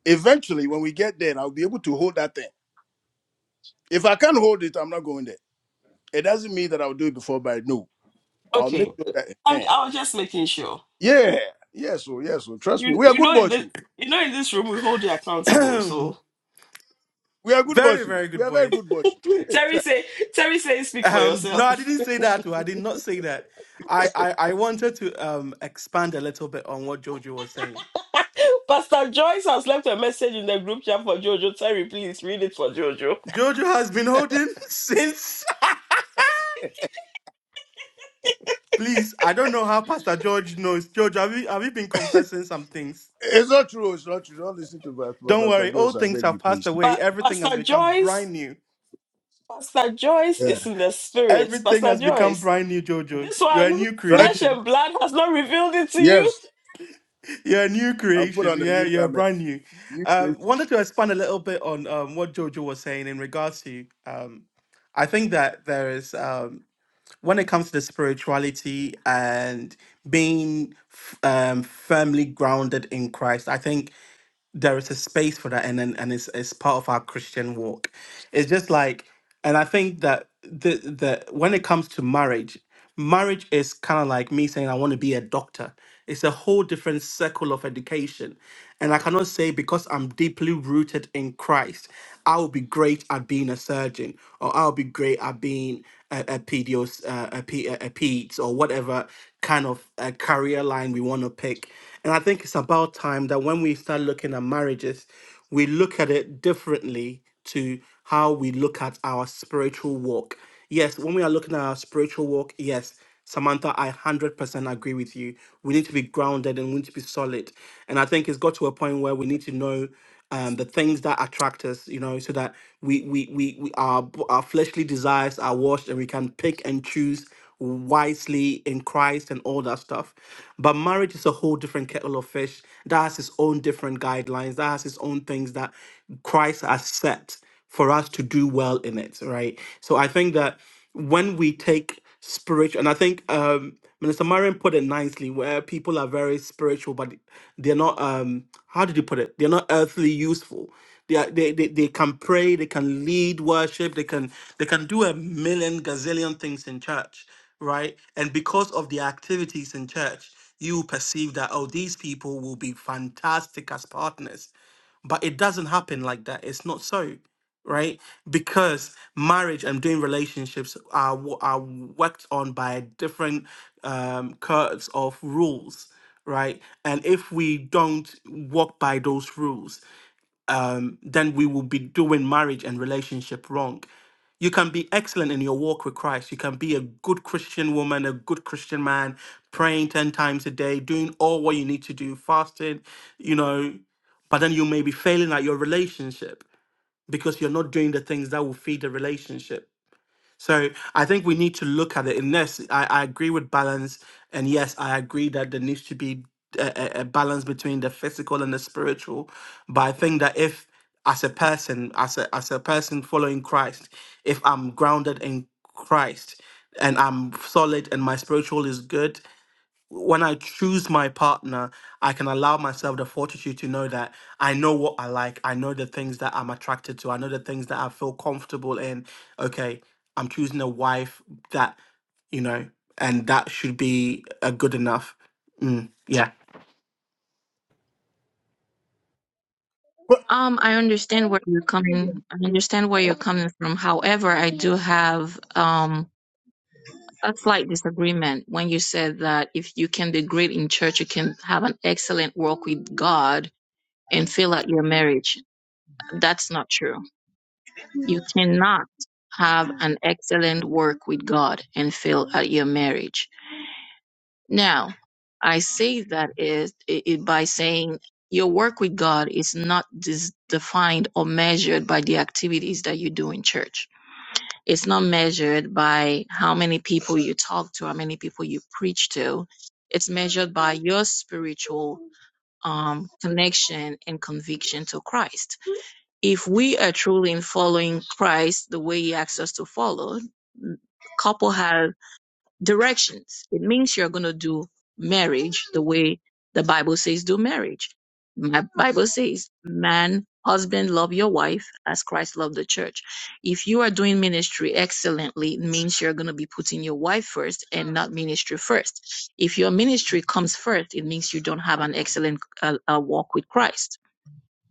Speaker 7: eventually when we get there, I'll be able to hold that thing. If I can't hold it, I'm not going there. It doesn't mean that I'll do it before marriage. No, I'll make
Speaker 1: Okay.
Speaker 7: sure that.
Speaker 1: I'm,
Speaker 7: eh.
Speaker 1: I was just making sure.
Speaker 7: Yeah, yes, so yes, so trust me,
Speaker 1: You
Speaker 7: we are
Speaker 1: you
Speaker 7: good
Speaker 1: know in
Speaker 7: boys.
Speaker 1: this
Speaker 7: oh.
Speaker 1: you know in this room we hold you accountable, so
Speaker 7: We are
Speaker 6: *clears throat*
Speaker 7: good
Speaker 6: very
Speaker 7: boys. oh.
Speaker 6: very
Speaker 7: We
Speaker 6: good
Speaker 7: are very
Speaker 6: boys.
Speaker 7: good boys.
Speaker 1: *laughs* Terry
Speaker 7: oh.
Speaker 1: say, Terry say, speak for
Speaker 6: Um, no, I
Speaker 1: yourself.
Speaker 6: didn't say that. oh, I did not say that. I, I, I wanted to um, expand a little bit on what Jojo was saying
Speaker 1: *laughs* Pastor Joyce has left a message in the group chat for Jojo. Terry, please read it for Jojo.
Speaker 6: Jojo has been holding since. *laughs* Please, I don't know how Pastor George knows. Jojo, have you, have you been confessing some things?
Speaker 7: *laughs* It's not true. oh, It's not true. Don't listen to Pastor
Speaker 6: Don't
Speaker 7: Pastor
Speaker 6: worry,
Speaker 7: Jones.
Speaker 6: old
Speaker 7: I
Speaker 6: things
Speaker 7: beg
Speaker 6: have
Speaker 7: you,
Speaker 6: passed
Speaker 7: please.
Speaker 6: away.
Speaker 1: But
Speaker 6: Everything has
Speaker 1: Pastor
Speaker 6: become
Speaker 1: Joyce,
Speaker 6: brand new.
Speaker 1: Pastor Joyce
Speaker 7: Yeah,
Speaker 1: is in the spirit.
Speaker 6: Everything
Speaker 1: Pastor
Speaker 6: has become
Speaker 1: Joyce,
Speaker 6: brand new, Jojo.
Speaker 1: this
Speaker 6: You're a
Speaker 1: one,
Speaker 6: new
Speaker 7: right.
Speaker 1: flesh
Speaker 6: creation.
Speaker 1: and blood has not revealed it to you.
Speaker 7: Yes,
Speaker 6: You're a new
Speaker 7: I'll put
Speaker 6: creation.
Speaker 7: on a
Speaker 6: Yeah,
Speaker 7: new
Speaker 6: you're
Speaker 7: garment,
Speaker 6: brand new.
Speaker 7: new
Speaker 6: Um,
Speaker 7: creation.
Speaker 6: wanted to expand a little bit on um, what Jojo was saying in regards to. Um, I think that there is. um, when it comes to the spirituality and being f- um, firmly grounded in Christ, I think there is a space for that and then and it's it's part of our christian walk it's just like and i think that the the when it comes to marriage marriage is kind of like me saying i want to be a doctor it's a whole different circle of education and i cannot say because i'm deeply rooted in christ i will be great at being a surgeon or i'll be great at being a, a pedios uh, a, P, a, a peds or whatever kind of uh career line we want to pick and I think it's about time that when we start looking at marriages, we look at it differently to how we look at our spiritual walk. Yes, when we are looking at our spiritual walk, yes, Samantha, I 100% agree with you. We need to be grounded and we need to be solid. And I think it's got to a point where we need to know um, the things that attract us, you know, so that we, we, we, we our, b- our fleshly desires are washed and we can pick and choose wisely in Christ and all that stuff. But marriage is a whole different kettle of fish that has its own different guidelines, that has its own things that Christ has set for us to do well in it, right? So I think that when we take spiritual, and I think um, Minister Marion put it nicely, where people are very spiritual, but they're not. Um, how did you put it? They're not earthly useful. They, are, they, they they can pray, they can lead worship, they can they can do a million gazillion things in church, right? And because of the activities in church, you perceive that oh, these people will be fantastic as partners, but it doesn't happen like that. It's not so right? Because marriage and doing relationships are wo- are worked on by different um, curves of rules, right? And if we don't walk by those rules, um, then we will be doing marriage and relationship wrong. You can be excellent in your walk with Christ. You can be a good Christian woman, a good Christian man, praying 10 times a day, doing all what you need to do, fasting, you know, but then you may be failing at your relationship because you're not doing the things that will feed the relationship. So I think we need to look at it. And yes, I, I agree with balance. And yes, I agree that there needs to be a, a a balance between the physical and the spiritual. But I think that if as a person, as a as a person following Christ, if I'm grounded in Christ and I'm solid and my spiritual is good, when I choose my partner, I can allow myself the fortitude to know that I know what I like. I know the things that I'm attracted to. I know the things that I feel comfortable in. Okay, I'm choosing a wife that, you know, and that should be a good enough. Mm, yeah.
Speaker 4: Um, I understand where you're coming. I understand where you're coming from. However, I do have um a slight disagreement when you said that if you can be great in church, you can have an excellent walk with God and fail at your marriage. That's not true. You cannot have an excellent work with God and fail at your marriage. Now, I say that is it, it by saying your work with God is not dis- defined or measured by the activities that you do in church. It's not measured by how many people you talk to, how many people you preach to. It's measured by your spiritual um, connection and conviction to Christ. If we are truly in following Christ the way He asks us to follow, couple has directions. It means you're going to do marriage the way the Bible says do marriage. My Bible says, man, husband, love your wife as Christ loved the church. If you are doing ministry excellently, it means you're going to be putting your wife first and not ministry first. If your ministry comes first, it means you don't have an excellent uh, uh, walk with Christ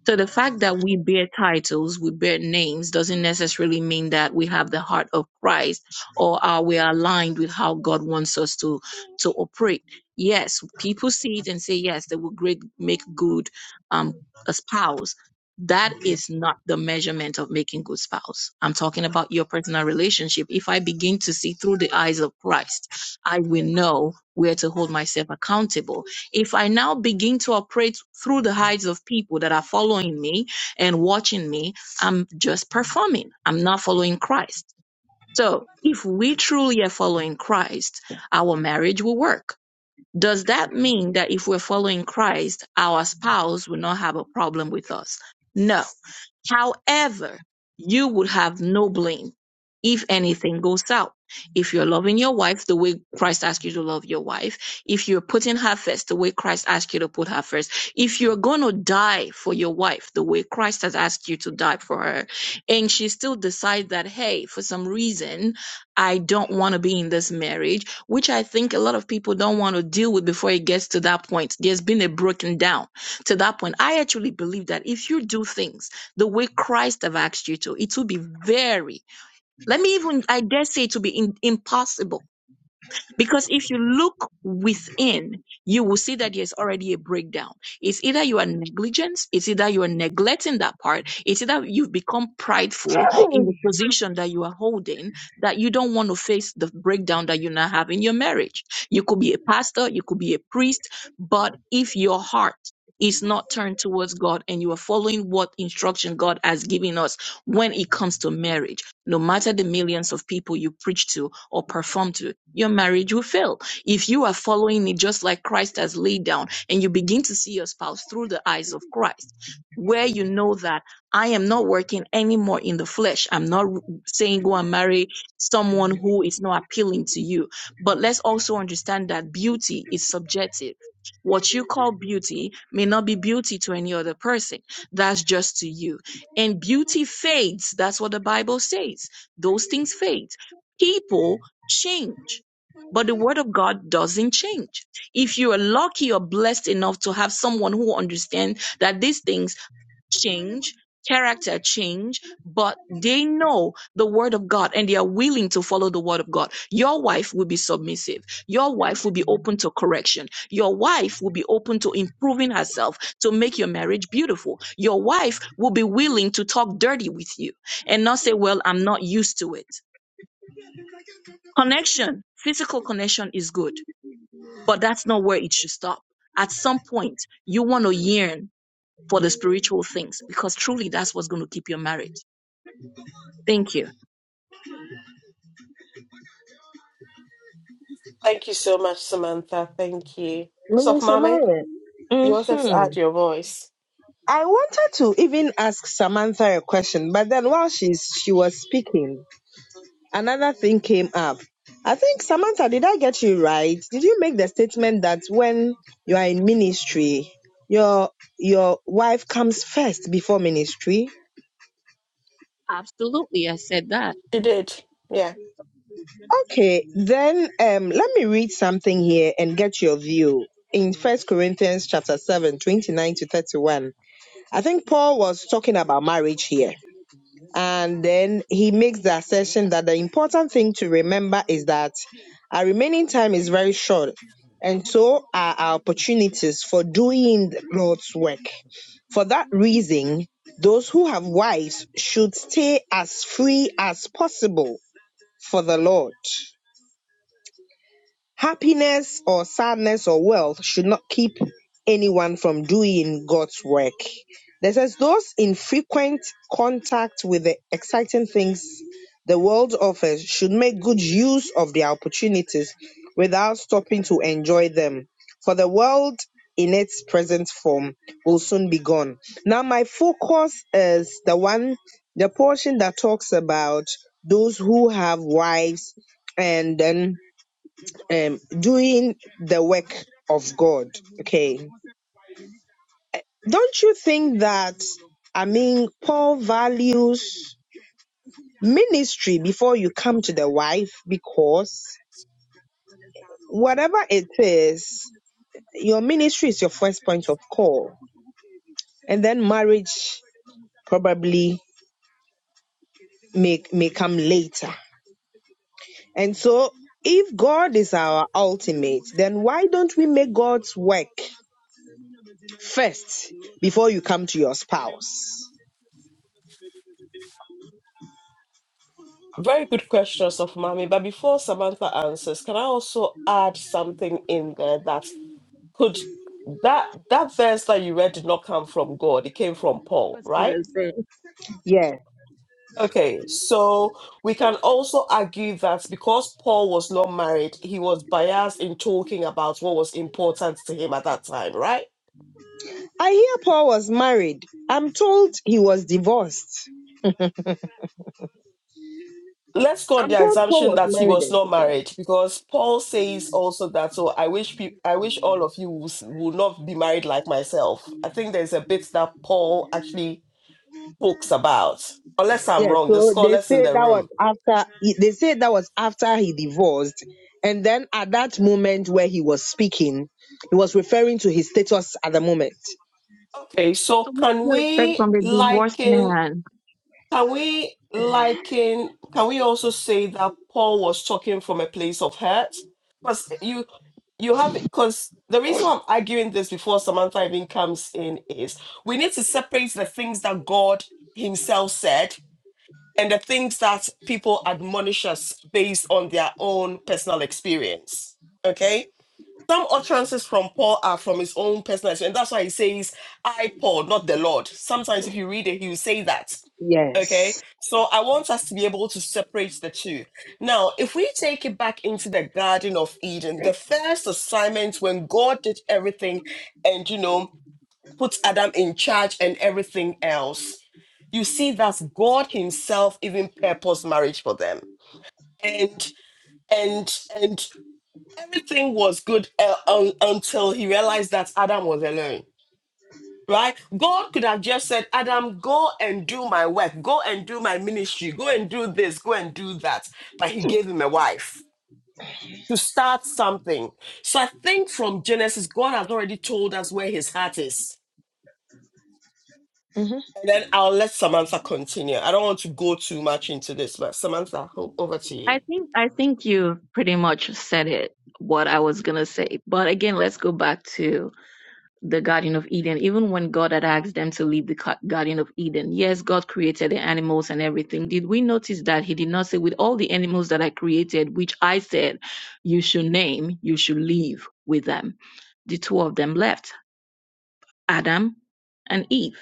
Speaker 4: so the fact that we bear titles, we bear names, doesn't necessarily mean that we have the heart of Christ or are we aligned with how God wants us to to operate. Yes, people see it and say yes, they will great make good um a spouse. That is not the measurement of making good spouse. I'm talking about your personal relationship. If I begin to see through the eyes of Christ, I will know where to hold myself accountable if I now begin to operate through the eyes of people that are following me and watching me, I'm just performing. I'm not following Christ. So if we truly are following Christ, our marriage will work. Does that mean that if we're following Christ, our spouse will not have a problem with us? No However, you would have no blame if anything goes south. If you're loving your wife the way Christ asked you to love your wife, if you're putting her first the way Christ asked you to put her first, if you're going to die for your wife the way Christ has asked you to die for her, and she still decides that, hey, for some reason, I don't want to be in this marriage, which I think a lot of people don't want to deal with before it gets to that point. There's been a breaking down to that point. I actually believe that if you do things, the way Christ have asked you to. It will be very, let me even, I dare say, it will be in, impossible because if you look within, you will see that there's already a breakdown. It's either you are negligent, it's either you are neglecting that part, it's either you've become prideful in the position that you are holding that you don't want to face the breakdown that you now have in your marriage. You could be a pastor, you could be a priest, but if your heart is not turned towards God and you are following what instruction God has given us when it comes to marriage no matter the millions of people you preach to or perform to, your marriage will fail. If you are following it just like Christ has laid down and you begin to see your spouse through the eyes of Christ, where you know that I am not working anymore in the flesh. I'm not saying go and marry someone who is not appealing to you. But let's also understand that beauty is subjective. What you call beauty may not be beauty to any other person. That's just to you and beauty fades. That's what the Bible says. Those things fade. People change, but the word of God doesn't change. If you are lucky or blessed enough to have someone who understands that these things change, character change, but they know the word of God and they are willing to follow the word of God. Your wife will be submissive. Your wife will be open to correction. Your wife will be open to improving herself to make your marriage beautiful. Your wife will be willing to talk dirty with you and not say, well, I'm not used to it. Connection, physical connection is good, but that's not where it should stop. At some point, you want to yearn for the spiritual things because truly that's what's going to keep your marriage. Thank you.
Speaker 1: Thank you so much, Samantha. Thank you. Soft
Speaker 5: Minister
Speaker 1: Mommy,
Speaker 5: Maya.
Speaker 1: you wanted to
Speaker 5: hmm
Speaker 1: add your voice.
Speaker 5: I wanted to even ask Samantha a question, but then while she's she was speaking, another thing came up. I think Samantha, did I get you right? Did you make the statement that when you are in ministry, your your wife comes first before ministry?
Speaker 4: Absolutely, I said that.
Speaker 1: You did. Yeah.
Speaker 5: Okay, then um, let me read something here and get your view. In First Corinthians chapter 7, 29 to 31, I think Paul was talking about marriage here. And then he makes the assertion that the important thing to remember is that our remaining time is very short, and so are our opportunities for doing the Lord's work. For that reason, those who have wives should stay as free as possible for the Lord. Happiness or sadness or wealth should not keep anyone from doing God's work. This says those in frequent contact with the exciting things the world offers should make good use of their opportunities without stopping to enjoy them. For the world in its present form will soon be gone. Now my focus is the one the portion that talks about those who have wives and then um, doing the work of God. Okay. Don't you think that, I mean, Paul values ministry before you come to the wife because whatever it is, your ministry is your first point of call. And then marriage probably may, may come later. And so, if God is our ultimate, then why don't we make God's work first before you come to your spouse?
Speaker 1: Very good question, Soft Mommy. But before Samantha answers, can I also add something in there that Could that that verse that you read did not come from God? It came from
Speaker 4: I
Speaker 1: Paul,
Speaker 4: was
Speaker 1: right?
Speaker 4: gonna say.
Speaker 5: Yes.
Speaker 1: Okay, so we can also argue that because Paul was not married, he was biased in talking about what was important to him at that time, right?
Speaker 5: I hear Paul was married. I'm told he was divorced.
Speaker 1: Let's go on
Speaker 5: I'm
Speaker 1: the
Speaker 5: told Paul
Speaker 1: assumption
Speaker 5: was
Speaker 1: that he
Speaker 5: married
Speaker 1: was
Speaker 5: and
Speaker 1: not
Speaker 5: divorced.
Speaker 1: married, because Paul says also that. So I wish pe- I wish all of you will, s- will not be married like myself. I think there's a bit that Paul actually talks about, unless I'm
Speaker 5: Yes,
Speaker 1: wrong. The
Speaker 5: so they
Speaker 1: scholars in
Speaker 5: say
Speaker 1: the
Speaker 5: that
Speaker 1: room
Speaker 5: was after he- they say that was after he divorced. And then at that moment where he was speaking, he was referring to his status at the moment.
Speaker 1: Okay, so
Speaker 4: So what do
Speaker 1: can
Speaker 4: you expect
Speaker 1: we
Speaker 4: from the divorced
Speaker 1: liken,
Speaker 4: man?
Speaker 1: can we liken, can we also say that Paul was talking from a place of hurt? Because you you have because the reason why I'm arguing this before Samantha even comes in is we need to separate the things that God Himself said and the things that people admonish us based on their own personal experience. Okay some utterances from Paul are from his own personal experience. and That's why he says, I, Paul, not the Lord. Sometimes if you read it, he will say that. Okay.
Speaker 5: Yes.
Speaker 1: So I want us to be able to separate the two. Now, if we take it back into the Garden of Eden, the first assignment when God did everything and, you know, put Adam in charge and everything else, you see that God Himself even purposed marriage for them and and and everything was good uh, un- until he realized that Adam was alone. Right? God could have just said, Adam, go and do my work, go and do my ministry, go and do this, go and do that. But he gave him a wife to start something. So I think from Genesis, God has already told us where his heart is.
Speaker 5: hmm
Speaker 1: And then I'll let Samantha continue. I don't want to go too much into this, but Samantha, o- over to you.
Speaker 4: I think I think you pretty much said it. What I was gonna say, but again, let's go back to the Garden of Eden. Even when God had asked them to leave the Ca- Garden of Eden, yes, God created the animals and everything. Did we notice that He did not say, "With all the animals that I created, which I said you should name, you should leave with them." The two of them left, Adam and Eve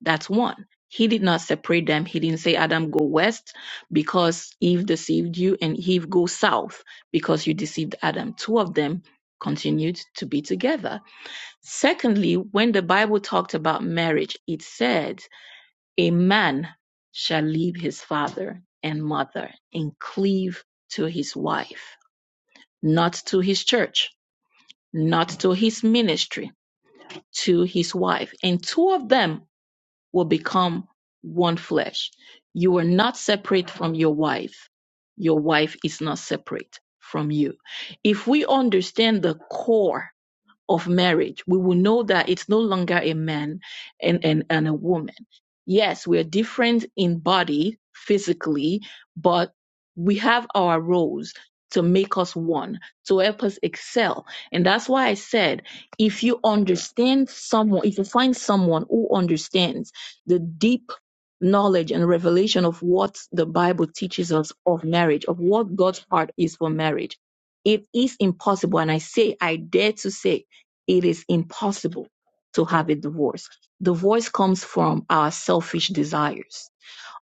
Speaker 4: That's one. He did not separate them. He didn't say, Adam, go west because Eve deceived you, and Eve, go south because you deceived Adam. Two of them continued to be together. Secondly, when the Bible talked about marriage, it said, A man shall leave his father and mother and cleave to his wife, not to his church, not to his ministry, to his wife. And two of them will become one flesh. You are not separate from your wife. Your wife is not separate from you. If we understand the core of marriage, we will know that it's no longer a man and, and, and a woman. Yes, we are different in body physically, but we have our roles to make us one, to help us excel. And that's why I said if you understand someone, if you find someone who understands the deep knowledge and revelation of what the Bible teaches us of marriage, of what God's heart is for marriage, it is impossible. And I say, I dare to say, it is impossible to have a divorce. Divorce comes from our selfish desires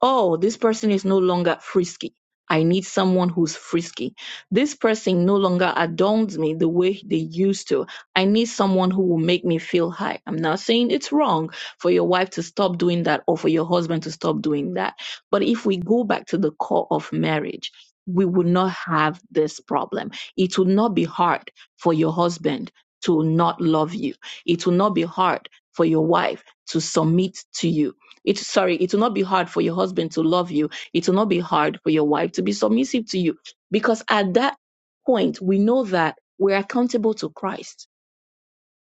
Speaker 4: oh, this person is no longer frisky. I need someone who's frisky. This person no longer adorns me the way they used to. I need someone who will make me feel high. I'm not saying it's wrong for your wife to stop doing that or for your husband to stop doing that. But if we go back to the core of marriage, we would not have this problem. It will not be hard for your husband to not love you. It will not be hard for your wife to submit to you it's sorry, it will not be hard for your husband to love you. It will not be hard for your wife to be submissive to you. Because at that point, we know that we're accountable to Christ.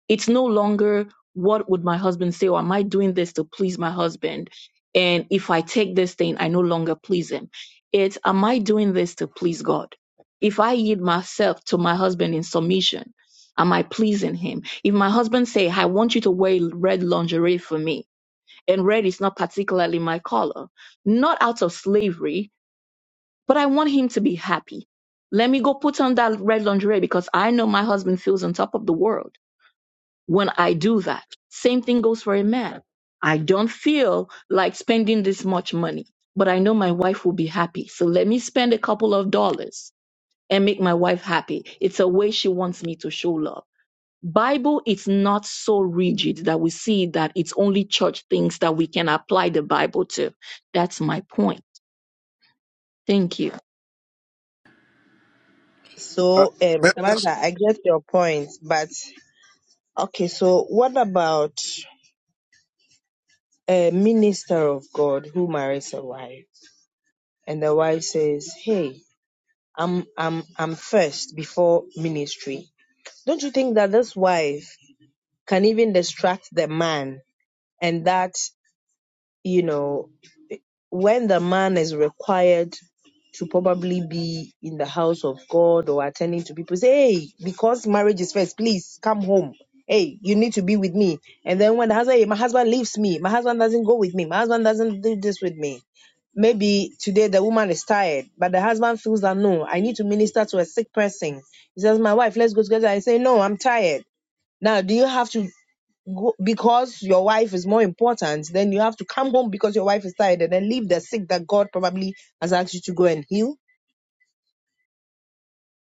Speaker 4: It's no longer what would my husband say, or am I doing this to please my husband? And if I take this thing, I no longer please him. It's am I doing this to please God? If I yield myself to my husband in submission, am I pleasing him? If my husband say, I want you to wear red lingerie for me, and red is not particularly my color. Not out of slavery, but I want him to be happy. Let me go put on that red lingerie because I know my husband feels on top of the world when I do that. Same thing goes for a man. I don't feel like spending this much money, but I know my wife will be happy. So let me spend a couple of dollars and make my wife happy. It's a way she wants me to show love. Bible is not so rigid that we see that it's only church things that we can apply the Bible to. That's my point. Thank you.
Speaker 7: Uh,
Speaker 5: So, um,
Speaker 7: Miss, Miss-
Speaker 5: Samantha, I get your point, but okay, so what about a minister of God who marries a wife and the wife says, Hey, I'm I'm I'm first before ministry. Don't you think that this wife can even distract the man and that, you know, when the man is required to probably be in the house of God or attending to people, say, hey, because marriage is first, please come home. Hey, you need to be with me. And then when the husband, hey, my husband leaves me, my husband doesn't go with me, my husband doesn't do this with me. Maybe today the woman is tired, but the husband feels that no, I need to minister to a sick person. He says, My wife, let's go together. I say, No, I'm tired. Now, do you have to go because your wife is more important? Then you have to come home because your wife is tired and then leave the sick that God probably has asked you to go and heal?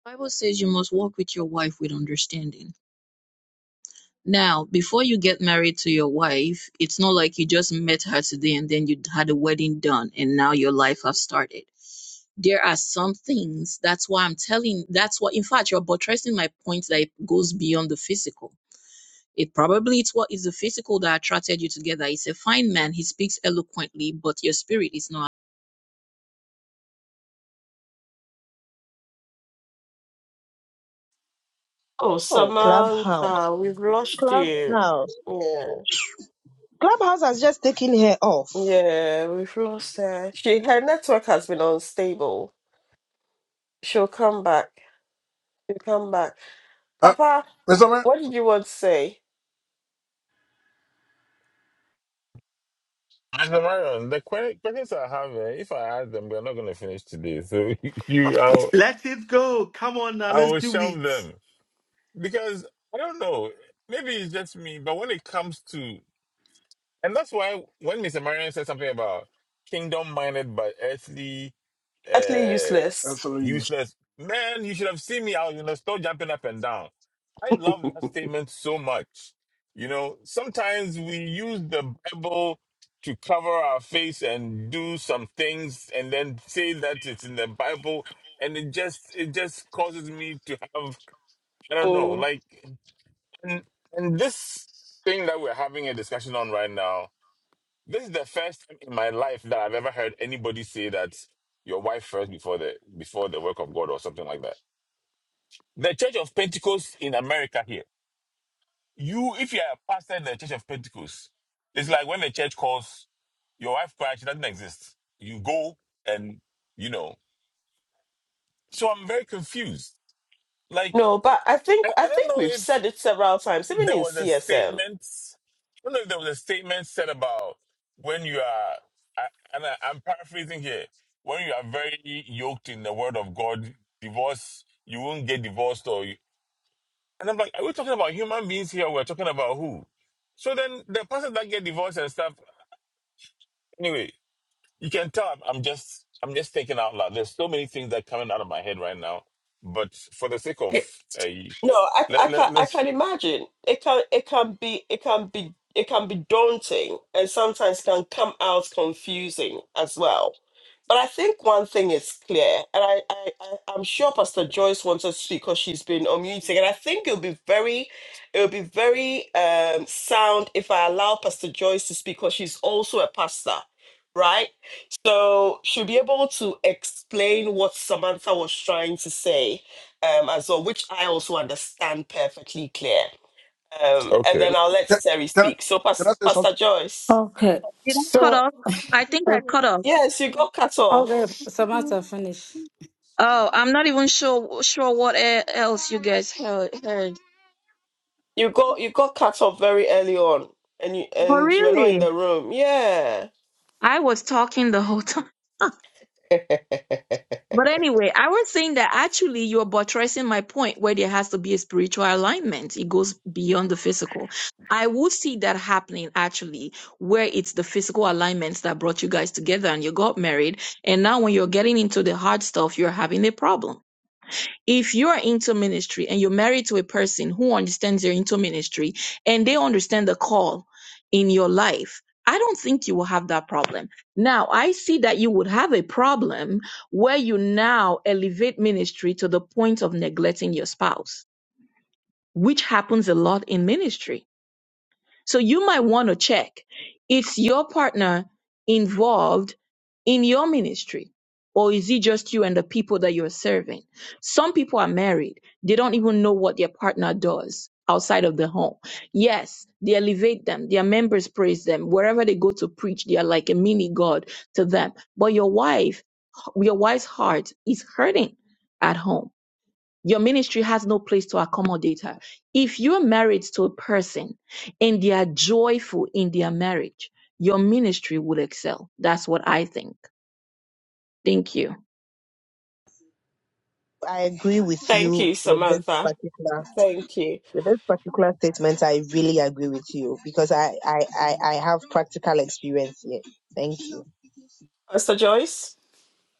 Speaker 4: Bible says you must walk with your wife with understanding. Now, before you get married to your wife, it's not like you just met her today and then you had a wedding done and now your life has started. There are some things, that's why I'm telling, that's why, in fact, you're buttressing my point that it goes beyond the physical It probably it's what is the physical that attracted you together. He's a fine man. He speaks eloquently, but your spirit is not.
Speaker 1: Oh,
Speaker 5: Oh, Clubhouse.
Speaker 1: Samantha, we've lost you.
Speaker 5: Clubhouse.
Speaker 1: Yeah.
Speaker 5: Clubhouse has just taken her off.
Speaker 1: Yeah, we've lost her. She her network has been unstable. She'll come back. She'll come back.
Speaker 7: uh,
Speaker 1: Papa,
Speaker 7: Mr. Mayor,
Speaker 1: what did you want to say?
Speaker 2: And the Marion, the que- questions I have, eh, if I ask them, we're not going to finish today. So *laughs* you, I'll,
Speaker 6: Let it go. Come on now,
Speaker 2: I
Speaker 6: let's
Speaker 2: will
Speaker 6: do
Speaker 2: shelve
Speaker 6: it.
Speaker 2: them because I don't know. Maybe it's just me, but when it comes to And that's why when Mr. Marion said something about kingdom minded but earthly
Speaker 1: Utterly
Speaker 2: uh
Speaker 1: useless.
Speaker 7: Absolutely. sorry,
Speaker 2: useless, man, you should have seen me out, you know, still jumping up and down. I love that statement so much. You know, sometimes we use the Bible to cover our face and do some things and then say that it's in the Bible and it just it just causes me to have I don't know,
Speaker 1: Mm.
Speaker 2: like and, and this thing that we're having a discussion on right now this is the first time in my life that I've ever heard anybody say that your wife first before the before the work of God or something like that. The Church of Pentecost in America here. You, if you are a pastor in the Church of Pentecost, it's like when the church calls your wife cries, she doesn't exist. You go and you know. So I'm very confused. Like
Speaker 1: No, but I think
Speaker 2: I,
Speaker 1: I
Speaker 2: I don't
Speaker 1: think
Speaker 2: know
Speaker 1: we've
Speaker 2: if.
Speaker 1: said it several times, even
Speaker 2: there
Speaker 1: in
Speaker 2: was a
Speaker 1: CSM.
Speaker 2: statement. I don't know if there was a statement said about when you are, I, and I, I'm paraphrasing here. When you are very yoked in the word of God, divorce, you won't get divorced, or you, and I'm like, are we talking about human beings here? We're talking about who? So then the person that get divorced and stuff. Anyway, you can tell I'm, I'm just I'm just thinking out loud. There's so many things that are coming out of my head right now, but for the sake of uh,
Speaker 1: No, I,
Speaker 2: let
Speaker 1: I can
Speaker 2: let
Speaker 1: I
Speaker 2: let's
Speaker 1: can imagine. It can it can be it can be it can be daunting and sometimes can come out confusing as well. But I think one thing is clear, and I, I, I I'm sure Pastor Joyce wants to speak because she's been unmuting, and I think it'll be very it'll be very um sound if I allow Pastor Joyce to speak because she's also a pastor, right? So she'll be able to explain what Samantha was trying to say um, and so which I also understand perfectly clear. Um, and
Speaker 2: okay,
Speaker 1: then I'll let
Speaker 7: Can,
Speaker 1: Terry
Speaker 7: can,
Speaker 1: speak.
Speaker 7: I-
Speaker 1: So,
Speaker 7: can I
Speaker 1: Pas-
Speaker 7: say
Speaker 1: Pastor
Speaker 7: something?
Speaker 1: Joyce,
Speaker 8: Okay.
Speaker 4: You cut
Speaker 8: So,
Speaker 4: off? I think I
Speaker 8: okay.
Speaker 4: cut off.
Speaker 1: yes, you got cut
Speaker 8: Okay,
Speaker 1: off.
Speaker 8: Samantha, finish.
Speaker 4: Oh, I'm not even sure sure what e- else you guys heard. heard.
Speaker 1: You got you got cut off very early on, and you
Speaker 4: Oh,
Speaker 1: and you were not in
Speaker 4: really?
Speaker 1: the room. Yeah,
Speaker 4: I was talking the whole But anyway, I was saying that actually you're buttressing my point where there has to be a spiritual alignment. It goes beyond the physical. I would see that happening actually, where it's the physical alignments that brought you guys together and you got married. And now when you're getting into the hard stuff, you're having a problem if you're into ministry and you're married to a person who understands you're into ministry and they understand the call in your life, I don't think you will have that problem. Now, I see that you would have a problem where you now elevate ministry to the point of neglecting your spouse, which happens a lot in ministry so you might want to check is your partner involved in your ministry? Or is it just you and the people that you're serving? Some people are married. They don't even know what their partner does outside of the home. Yes, they elevate them. Their members praise them. Wherever they go to preach, they are like a mini God to them. But your wife, your wife's heart is hurting at home your ministry has no place to accommodate her. If you're married to a person and they are joyful in their marriage, your ministry will excel. That's what I think. Thank you.
Speaker 5: I agree with
Speaker 1: thank
Speaker 5: you
Speaker 1: you,
Speaker 5: with this
Speaker 1: Samantha.
Speaker 5: particular.
Speaker 1: Thank you,
Speaker 5: With this particular statement, I really agree with you because I, I, I, I have practical experience here. Thank you.
Speaker 1: Pastor Joyce.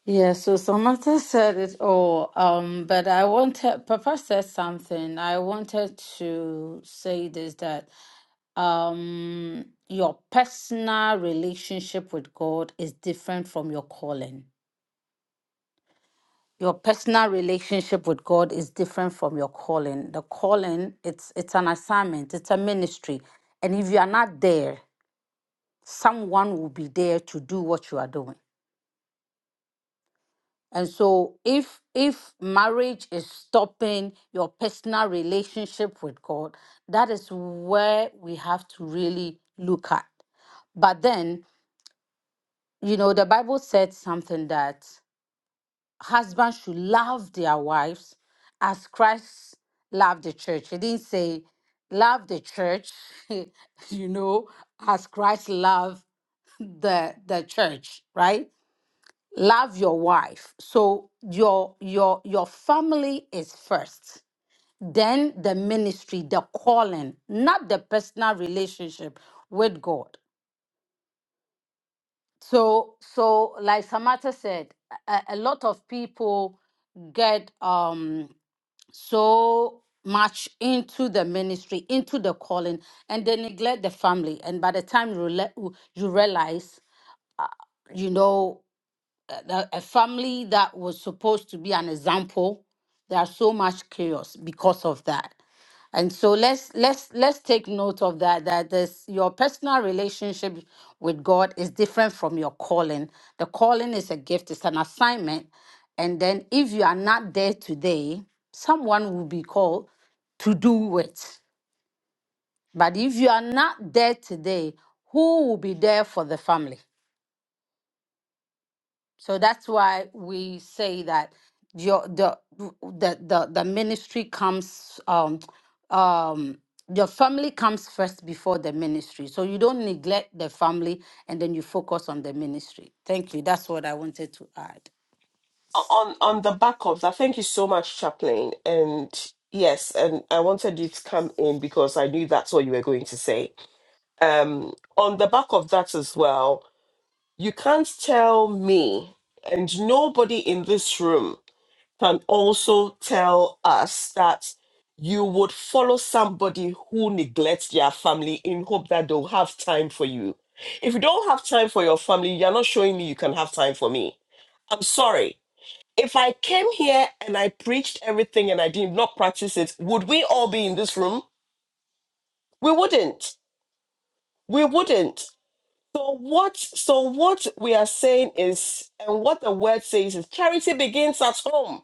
Speaker 8: Yeah, so Samantha said it all, um, but I wanted, Papa said something. I wanted to say this that um, your personal relationship with God is different from your calling. Your personal relationship with God is different from your calling. The calling, it's it's an assignment, it's a ministry. And if you are not there, someone will be there to do what you are doing. And so if if marriage is stopping your personal relationship with God, that is where we have to really look at. But then, you know, the Bible said something that husbands should love their wives as Christ loved the church. It didn't say love the church, *laughs* you know, as Christ loved the the church, right? love your wife so your your your family is first then the ministry the calling not the personal relationship with god so so like samantha said a, a lot of people get um so much into the ministry into the calling and they neglect the family and by the time you, rela- you realize uh, you know a a- a family that was supposed to be an example there's so much chaos because of that and so let's let's let's take note of that that there's your personal relationship with god is different from your calling the calling is a gift it's an assignment and then if you are not there today someone will be called to do it but if you are not there today who will be there for the family So that's why we say that your the the the, the ministry comes um um your family comes first before the ministry. So you don't neglect the family and then you focus on the ministry. Thank you. That's what I wanted to add.
Speaker 1: On on the back of that, thank you so much, Chaplain. And yes, and I wanted you to come in because I knew that's what you were going to say. Um, on the back of that as well. You can't tell me, and nobody in this room can also tell us that you would follow somebody who neglects their family in hope that they'll have time for you. If you don't have time for your family, you're not showing me you can have time for me. I'm sorry. If I came here and I preached everything and I did not practice it, would we all be in this room? We wouldn't. We wouldn't. So what so what we are saying is and what the word says is charity begins at home.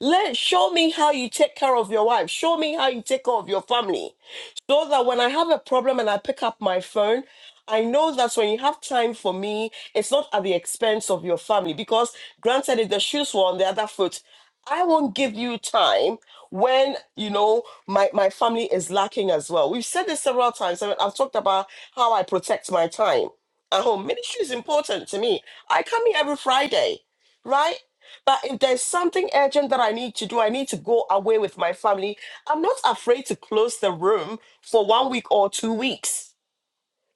Speaker 1: Let show me how you take care of your wife. Show me how you take care of your family so that when I have a problem and I pick up my phone, I know that when you have time for me, it's not at the expense of your family. Because granted, if the shoes were on the other foot, I won't give you time when you know my, my family is lacking as well. We've said this several times. I mean, I've talked about how I protect my time at home. Ministry is important to me. I come here every Friday, right? But if there's something urgent that I need to do, I need to go away with my family. I'm not afraid to close the room for one week or two weeks.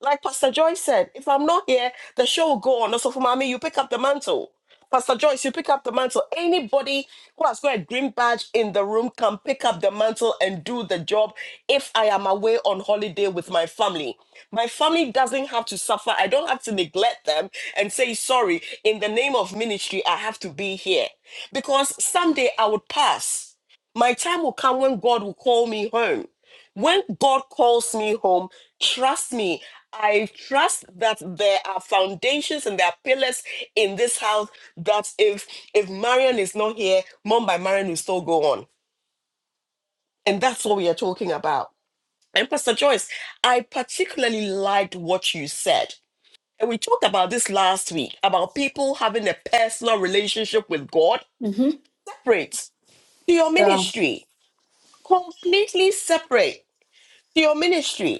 Speaker 1: Like Pastor Joyce said, if I'm not here, the show will go on. Also, for mommy, you pick up the mantle. Pastor Joyce, you pick up the mantle. Anybody who has got a green badge in the room can pick up the mantle and do the job if I am away on holiday with my family. My family doesn't have to suffer. I don't have to neglect them and say, sorry, in the name of ministry, I have to be here. Because someday I would pass. My time will come when God will call me home. When God calls me home, trust me, I trust that there are foundations and there are pillars in this house that if if Marion is not here, Mom by Marion will still go on. And that's what we are talking about. And Pastor Joyce, I particularly liked what you said. And we talked about this last week about people having a personal relationship with God
Speaker 8: Mm-hmm.
Speaker 1: separate to your
Speaker 8: Yeah.
Speaker 1: ministry, completely separate to your ministry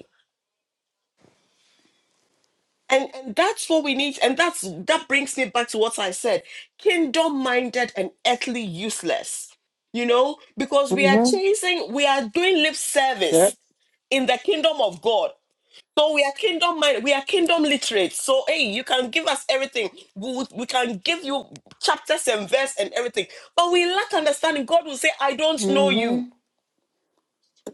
Speaker 1: And and that's what we need. And that's that brings me back to what I said. Kingdom minded and earthly useless. You know, because we are
Speaker 8: Mm-hmm.
Speaker 1: chasing, we are doing lip
Speaker 8: Yeah.
Speaker 1: service in the kingdom of God. So we are kingdom minded, we are kingdom literate. So hey, you can give us everything. We, we we can give you chapters and verse and everything. But we lack understanding. God will say, I don't know you.
Speaker 8: Mm-hmm.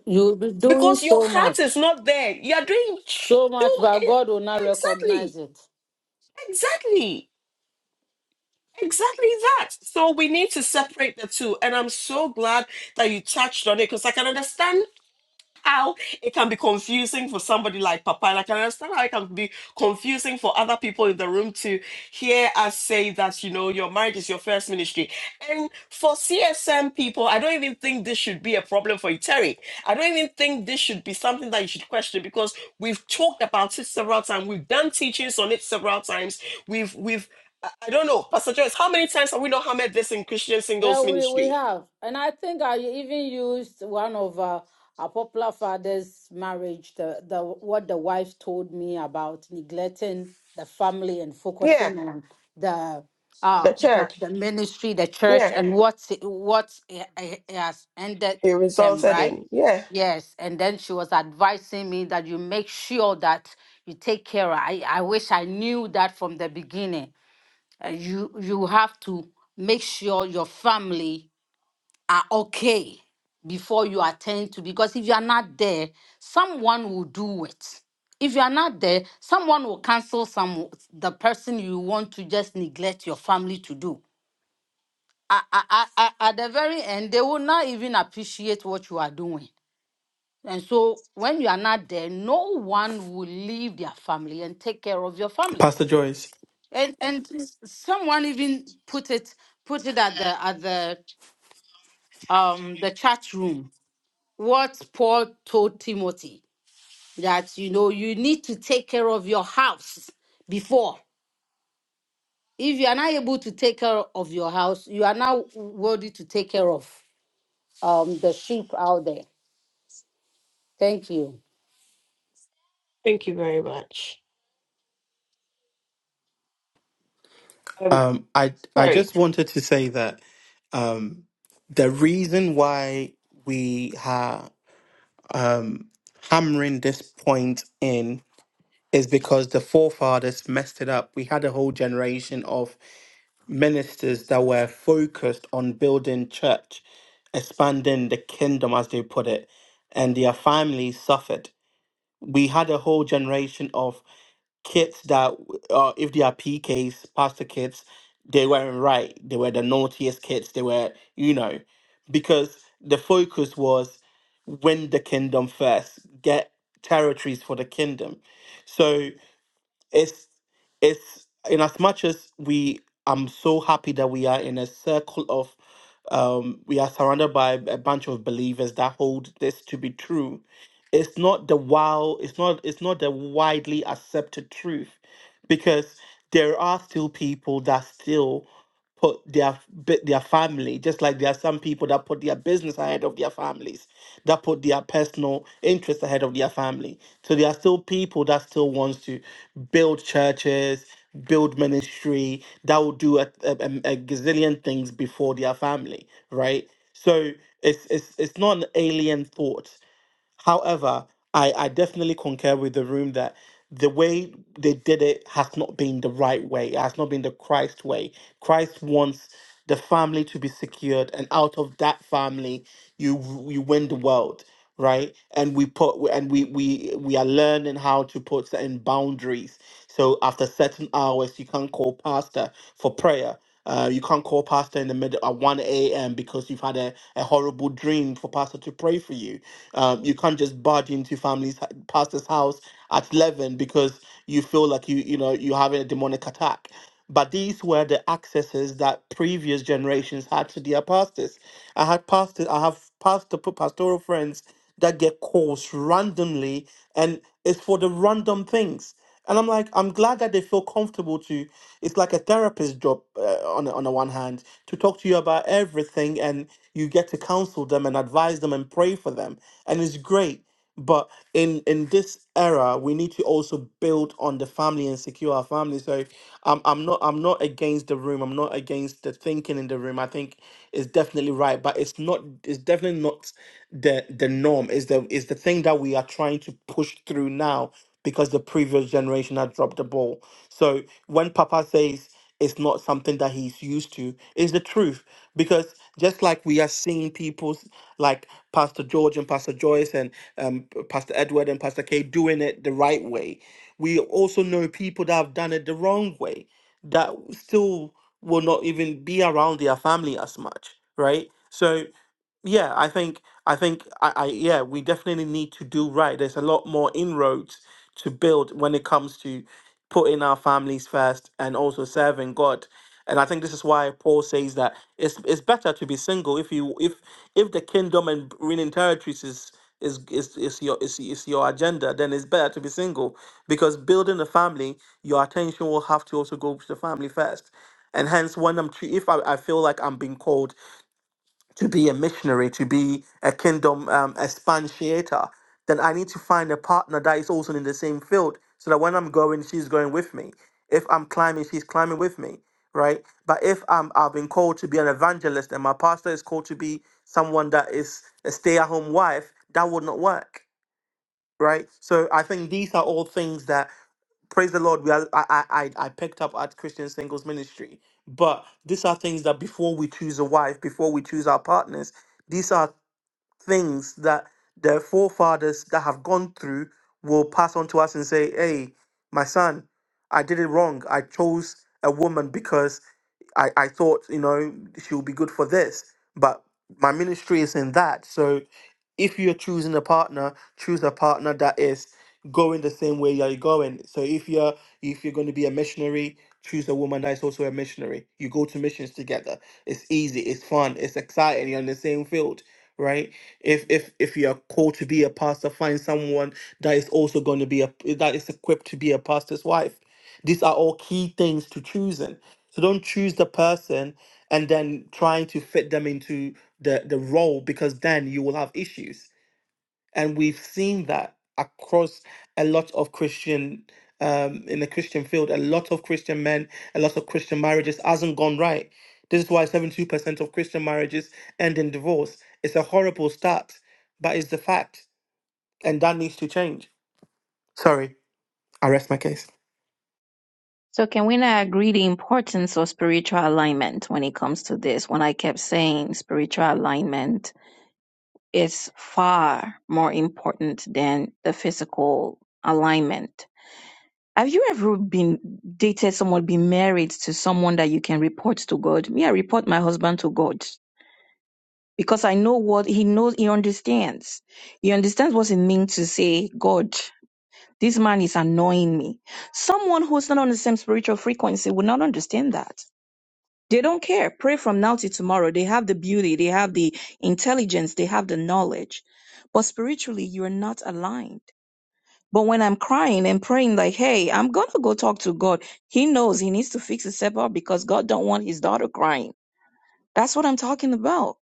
Speaker 8: You'll be doing
Speaker 1: Because your
Speaker 8: so
Speaker 1: heart is
Speaker 8: much.
Speaker 1: not there. You are doing
Speaker 8: So much,
Speaker 1: too
Speaker 8: but
Speaker 1: eh,
Speaker 8: God will not recognize
Speaker 1: exactly.
Speaker 8: it.
Speaker 1: Exactly Exactly that. So we need to separate the two. And I'm so glad that you touched on it because I can understand how it can be confusing for somebody like Papa. And I can understand how it can be confusing for other people in the room to hear us say that, you know, your marriage is your first ministry. And for CSM people, I don't even think this should be a problem for you, Terry. I don't even think this should be something that you should question because we've talked about it several times. We've done teachings on it several times. We've, we've, I I don't know, Pastor Joyce, how many times have we not hammered this in Christian
Speaker 8: Yeah,
Speaker 1: singles
Speaker 8: we, we
Speaker 1: ministry?
Speaker 8: have. And I think I even used one of uh, our popular father's marriage, the, the what the wife told me about neglecting the family and
Speaker 1: Yeah,
Speaker 8: focusing on the uh
Speaker 1: the
Speaker 8: the,
Speaker 1: church.
Speaker 8: the ministry, the church,
Speaker 1: Yeah,
Speaker 8: and what it- what it it has ended
Speaker 1: it
Speaker 8: them,
Speaker 1: resulted
Speaker 8: right?
Speaker 1: in. Yeah.
Speaker 8: Yes, and then she was advising me that you make sure that you take care. I I wish I knew that from the beginning uh, you you have to make sure your family are okay before you attend to because if you are not there someone will do it if you are not there someone will cancel some the person you want to just neglect your family to do A- a- a- a- at the very end they will not even appreciate what you are doing and so when you are not there no one will leave their family and take care of your family
Speaker 6: Pastor Joyce,
Speaker 8: and and someone even put it put it at the at the um the chat room what paul told timothy that you know you need to take care of your house before if you are not able to take care of your house you are now worthy to take care of um the sheep out there thank you
Speaker 1: Thank you very much. Um,
Speaker 6: um, I I
Speaker 1: sorry.
Speaker 6: just wanted to say that um, the reason why we have. um, hammering this point in is because the forefathers messed it up. We had a whole generation of ministers that were focused on building church, expanding the kingdom, as they put it, and their families suffered. We had a whole generation of kids that uh, if they are PKs, pastor kids, they weren't right. They were the naughtiest kids. They were, you know, because the focus was win the kingdom first, get territories for the kingdom. So it's it's in as much as we i'm so happy that we are in a circle of um we are surrounded by a bunch of believers that hold this to be true it's not the wow it's not it's not the widely accepted truth because there are still people that still put their f- bu- their family just like there are some people that put their business ahead of their families that put their personal interests ahead of their family. So there are still people that still wants to build churches, build ministry, that will do a, a, a gazillion things before their family, right? So it's it's it's not an alien thought. However, I, I definitely concur with the room that the way they did it has not been the right way. It has not been the Christ way. Christ wants the family to be secured, and out of that family, you you win the world, right? And we put and we we we are learning how to put certain boundaries. So after certain hours, you can call pastor for prayer. Uh, you can't call pastor in the middle at 1 a.m. because you've had a, a horrible dream for pastor to pray for you. Um, you can't just barge into family's pastor's house at 11 because you feel like you you know you're having a demonic attack. But these were the accesses that previous generations had to their pastors. I had pastors, I have pastor pastoral friends that get calls randomly, and it's for the random things. And I'm like, I'm glad that they feel comfortable to it's like a therapist job uh, on the- on the one hand to talk to you about everything, and you get to counsel them and advise them and pray for them, and it's great. But in in this era, we need to also build on the family and secure our family. So I'm I'm not I'm not against the room. I'm not against the thinking in the room. I think it's definitely right, but it's not it's definitely not the the norm. Is the is the thing that we are trying to push through now because the previous generation had dropped the ball. So when Papa says it's not something that he's used to, it's the truth. Because just like we are seeing people s- like Pastor George and Pastor Joyce and um, P- Pastor Edward and Pastor Kay doing it the right way, we also know people that have done it the wrong way that still will not even be around their family as much, right? So yeah i think i think I, I yeah we definitely need to do right there's a lot more inroads to build when it comes to putting our families first and also serving god and i think this is why paul says that it's it's better to be single if you if if the kingdom and winning territories is is is, is your is, is your agenda then it's better to be single because building a family your attention will have to also go to the family first and hence when i'm tre- if I, I feel like i'm being called to be a missionary, to be a kingdom um, expansiator, then I need to find a partner that is also in the same field so that when I'm going, she's going with me. If I'm climbing, she's climbing with me, right? But if I'm, I've been called to be an evangelist and my pastor is called to be someone that is a stay at home wife, that would not work, right? So I think these are all things that praise the Lord, we are, I, I, I I picked up at Christian Singles Ministry. But these are things that before we choose a wife, before we choose our partners, these are things that the forefathers that have gone through will pass on to us and say, hey, my son, I did it wrong. I chose a woman because I, I thought, you know, she'll be good for this, but my ministry is in that. So if you're choosing a partner, choose a partner that is going the same way you're going. So if you're if you're going to be a missionary, choose a woman that is also a missionary. You go to missions together. It's easy, it's fun, it's exciting, you're in the same field. Right. If if if you are called to be a pastor, find someone that is also going to be a that is equipped to be a pastor's wife. These are all key things to choosing so don't choose the person and then trying to fit them into the, the role because then you will have issues. And we've seen that across a lot of Christian um, in the Christian field, a lot of Christian men, a lot of Christian marriages hasn't gone right. This is why 72% of Christian marriages end in divorce. It's a horrible stat, but it's the fact. And that needs to change. Sorry, I rest my case.
Speaker 4: So can we not agree the importance of spiritual alignment when it comes to this? When I kept saying spiritual alignment is far more important than the physical alignment. Have you ever been dated someone, been married to someone that you can report to God? Me, I report my husband to God. because I know what he knows, he understands. He understands what it means to say, God, this man is annoying me. Someone who's not on the same spiritual frequency would not understand that. They don't care. Pray from now till tomorrow. They have the beauty, they have the intelligence, they have the knowledge. But spiritually, you're not aligned. But when I'm crying and praying, like, hey, I'm gonna go talk to God, he knows he needs to fix his up because God don't want his daughter crying. That's what I'm talking about.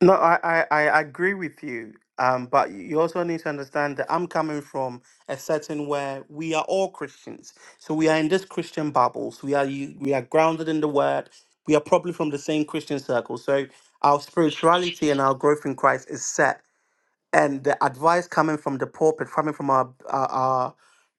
Speaker 6: No, I, I, I agree with you. Um, but you also need to understand that I'm coming from a setting where we are all Christians. So we are in this Christian bubbles. We are you. we are grounded in the word. We are probably from the same Christian circle. So our spirituality and our growth in Christ is set. And the advice coming from the pulpit, coming from our our,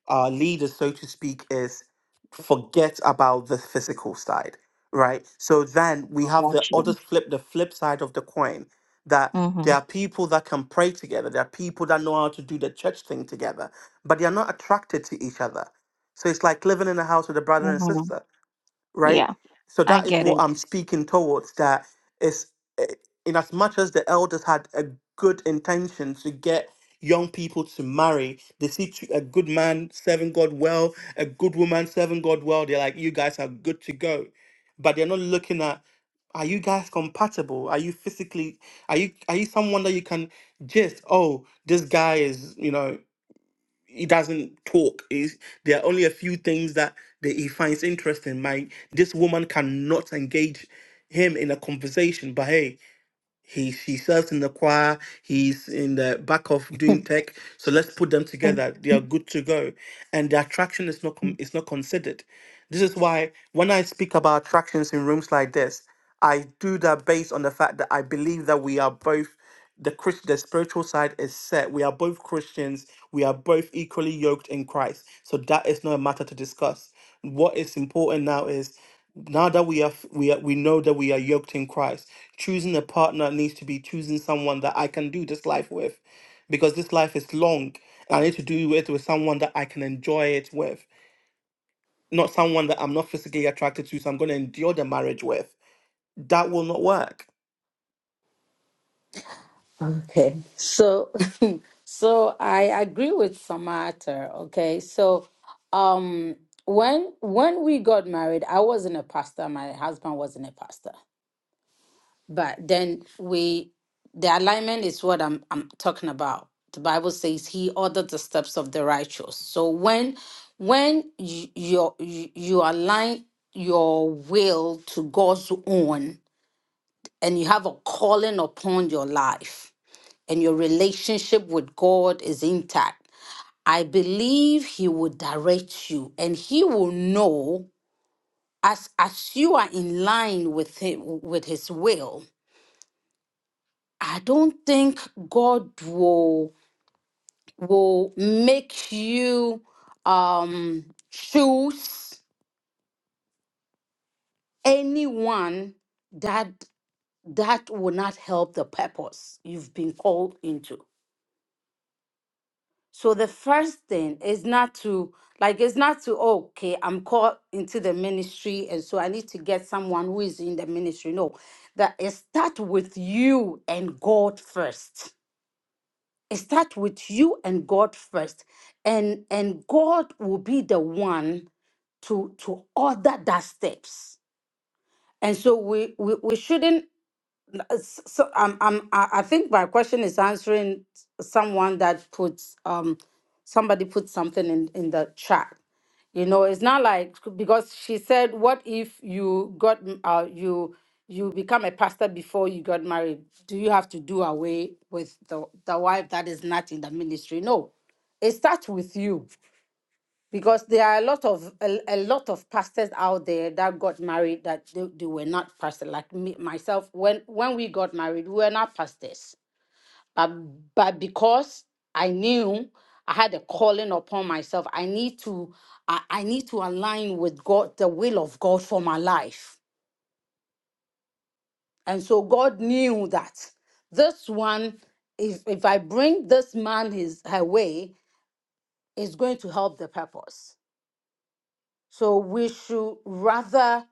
Speaker 6: our leaders, so to speak, is forget about the physical side, right? So then we
Speaker 4: Oh,
Speaker 6: have the
Speaker 4: that's
Speaker 6: other
Speaker 4: you.
Speaker 6: flip, the flip side of the coin that
Speaker 4: Mm-hmm.
Speaker 6: there are people that can pray together, there are people that know how to do the church thing together, but they are not attracted to each other. So it's like living in a house with a brother and sister right?
Speaker 4: Yeah,
Speaker 6: So
Speaker 4: I
Speaker 6: that is
Speaker 4: get
Speaker 6: what
Speaker 4: it.
Speaker 6: I'm speaking towards. That is, eh, in as much as the elders had a good intention to get young people to marry, they see two- a good man serving God well, a good woman serving God well. They're like, you guys are good to go, but they're not looking at. Are you guys compatible? Are you physically? Are you are you someone that you can just? Oh, this guy is you know he doesn't talk. He's, there are only a few things that, that he finds interesting. My this woman cannot engage him in a conversation, but hey, he she serves in the choir. He's in the back of doing tech. So let's put them together. They are good to go, and the attraction is not com- is not considered. This is why when I speak about attractions in rooms like this, I do that based on the fact that I believe that we are both the Christ, the spiritual side is set. We are both Christians. We are both equally yoked in Christ. So that is not a matter to discuss. What is important now is now that we are f- we are, we know that we are yoked in Christ choosing a partner needs to be choosing someone that I can do this life with because this life is long and I need to do it with someone that I can enjoy it with, not someone that I'm not physically attracted to, so I'm going to endure the marriage with. That will not work.
Speaker 8: Okay. So *laughs* so I agree with Samata, okay? So um when when we got married, I wasn't a pastor, my husband wasn't a pastor. But then we the alignment is what I'm I'm talking about. The Bible says he ordered the steps of the righteous. So when when you you, you align your will to God's own, and you have a calling upon your life and your relationship with God is intact, I believe He will direct you and He will know as as you are in line with Him with His will. I don't think God will will make you um choose anyone that that will not help the purpose you've been called into So the first thing is not to like it's not to "Oh, okay, I'm called into the ministry and so I need to get someone who is in the ministry. No. That it start with you and God first. It start with you and God first. And and God will be the one to to order that steps. And so we we, we shouldn't uh, s- so um, um, I, I think my question is answering someone that puts um, somebody put something in in the chat. You know, it's not like because she said, "What if you got m- uh, you you become a pastor before you got married? Do you have to do away with the the wife that is not in the ministry?" No, it starts with you because there are a lot of a, a lot of pastors out there that got married that they, they were not pastors like me myself when when we got married we were not pastors but but because i knew i had a calling upon myself i need to i, I need to align with god the will of god for my life and so god knew that this one if if i bring this man his her way is going to help the purpose so we should rather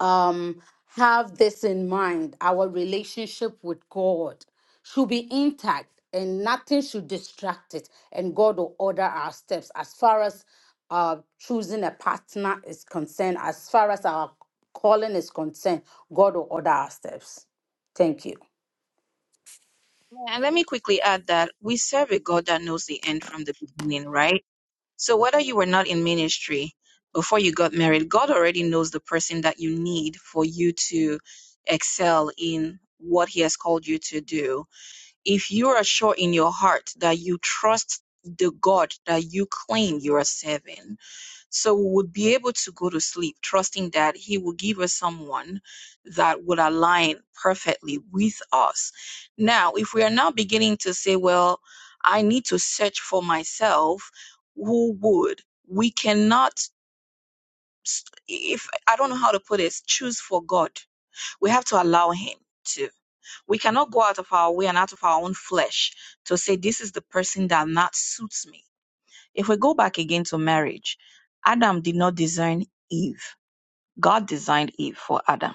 Speaker 8: um, have this in mind our relationship with God should be intact and nothing should distract it. And God will order our steps as far as uh, choosing a partner is concerned, as far as our calling is concerned, God will order our steps. Thank you.
Speaker 4: Yeah, And let me quickly add that we serve a God that knows the end from the beginning, right? So, whether you were not in ministry before you got married, God already knows the person that you need for you to excel in what He has called you to do. If you are sure in your heart that you trust the God that you claim you are serving, so we would be able to go to sleep, trusting that He will give us someone that would align perfectly with us. Now, if we are now beginning to say, well, I need to search for myself, who would? We cannot, if I don't know how to put this, choose for God. We have to allow Him to. We cannot go out of our way and out of our own flesh to say, this is the person that not suits me if we go back again to marriage, Adam did not design Eve. God designed Eve for Adam.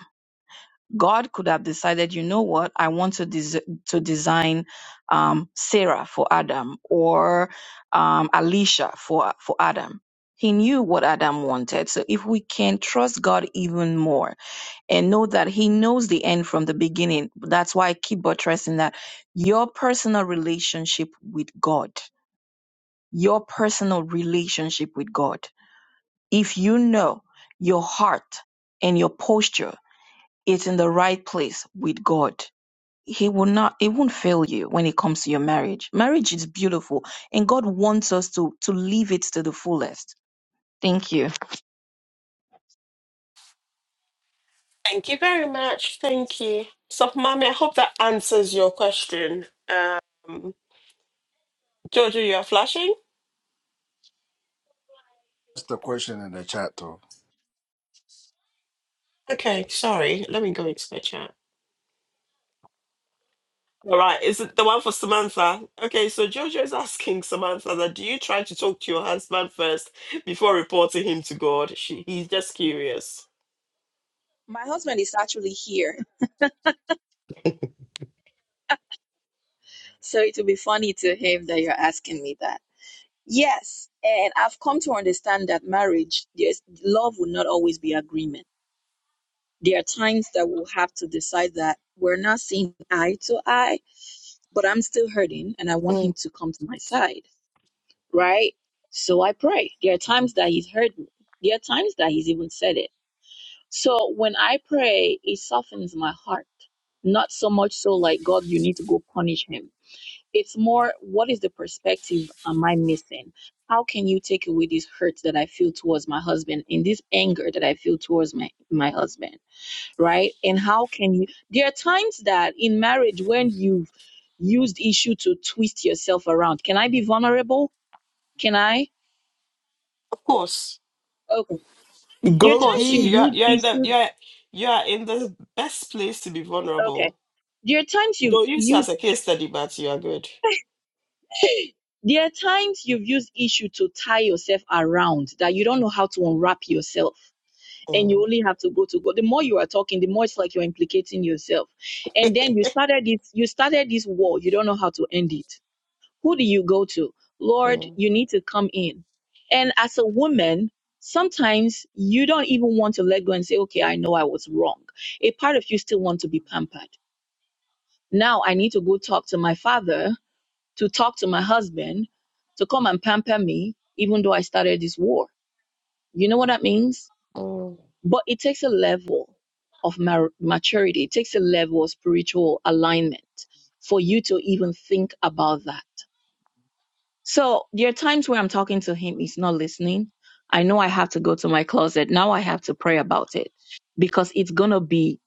Speaker 4: God could have decided, you know what, I want to des- to design um, Sarah for Adam or um, Alicia for for Adam. He knew what Adam wanted. So if we can trust God even more and know that He knows the end from the beginning, that's why I keep buttressing that your personal relationship with God, your personal relationship with God. If you know your heart and your posture is in the right place with God, He will not, It won't fail you when it comes to your marriage. Marriage is beautiful and God wants us to, to live it to the fullest. Thank you.
Speaker 1: Thank you very much. Thank you. So, mommy, I hope that answers your question. Um, Jojo, you are flashing?
Speaker 7: Just a question in the chat, though.
Speaker 1: Okay, sorry. Let me go into the chat. All right, is it the one for Samantha? Okay, so Jojo is asking Samantha that do you try to talk to your husband first before reporting him to God? She, he's just curious.
Speaker 4: My husband is actually here, so it will be funny to him that you're asking me that. Yes, and I've come to understand that marriage, yes, love will not always be agreement. There are times that we'll have to decide that we're not seeing eye to eye but I'm still hurting and I want him
Speaker 1: Mm.
Speaker 4: to come to my side, right? So I pray. There are times that he's heard me, there are times that he's even said it. So when I pray, it softens my heart. Not so much so like, God, you need to go punish him. It's more, what is the perspective am I missing? How can you take away this hurt that I feel towards my husband and this anger that I feel towards my, my husband? right? And how can you? There are times that in marriage when you've used issue to twist yourself around. Can I be vulnerable? Can I?
Speaker 1: Of course,
Speaker 4: Okay. There
Speaker 1: of
Speaker 4: are
Speaker 6: Go
Speaker 1: course.
Speaker 4: times
Speaker 1: you-
Speaker 4: you've
Speaker 6: deep.
Speaker 1: You're
Speaker 4: used
Speaker 1: you're in the
Speaker 4: issue.
Speaker 1: you're you're in the best place to be vulnerable.
Speaker 4: Okay. There are times you've
Speaker 1: Don't use it as
Speaker 4: used.
Speaker 1: a case study, but you are good.
Speaker 4: *laughs* There are times you've used issue to tie yourself around that you don't know how to unwrap yourself. And you
Speaker 1: Mm,
Speaker 4: only have to go to God. The more you are talking, the more it's like you're implicating yourself. And then you started this, you started this war. You don't know how to end it Who do you go to? Lord,
Speaker 1: mm,
Speaker 4: you need to come in. And as a woman, sometimes you don't even want to let go and say, okay, I know I was wrong. A part of you still want to be pampered. Now I need to go talk to my father, to talk to my husband, to come and pamper me, even though I started this war. You know what that means?
Speaker 1: mm.
Speaker 4: But it takes a level of mar- maturity. It takes a level of spiritual alignment for you to even think about that. So there are times where I'm talking to him, he's not listening. I know I have to go to my closet. Now I have to pray about it because it's going to be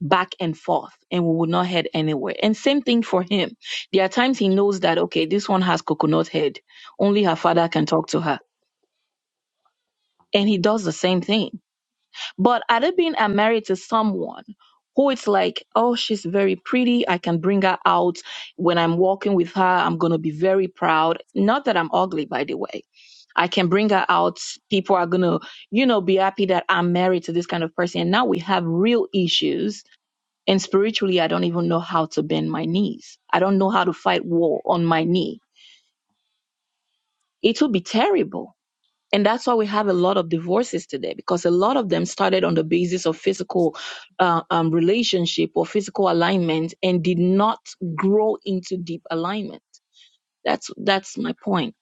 Speaker 4: back and forth and we will not head anywhere. And same thing for him. There are times he knows that, okay, this one has coconut head. Only her father can talk to her. And he does the same thing. But other been I'm married to someone who it's like, oh, she's very pretty. I can bring her out. When I'm walking with her, I'm going to be very proud. Not that I'm ugly, by the way. I can bring her out. People are going to, you know, be happy that I'm married to this kind of person. And now we have real issues. And spiritually, I don't even know how to bend my knees. I don't know how to fight war on my knee. It would be terrible and that's why we have a lot of divorces today, because a lot of them started on the basis of physical uh, um, relationship or physical alignment and did not grow into deep alignment. That's that's my point.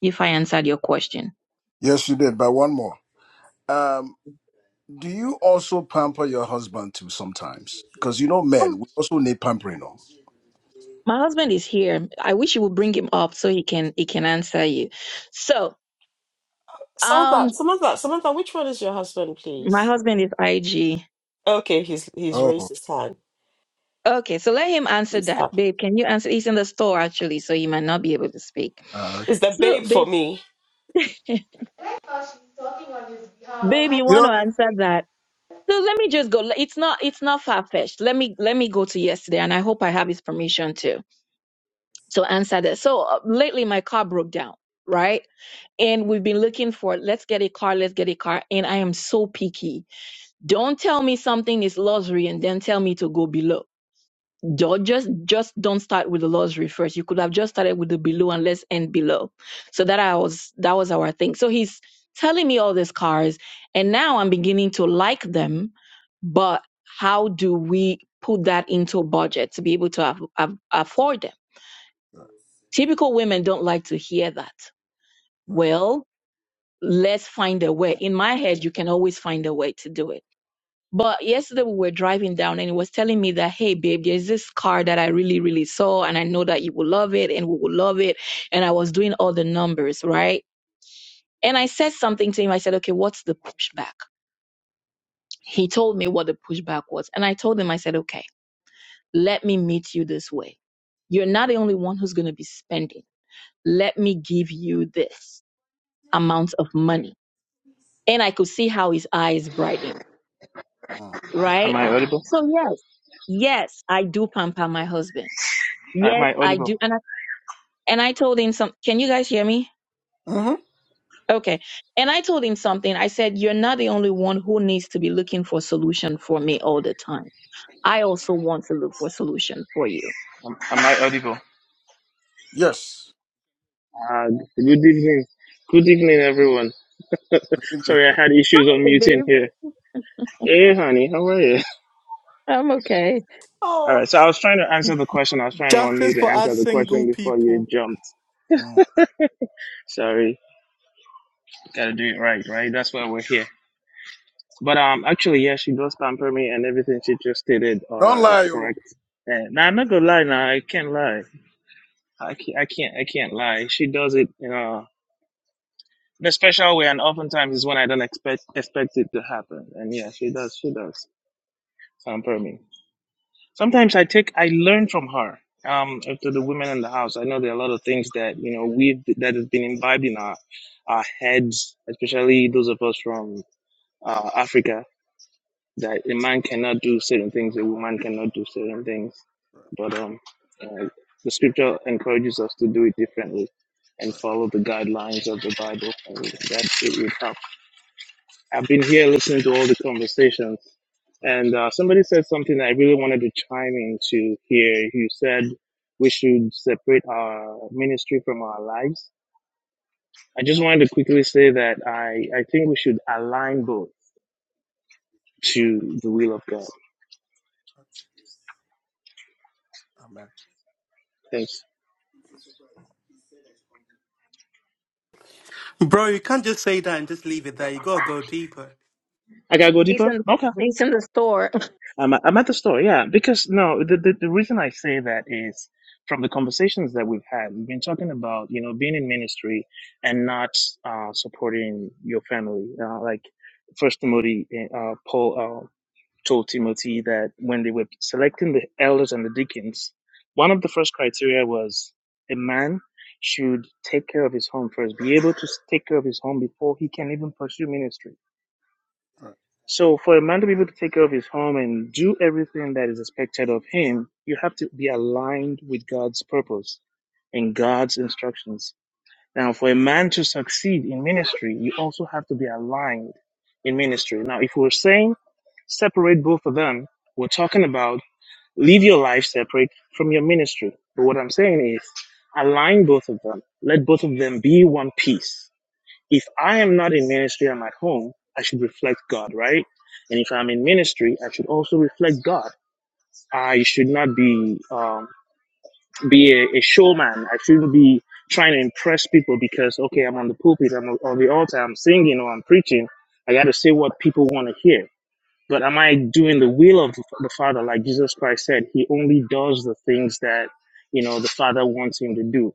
Speaker 4: If I answered your question,
Speaker 7: Yes, you did, but one more. Um, do you also pamper your husband too sometimes? Because you know,
Speaker 4: Oh,
Speaker 7: men, we also need pampering. oh.
Speaker 4: my husband is here. I wish you would bring him up so he can he can answer you. So,
Speaker 1: Samantha,
Speaker 4: um,
Speaker 1: Samantha, Samantha, which one is your husband,
Speaker 4: my
Speaker 1: please?
Speaker 4: husband is IG.
Speaker 1: Okay, he's he's
Speaker 7: Oh,
Speaker 1: raised his hand.
Speaker 4: Okay, so let him answer
Speaker 1: He's
Speaker 4: that,
Speaker 1: up.
Speaker 4: babe. Can you answer? He's in the store actually, so he might not be able to speak.
Speaker 7: uh,
Speaker 1: Is the babe
Speaker 4: So,
Speaker 1: for
Speaker 4: babe,
Speaker 1: me?
Speaker 4: *laughs* babe, you
Speaker 7: you
Speaker 4: want
Speaker 7: know.
Speaker 4: to answer that? So let me just go. It's not it's not far fetched. Let me let me go to yesterday, and I hope I have his permission to to answer this. So uh, lately, my car broke down, right? And we've been looking for let's get a car, let's get a car. And I am so picky. Don't tell me something is luxury and then tell me to go below. Ju- Just, just don't start with the luxury first. You could have just started with the below and let's end below. So that I was, that was our thing. So he's telling me all these cars, and now I'm beginning to like them. But how do we put that into a budget to be able to af- af- afford them?
Speaker 7: Right.
Speaker 4: Typical women don't like to hear that.
Speaker 7: right.
Speaker 4: Well, let's find a way. In my head, you can always find a way to do it but yesterday we were driving down and he was telling me that, hey, babe, there's this car that I really, really saw and I know that you will love it and we will love it. And I was doing all the numbers, right? And I said something to him. I said, okay, what's the pushback? He told me what the pushback was. And I told him, I said, okay, let me meet you this way. You're not the only one who's going to be spending. Let me give you this amount of money. And I could see how his eyes brightened,
Speaker 7: Mm.
Speaker 9: Am
Speaker 4: right?
Speaker 9: I audible?
Speaker 4: So, yes, yes, I do pamper my husband
Speaker 9: Am
Speaker 4: Yes,
Speaker 9: I
Speaker 4: I do.
Speaker 9: audible?
Speaker 4: And I and I told him some can you guys hear me?
Speaker 7: hmm
Speaker 4: Okay. And I told him something. I said, You're not the only one who needs to be looking for solution for me all the time. I also want to look for solution for you.
Speaker 9: Am, am I audible?
Speaker 7: Yes.
Speaker 9: Uh, good evening. Good evening, everyone.
Speaker 7: Believe me,
Speaker 9: Sorry, I
Speaker 7: sir.
Speaker 9: had issues
Speaker 4: Hey,
Speaker 9: unmuting
Speaker 4: babe,
Speaker 9: here. Hey, honey, how are you?
Speaker 4: I'm okay.
Speaker 9: *laughs* All
Speaker 1: Oh,
Speaker 9: right, so I was trying to answer the question. I was trying to unmute
Speaker 6: Justice
Speaker 9: to
Speaker 6: for
Speaker 9: answer
Speaker 6: us
Speaker 9: the question
Speaker 6: single
Speaker 9: before you
Speaker 6: people.
Speaker 9: jumped.
Speaker 7: Mm.
Speaker 9: Sorry, gotta do it right, right? That's why we're here. But um, actually, yeah, she does pamper me, and everything she just stated
Speaker 7: Don't
Speaker 9: are
Speaker 7: lie, you.
Speaker 9: correct. And now I'm not gonna lie. Now I can't lie. I can't. I can't. I can't lie. She does it. You know. the special way, and oftentimes is when I don't expect expect it to happen. And yeah, she does. She does pamper me. Sometimes I take. I learn from her. Um, to the women in the house, I know there are a lot of things that you know we've that has been imbibed in our our heads, especially those of us from uh, Africa, that a man cannot do certain things, a woman cannot do certain things. But um, uh, the scripture encourages us to do it differently and
Speaker 7: Right.
Speaker 9: follow the guidelines of the Bible. And that it would help. I've been here listening to all the conversations,
Speaker 7: Right.
Speaker 9: and uh, somebody said something that I really wanted to chime into here. You said we should separate our ministry from our lives. I just wanted to quickly say that I, I think we should align both to the will of God.
Speaker 7: Amen.
Speaker 9: Thanks.
Speaker 6: Bro, you can't just say that and just leave it there. You gotta go deeper.
Speaker 9: I gotta go
Speaker 4: He's
Speaker 9: deeper.
Speaker 4: in
Speaker 9: Okay.
Speaker 4: he's in the store. *laughs*
Speaker 9: I'm at, I'm at the store, yeah. Because no, the, the the reason I say that is from the conversations that we've had. We've been talking about you know being in ministry and not uh, supporting your family. Uh, like First Timothy, uh, Paul uh, told Timothy that when they were selecting the elders and the deacons, one of the first criteria was a man should take care of his home first, be able to take care of his home before he can even pursue ministry so, for a man to be able to take care of his home and do everything that is expected of him, you have to be aligned with God's purpose and God's instructions. Now, for a man to succeed in ministry, you also have to be aligned in ministry. Now, if we're saying separate both of them, we're talking about leave your life separate from your ministry. But what I'm saying is align both of them, let both of them be one piece if I am not in ministry, I'm at home, I should reflect God, right? And if I'm in ministry, I should also reflect God. I should not be um, be a, a showman. I shouldn't be trying to impress people because okay, I'm on the pulpit, I'm on the altar, I'm singing or I'm preaching. I got to say what people want to hear. But am I doing the will of the Father, like Jesus Christ said? He only does the things that you know the Father wants him to do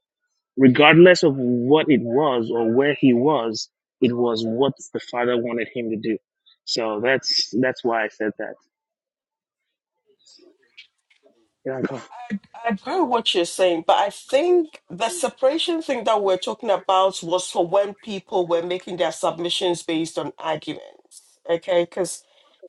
Speaker 9: regardless of what it was or where he was, it was what the father wanted him to do. So that's that's why I said that. Yeah, go.
Speaker 1: I agree with what you're saying, but I think the separation thing that we're talking about was for when people were making their submissions based on arguments. Okay, because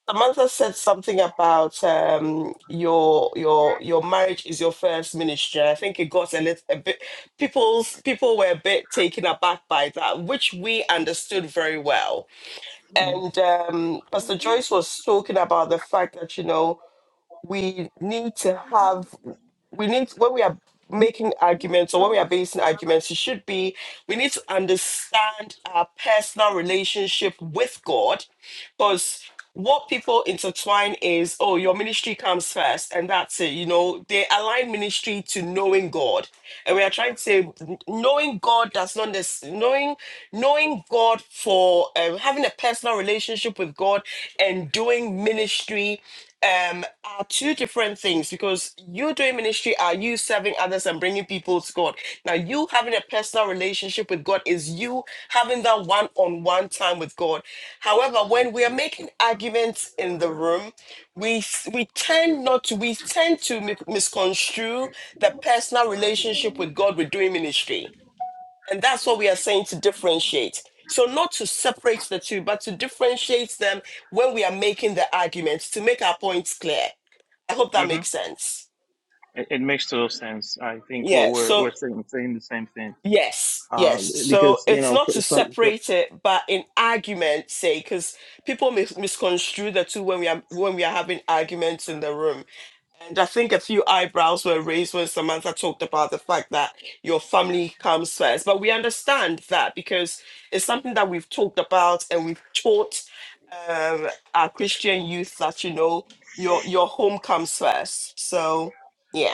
Speaker 1: Samantha said something about um, your your your marriage is your first ministry. I think it got a little a bit people's people were a bit taken aback by that, which we understood very well. And um, Pastor Joyce was talking about the fact that you know we need to have we need when we are making arguments or when we are basing arguments it should be we need to understand our personal relationship with god because what people intertwine is oh your ministry comes first and that's it you know they align ministry to knowing god and we are trying to say n- knowing god does not necess- knowing knowing god for um, having a personal relationship with god and doing ministry um, are two different things because you doing ministry are you serving others and bringing people to God. Now, you having a personal relationship with God is you having that one on one time with God. However, when we are making arguments in the room, we s- we tend not to we tend to mi- misconstrue the personal relationship with God with doing ministry and that's what we are saying to differentiate. So, not to separate the two, but to differentiate them when we are making the arguments to make our points clear. I hope that
Speaker 9: hmm
Speaker 1: makes sense.
Speaker 9: It, it makes total sense, I
Speaker 1: Yeah. So,
Speaker 9: think.
Speaker 1: Yes,
Speaker 9: Uh,
Speaker 1: yes. So
Speaker 9: because you
Speaker 1: it's
Speaker 9: know,
Speaker 1: not
Speaker 9: from,
Speaker 1: to
Speaker 9: from, from
Speaker 1: separate it, but in argument, say, because people mis- misconstrue the two when we are when we are having arguments in the room. And I think a few eyebrows were raised when Samantha talked about the fact that your family comes first. But we understand that because it's something that we've talked about and we've taught um, our Christian youth that you know your your home comes first. So yeah.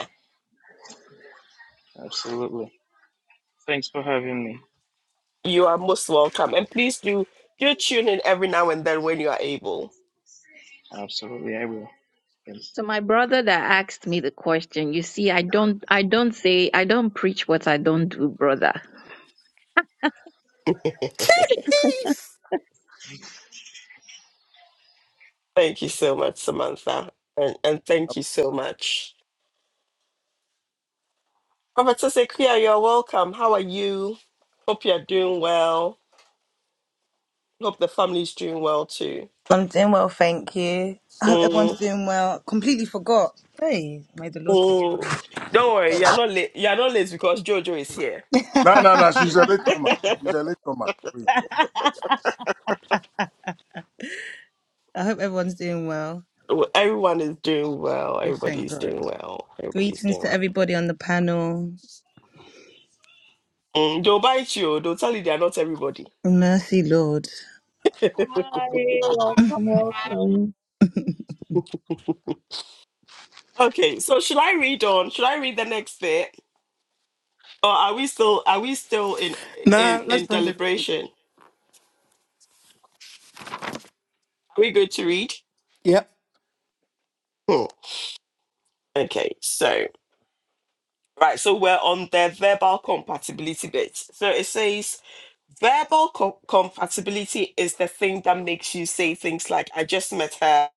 Speaker 9: Absolutely. Thanks for having me.
Speaker 1: You are most welcome. And please do do tune in every now and then when you are able.
Speaker 9: Absolutely, I will.
Speaker 4: So my brother that asked me the question, you see, I don't I don't say I don't preach what I don't do, brother.
Speaker 6: Jeez.
Speaker 1: Thank you so much, Samantha. And and thank you so much. Professor Sequia, you're welcome. How are you? Hope you're doing well. Hope the family's doing well too.
Speaker 10: I'm doing well, thank you. I hope everyone's
Speaker 1: Mm,
Speaker 10: doing well. Completely forgot. Hey, may the Lord forgive
Speaker 1: mm.
Speaker 10: me.
Speaker 1: Don't worry, you're not late. You're not late because Jojo is here.
Speaker 7: No, no, no. She's a
Speaker 1: *laughs*
Speaker 7: latecomer. She's a latecomer.
Speaker 10: I hope everyone's doing well.
Speaker 1: Well, Everyone is doing well.
Speaker 10: We thank
Speaker 1: Everybody's
Speaker 10: God.
Speaker 1: doing well. Everybody's
Speaker 10: Greetings
Speaker 1: doing
Speaker 10: to
Speaker 1: well.
Speaker 10: everybody on the panel.
Speaker 1: Mm, they'll bite you. They'll tell you they are not everybody.
Speaker 10: Mercy, Lord.
Speaker 1: *laughs*
Speaker 4: Hi, welcome, welcome.
Speaker 1: Okay, so should I read on? Should I read the next bit, or are we still are we still in in
Speaker 6: Nah, let's
Speaker 1: in
Speaker 6: bring it.
Speaker 1: deliberation? Are we good to read?
Speaker 6: Yep.
Speaker 1: Hmm. Okay, so right, so we're on the verbal compatibility bit. So it says verbal co- compatibility is the thing that makes you say things like "I just met her."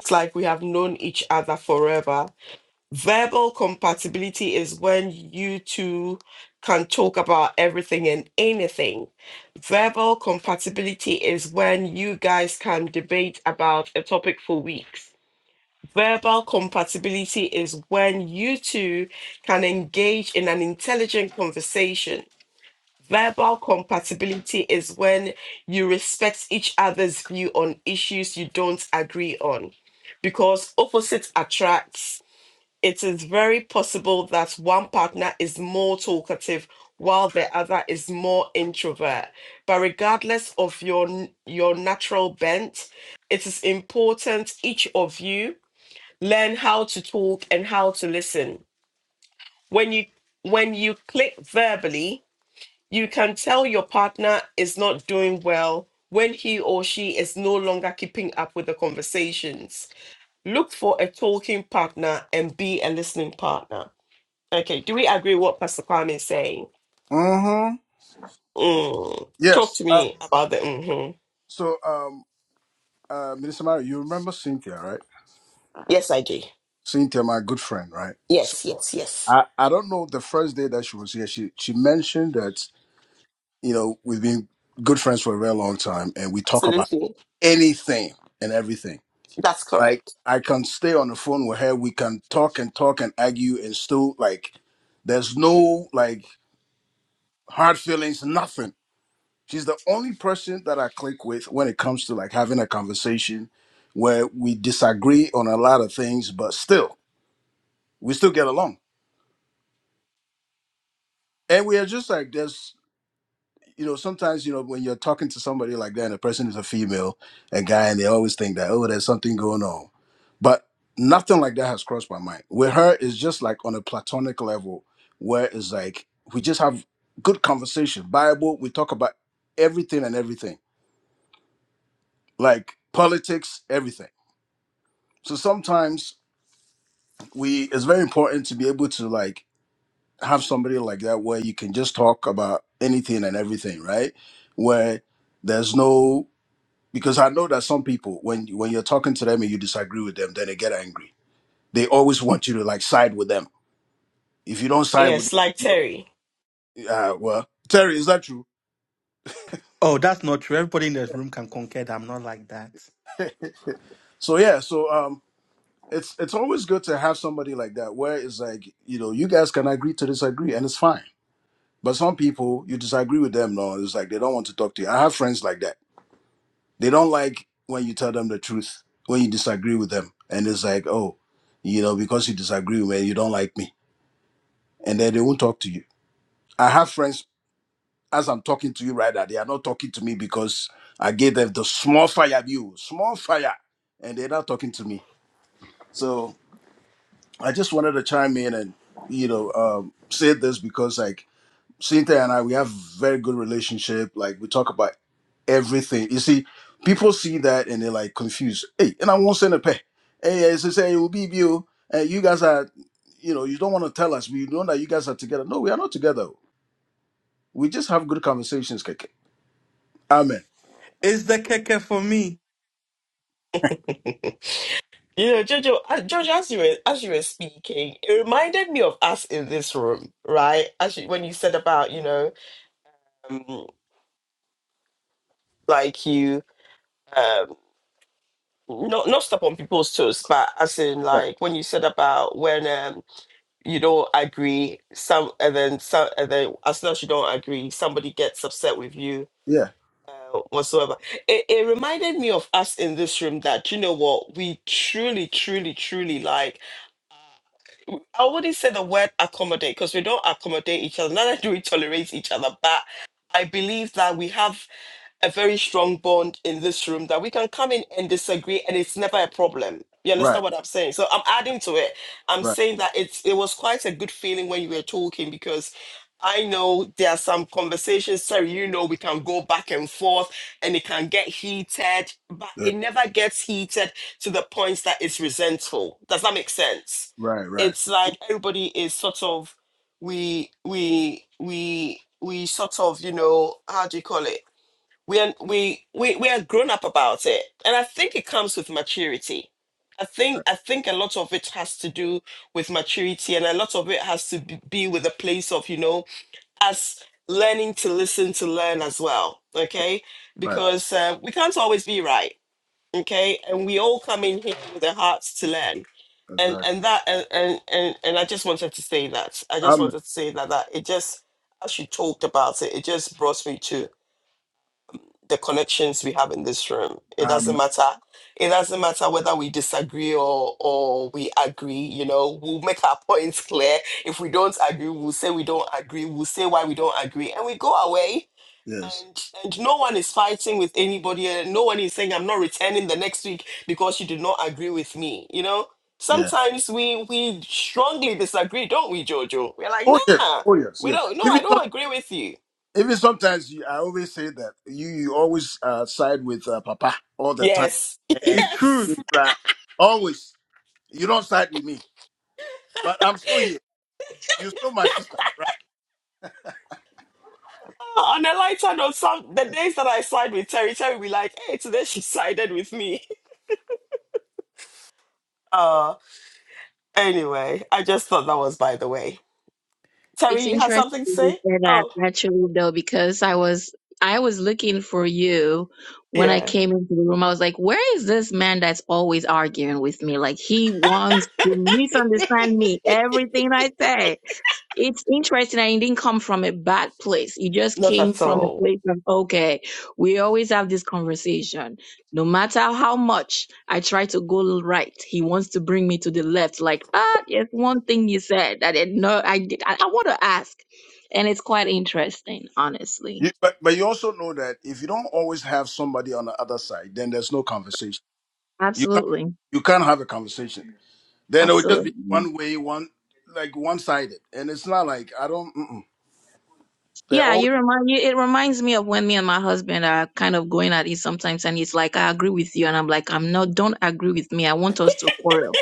Speaker 1: It's like we have known each other forever. Verbal compatibility is when you two can talk about everything and anything. Verbal compatibility is when you guys can debate about a topic for weeks. Verbal compatibility is when you two can engage in an intelligent conversation. Verbal compatibility is when you respect each other's view on issues you don't agree on because opposites attract it is very possible that one partner is more talkative while the other is more introvert but regardless of your n- your natural bent it is important each of you learn how to talk and how to listen when you when you click verbally you can tell your partner is not doing well when he or she is no longer keeping up with the conversations look for a talking partner and be a listening partner Okay, do we agree what Pastor Kwame is saying?
Speaker 7: Mm-hmm.
Speaker 1: Mm, talk
Speaker 7: Yes.
Speaker 1: to
Speaker 7: Uh,
Speaker 1: me about the. mhm.
Speaker 7: so, um, uh, Minister Mary, you remember Cynthia, right?
Speaker 1: Yes, I do.
Speaker 7: Cynthia, my good friend, right? So,
Speaker 1: Yes, yes, yes.
Speaker 7: I, I don't know the first day that she was here, she, she mentioned that, you know, we've been good friends for a very long time and we talk about
Speaker 1: Absolutely,
Speaker 7: anything and everything.
Speaker 1: that's
Speaker 7: Like,
Speaker 1: correct.
Speaker 7: I can stay on the phone with her. We can talk and talk and argue and still, like, there's no, like, hard feelings, nothing She's the only person that I click with when it comes to like having a conversation where we disagree on a lot of things, but still, we still get along. And we are just like, there's, you know, sometimes, you know, when you're talking to somebody like that and the person is a female, a guy, and they always think that, oh, there's something going on. But nothing like that has crossed my mind. With her, it's just like on a platonic level where it's like, we just have good conversation, Bible, we talk about everything and everything, like politics, everything So sometimes we it's very important to be able to like have somebody like that where you can just talk about anything and everything, right? Where there's no because I know that some people when when you're talking to them and you disagree with them, then they get angry. They always want you to like side with them. If you don't side with
Speaker 1: Yes, like Terry.
Speaker 7: uh well, Terry, is that true?
Speaker 6: Oh, that's not true. Everybody in this room can concur that I'm not like that.
Speaker 7: So yeah, so um it's it's always good to have somebody like that where it's like, you know, you guys can agree to disagree and it's fine But some people, you disagree with them, no? It's like they don't want to talk to you. I have friends like that. They don't like when you tell them the truth, when you disagree with them. And it's like, oh, you know, because you disagree with me, you don't like me. And then they won't talk to you. I have friends, as I'm talking to you right now, they are not talking to me because I gave them the small fire view, small fire. And they're not talking to me. So I just wanted to chime in and, you know, um, say this because, like, Cynthia and I, we have very good relationship. Like we talk about everything. You see, people see that and they're like confused. Hey, and I won't send a pay. Hey, it's just say it will be you. And you guys are, you know, you don't want to tell us. We know that you guys are together. No, we are not together. We just have good conversations, Keke. Amen.
Speaker 6: It's the keke for me.
Speaker 1: You know, Jojo, uh, Jojo, as you were as you were speaking, it reminded me of us in this room, right? As you, when you said about you know, um, like you um, not not step on people's toes, but as in
Speaker 7: Right.
Speaker 1: like when you said about when um, you don't agree some and then some and then as soon as you don't agree somebody gets upset with you
Speaker 7: Yeah.
Speaker 1: uh, whatsoever it, it reminded me of us in this room that you know what we truly truly truly like i wouldn't say the word accommodate because we don't accommodate each other neither do we tolerate each other but i believe that we have a very strong bond in this room that we can come in and disagree and it's never a problem. You
Speaker 7: Right.
Speaker 1: understand what I'm saying? So I'm adding to it. I'm
Speaker 7: Right.
Speaker 1: saying that it's it was quite a good feeling when you were talking because I know there are some conversations, sorry, you know, we can go back and forth and it can get heated, but
Speaker 7: Yeah.
Speaker 1: it never gets heated to the point that it's resentful. Does that make sense?
Speaker 7: Right. Right.
Speaker 1: It's like everybody is sort of we we we we sort of, you know, how do you call it? we are we we we are grown up about it and i think it comes with maturity i think
Speaker 7: Right.
Speaker 1: i think a lot of it has to do with maturity and a lot of it has to b- be with a place of you know us learning to listen to learn as well okay
Speaker 7: Right.
Speaker 1: because uh, we can't always be right okay and we all come in here with our hearts to learn and
Speaker 7: Exactly.
Speaker 1: and that and and and, and i just wanted to say that i just
Speaker 7: Amen.
Speaker 1: wanted to say that that it just as you talked about it it just brought me to the connections we have in this room. It
Speaker 7: Amen.
Speaker 1: doesn't matter. It doesn't matter whether we disagree or or we agree. You know, we'll make our points clear. If we don't agree, we'll say we don't agree. We'll say why we don't agree, and we go away.
Speaker 7: Yes.
Speaker 1: And and no one is fighting with anybody. and No one is saying I'm not returning the next week because you did not agree with me. You know.
Speaker 7: Yeah.
Speaker 1: Sometimes we we strongly disagree, don't we, Jojo? We're like,
Speaker 7: Oh yes.
Speaker 1: nah,
Speaker 7: Oh yes.
Speaker 1: we
Speaker 7: Yeah.
Speaker 1: don't. No,
Speaker 7: If
Speaker 1: I
Speaker 7: it's
Speaker 1: don't agree with you.
Speaker 7: Even sometimes you, I always say that you, you always uh, side with uh, Papa all the time,
Speaker 1: Yes, *laughs*
Speaker 7: and
Speaker 6: It's
Speaker 1: yes.
Speaker 6: true.
Speaker 7: you try- always you don't side with me, but I'm still here. You're still my sister, right?
Speaker 1: On a lighter note, some the days that I side with Terry, Terry will be like, hey, today she sided with me. *laughs* Uh anyway, I just thought that was by the way. Terry,
Speaker 4: It's
Speaker 1: you had
Speaker 4: interesting
Speaker 1: something to
Speaker 4: you
Speaker 1: say?
Speaker 4: say that
Speaker 1: Oh,
Speaker 4: actually though, because I was I was looking for you when I
Speaker 1: yeah.
Speaker 4: came into the room. I was like, where is this man that's always arguing with me? Like he wants to misunderstand me, everything I say. It's interesting. I didn't come from a bad place. You just
Speaker 1: Not
Speaker 4: came
Speaker 1: at
Speaker 4: from a
Speaker 1: all.
Speaker 4: place of, okay, we always have this conversation. No matter how much I try to go right, he wants to bring me to the left. Like, ah, there's one thing you said that it, no, I did. I, I want to ask, and it's quite interesting, honestly.
Speaker 7: You, but but you also know that if you don't always have somebody on the other side, then there's no conversation. You can't
Speaker 4: Absolutely,
Speaker 7: you can't have a conversation. Then it would just
Speaker 4: absolutely.
Speaker 7: be one way, one like one sided, and it's not like I don't. Mm-mm. They're
Speaker 4: Yeah,
Speaker 7: always
Speaker 4: you remind you. It reminds me of when me and my husband are kind of going at it sometimes, and it's like, "I agree with you," and I'm like, "I'm not. Don't agree with me. I want us to quarrel."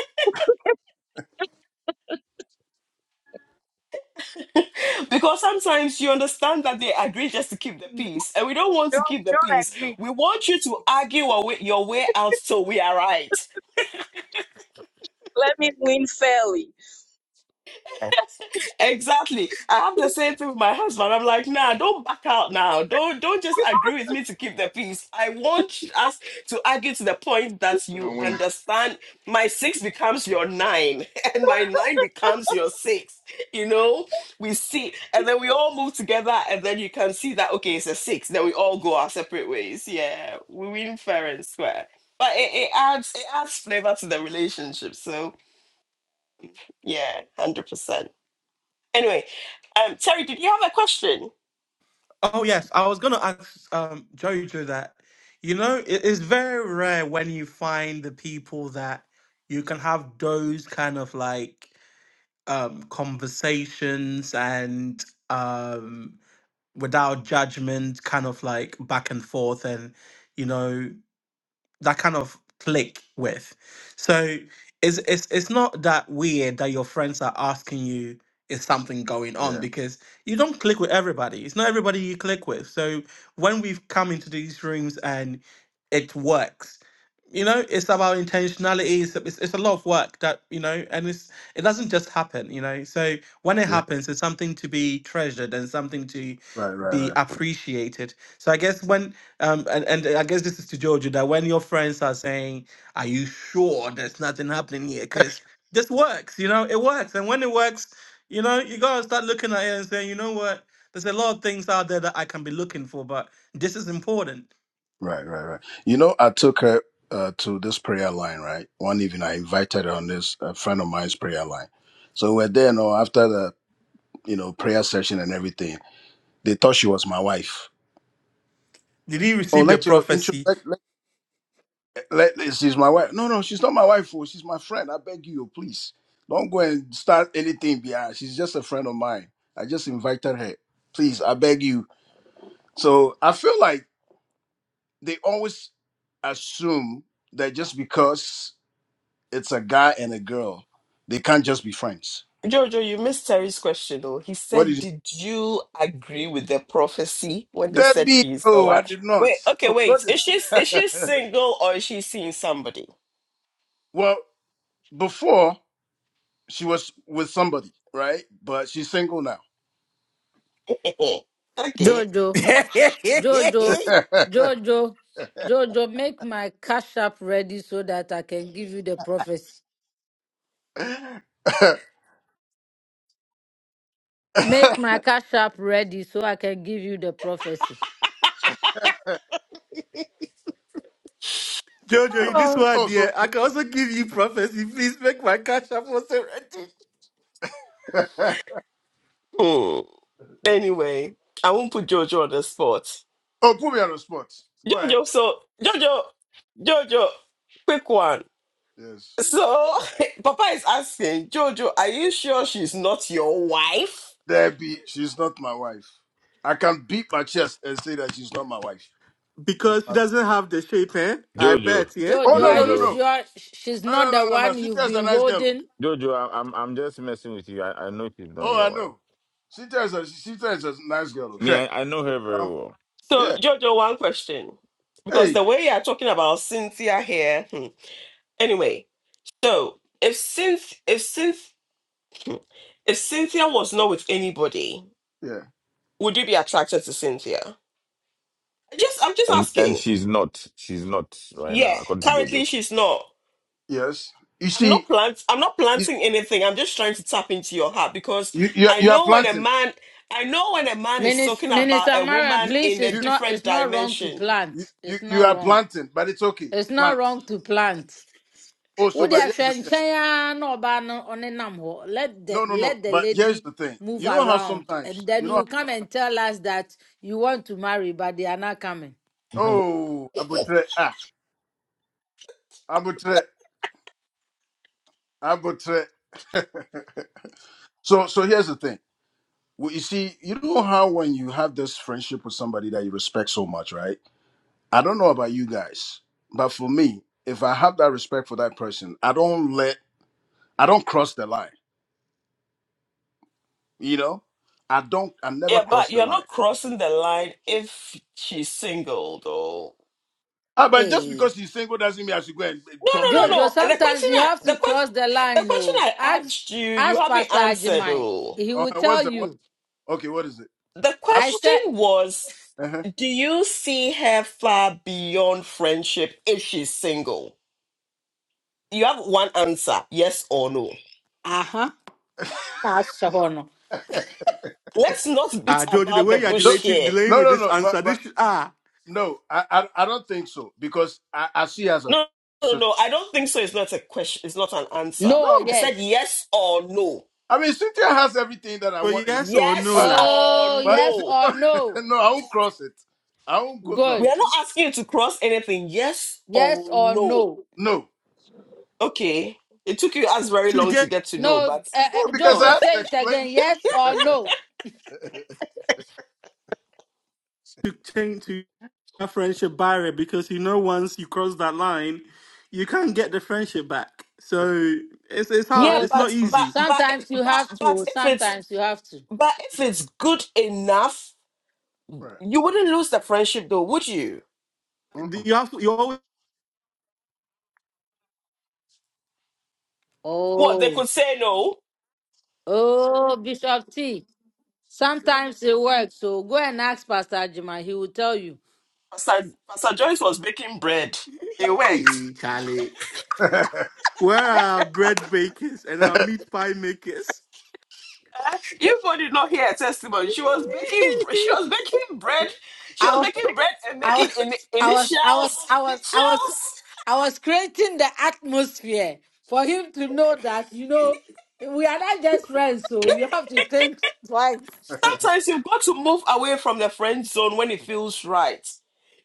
Speaker 1: Because sometimes you understand that they agree just to keep the
Speaker 4: *laughs*
Speaker 1: peace, and we don't want to
Speaker 4: Don't
Speaker 1: keep the
Speaker 4: don't
Speaker 1: peace.
Speaker 4: agree.
Speaker 1: We want you to argue our way, your way out till we are right.
Speaker 4: Let me win fairly.
Speaker 1: Exactly. I have the same thing with my husband. I'm like, nah, don't back out now. Don't don't just agree with me to keep the peace. I want us to argue to the point that you understand my six becomes your nine, *laughs* and my nine becomes your six. You know, we see, and then we all move together, and then you can see that okay, it's a six. Then we all go our separate ways. Yeah, we win fair and square. But it, it adds it adds flavor to the relationship. So yeah, hundred percent. Anyway, um, Terry, did you have a question?
Speaker 6: Oh yes, I was gonna ask um, Jojo that. You know, it is very rare when you find the people that you can have those kind of like um, conversations and um, without judgment, kind of like back and forth, and you know that kind of click with. So it's it's it's not that weird that your friends are asking you is something going on
Speaker 7: yeah,
Speaker 6: because you don't click with everybody. It's not everybody you click with. So when we've come into these rooms and it works, you know, it's about intentionality. It's, it's it's a lot of work that you know, and it's it doesn't just happen. You know, so when it
Speaker 7: yeah,
Speaker 6: happens, it's something to be treasured and something to
Speaker 7: right, right,
Speaker 6: be
Speaker 7: right.
Speaker 6: appreciated. So I guess when um, and, and I guess this is to Jojo that when your friends are saying, Are you sure there's nothing happening here? Because this works, you know, it works. And when it works, you know, you gotta start looking at it and saying, You know what? There's a lot of things out there that I can be looking for, but this is important.
Speaker 7: Right, right, right. You know, I took her uh, to this prayer line, right? One evening, I invited her on this a friend of mine's prayer line. So we're there, you know, after the you know prayer session and everything. They thought she was my wife.
Speaker 6: Did he
Speaker 7: Oh,
Speaker 6: receive the
Speaker 7: let your intro.
Speaker 6: prophecy?
Speaker 7: Let, let, let- let- she's my wife. No, no, she's not my wife. Oh, she's my friend. I beg you, oh, please don't go and start anything behind. She's just a friend of mine. I just invited her. Please, I beg you. So I feel like they always assume that just because it's a guy and a girl. They can't just be friends.
Speaker 1: Jojo, you missed Terry's question though. He
Speaker 7: What
Speaker 1: said,
Speaker 7: did you
Speaker 1: Did you agree with the prophecy when they said
Speaker 7: Debbie?
Speaker 1: she is your
Speaker 7: Oh, I
Speaker 1: wife?
Speaker 7: did not.
Speaker 1: Wait, okay,
Speaker 7: Oh,
Speaker 1: wait. Is she
Speaker 7: God.
Speaker 1: is she
Speaker 7: *laughs*
Speaker 1: single or is she seeing somebody?
Speaker 7: well, before she was with somebody, right? But she's single now.
Speaker 1: *laughs* okay.
Speaker 6: *laughs*
Speaker 8: Jojo,
Speaker 6: Jojo,
Speaker 8: Jojo, Jojo, Jojo, make my cash app ready so that I can give you the prophecy. Make my cash app ready so I can give you the prophecy.
Speaker 6: this
Speaker 1: Oh.
Speaker 6: one,
Speaker 7: oh, so
Speaker 6: dear, I
Speaker 7: *laughs*
Speaker 6: can also give you prophecy. Please make my cash up also ready.
Speaker 1: Hmm. Anyway, I won't put Jojo on the spot.
Speaker 7: oh, put me on the spot. Go ahead.
Speaker 1: Jojo, so Jojo, Jojo, quick one.
Speaker 7: Yes,
Speaker 1: So *laughs* Papa is asking, Jojo, are you sure she's not your wife?
Speaker 7: Debbie. She's not my wife. I can beat my chest and say that she's not my wife. She's
Speaker 6: Because she
Speaker 7: my.
Speaker 6: doesn't have the shape, eh? I
Speaker 2: Jojo,
Speaker 6: bet, yeah?
Speaker 7: Oh
Speaker 8: Jojo,
Speaker 7: no
Speaker 8: are
Speaker 7: no no
Speaker 8: you
Speaker 2: Jojo.
Speaker 7: no
Speaker 8: sure sh- she's
Speaker 7: no
Speaker 8: not
Speaker 7: no
Speaker 8: the
Speaker 7: no no no.
Speaker 8: one
Speaker 7: She
Speaker 8: you've
Speaker 7: just a
Speaker 8: been
Speaker 7: nice girl.
Speaker 8: holding?
Speaker 2: Jojo, I, I'm I'm just messing with you. I, I know she's not
Speaker 7: Oh,
Speaker 2: your
Speaker 7: I
Speaker 2: wife.
Speaker 7: know. She tells us. She tells us, nice girl.
Speaker 2: Me,
Speaker 7: Sure.
Speaker 2: I, I know
Speaker 7: You
Speaker 2: her very
Speaker 7: know?
Speaker 2: well,
Speaker 1: So,
Speaker 7: Yeah.
Speaker 1: Jojo, one question. Because
Speaker 7: Hey.
Speaker 1: the way you're talking about Cynthia here, hmm. anyway, so if Cynth if Cynth hmm, if Cynthia was not with anybody,
Speaker 7: Yeah.
Speaker 1: would you be attracted to Cynthia? Just I'm just
Speaker 2: and and
Speaker 1: asking.
Speaker 2: she's not. She's not right
Speaker 1: Yeah,
Speaker 2: now, according to Jojo.
Speaker 1: currently she's not.
Speaker 7: Yes. You
Speaker 1: I'm not
Speaker 7: see,
Speaker 1: plant I'm not
Speaker 7: you
Speaker 1: planting anything. I'm just trying to tap into your heart because
Speaker 7: you you are,
Speaker 1: I
Speaker 7: you are
Speaker 1: know when a
Speaker 7: planting.
Speaker 1: man I know when a man is talking
Speaker 8: Minister,
Speaker 1: about
Speaker 8: Minister
Speaker 1: a
Speaker 8: Marian,
Speaker 1: woman
Speaker 7: You
Speaker 8: please,
Speaker 1: in a
Speaker 8: it's
Speaker 7: you
Speaker 8: not,
Speaker 1: different
Speaker 8: it's not wrong to
Speaker 1: dimension.
Speaker 7: you
Speaker 8: plant.
Speaker 7: you
Speaker 8: It's
Speaker 7: you
Speaker 8: not
Speaker 7: are
Speaker 8: wrong.
Speaker 7: planting, but it's okay.
Speaker 8: It's not
Speaker 7: Plant.
Speaker 8: wrong to plant.
Speaker 7: Oh, so
Speaker 8: Wode
Speaker 7: but here's the
Speaker 8: ahwɛ
Speaker 7: thing.
Speaker 8: nkyɛn ara na ɔbaa no ɔne nam hɔ. Let the
Speaker 7: No, no, no.
Speaker 8: let the
Speaker 7: But here's
Speaker 8: lady
Speaker 7: the thing.
Speaker 8: move
Speaker 7: You know how
Speaker 8: around, and
Speaker 7: sometimes
Speaker 8: then
Speaker 7: you know.
Speaker 8: you come and tell us that you want to marry, but they are not coming.
Speaker 7: Oh, abutre ah abutre abutre. *laughs* so so here's the thing. Well, you see, you know how when you have this friendship with somebody that you respect so much, right? I don't know about you guys, but for me, if I have that respect for that person, I don't let I don't cross the line. You know? I don't I never
Speaker 1: Yeah,
Speaker 7: cross
Speaker 1: but
Speaker 7: the
Speaker 1: you're
Speaker 7: line.
Speaker 1: not crossing the line if she's single, though.
Speaker 7: Ah, but just
Speaker 8: Hey,
Speaker 7: because she's single doesn't mean I should go and eh,
Speaker 1: No,
Speaker 7: talk to
Speaker 1: no, no,
Speaker 7: him.
Speaker 8: Jojo,
Speaker 1: no. The
Speaker 8: sometimes
Speaker 1: question
Speaker 8: you
Speaker 1: I
Speaker 8: have
Speaker 1: the
Speaker 8: to
Speaker 1: question
Speaker 8: cross the
Speaker 1: the
Speaker 8: line.
Speaker 1: question
Speaker 8: Oh,
Speaker 1: I
Speaker 8: ask
Speaker 1: asked you, you
Speaker 8: ask
Speaker 1: haven't
Speaker 8: Pastor
Speaker 1: answered.
Speaker 8: Ajimai.
Speaker 1: Oh,
Speaker 8: He
Speaker 7: Oh,
Speaker 8: will tell
Speaker 7: what's the what
Speaker 8: you.
Speaker 7: okay, what is it?
Speaker 1: the
Speaker 7: I
Speaker 8: I
Speaker 7: don't
Speaker 1: question
Speaker 8: said.
Speaker 1: was, do you see her far beyond friendship if she's single? You have one answer, yes or no.
Speaker 8: Uh-huh.
Speaker 7: uh-huh.
Speaker 8: That's Shahono.
Speaker 1: Let's not beat
Speaker 6: Ah, George, the
Speaker 1: about
Speaker 6: way
Speaker 1: the
Speaker 6: you are
Speaker 7: *laughs* no,
Speaker 1: bush
Speaker 6: delaying,
Speaker 1: here.
Speaker 6: delaying
Speaker 7: no
Speaker 6: with
Speaker 7: no
Speaker 6: this
Speaker 7: no but
Speaker 6: answer, this
Speaker 7: but
Speaker 6: ah,
Speaker 7: no, I I, I don't think so because I, I see her as a
Speaker 1: No, no,
Speaker 7: sister.
Speaker 1: no. I don't think so. It's not a question. It's not an answer.
Speaker 8: No,
Speaker 7: No.
Speaker 1: I said
Speaker 8: yes.
Speaker 1: yes or no.
Speaker 7: I mean Cynthia has everything that I
Speaker 6: so
Speaker 7: want in a
Speaker 6: yes
Speaker 7: woman.
Speaker 6: or no,
Speaker 1: Yes
Speaker 7: But
Speaker 6: la,
Speaker 8: Oh,
Speaker 1: or
Speaker 7: but
Speaker 8: yes
Speaker 1: no.
Speaker 8: or
Speaker 7: *laughs*
Speaker 8: no.
Speaker 7: no, I won't cross it. I won't go no.
Speaker 1: We are
Speaker 8: Good.
Speaker 1: not asking you to cross anything, yes
Speaker 8: Yes
Speaker 1: or
Speaker 8: or
Speaker 1: no.
Speaker 8: no.
Speaker 7: No.
Speaker 1: Okay. It took you us very
Speaker 6: to
Speaker 1: long to
Speaker 6: get
Speaker 1: get to know,
Speaker 8: No,
Speaker 1: but
Speaker 8: uh,
Speaker 7: Well,
Speaker 8: uh,
Speaker 7: because I
Speaker 6: or
Speaker 8: Jojo,
Speaker 7: have to
Speaker 8: say it
Speaker 7: explain.
Speaker 8: again. Yes or no.
Speaker 6: to change to a friendship barrier because you know once you cross that line, you can't get the friendship back.
Speaker 7: That's
Speaker 6: So it's it's hard.
Speaker 1: yeah,
Speaker 8: Oh,
Speaker 6: It's
Speaker 8: so-
Speaker 6: not
Speaker 1: but but
Speaker 6: easy.
Speaker 1: but if-
Speaker 8: sometimes you
Speaker 1: but
Speaker 8: have to.
Speaker 1: but
Speaker 8: oh,
Speaker 1: if it's
Speaker 8: Sometimes you have to.
Speaker 1: but if it's good enough,
Speaker 7: right.
Speaker 1: you wouldn't lose the friendship though, would you?
Speaker 7: Mm-mm.
Speaker 6: You have you always
Speaker 1: What they
Speaker 8: Oh.
Speaker 1: could say no.
Speaker 8: Oh, Bishop T. Sometimes it works. So go and ask Pastor Jima. He will tell you.
Speaker 1: Pastor, Pastor Joyce was baking bread.
Speaker 6: *laughs*
Speaker 1: It worked.
Speaker 6: Eh, Charlie.
Speaker 7: *laughs*
Speaker 6: Where are our bread bakers and our meat pie makers?
Speaker 1: Uh, you both did not hear her testimony. She was baking. br- She
Speaker 8: *laughs*
Speaker 1: was baking bread. She
Speaker 8: I
Speaker 1: was
Speaker 8: was,
Speaker 1: making bread and
Speaker 8: *laughs* I was,
Speaker 1: making in,
Speaker 8: I was, I was,
Speaker 1: initials.
Speaker 8: I
Speaker 1: *laughs*
Speaker 8: was, I was,
Speaker 1: Initials.
Speaker 8: I was creating the atmosphere for him to know that you know we are not just friends, so you have to think twice.
Speaker 1: Sometimes you've got to move away from the friend zone when it feels right.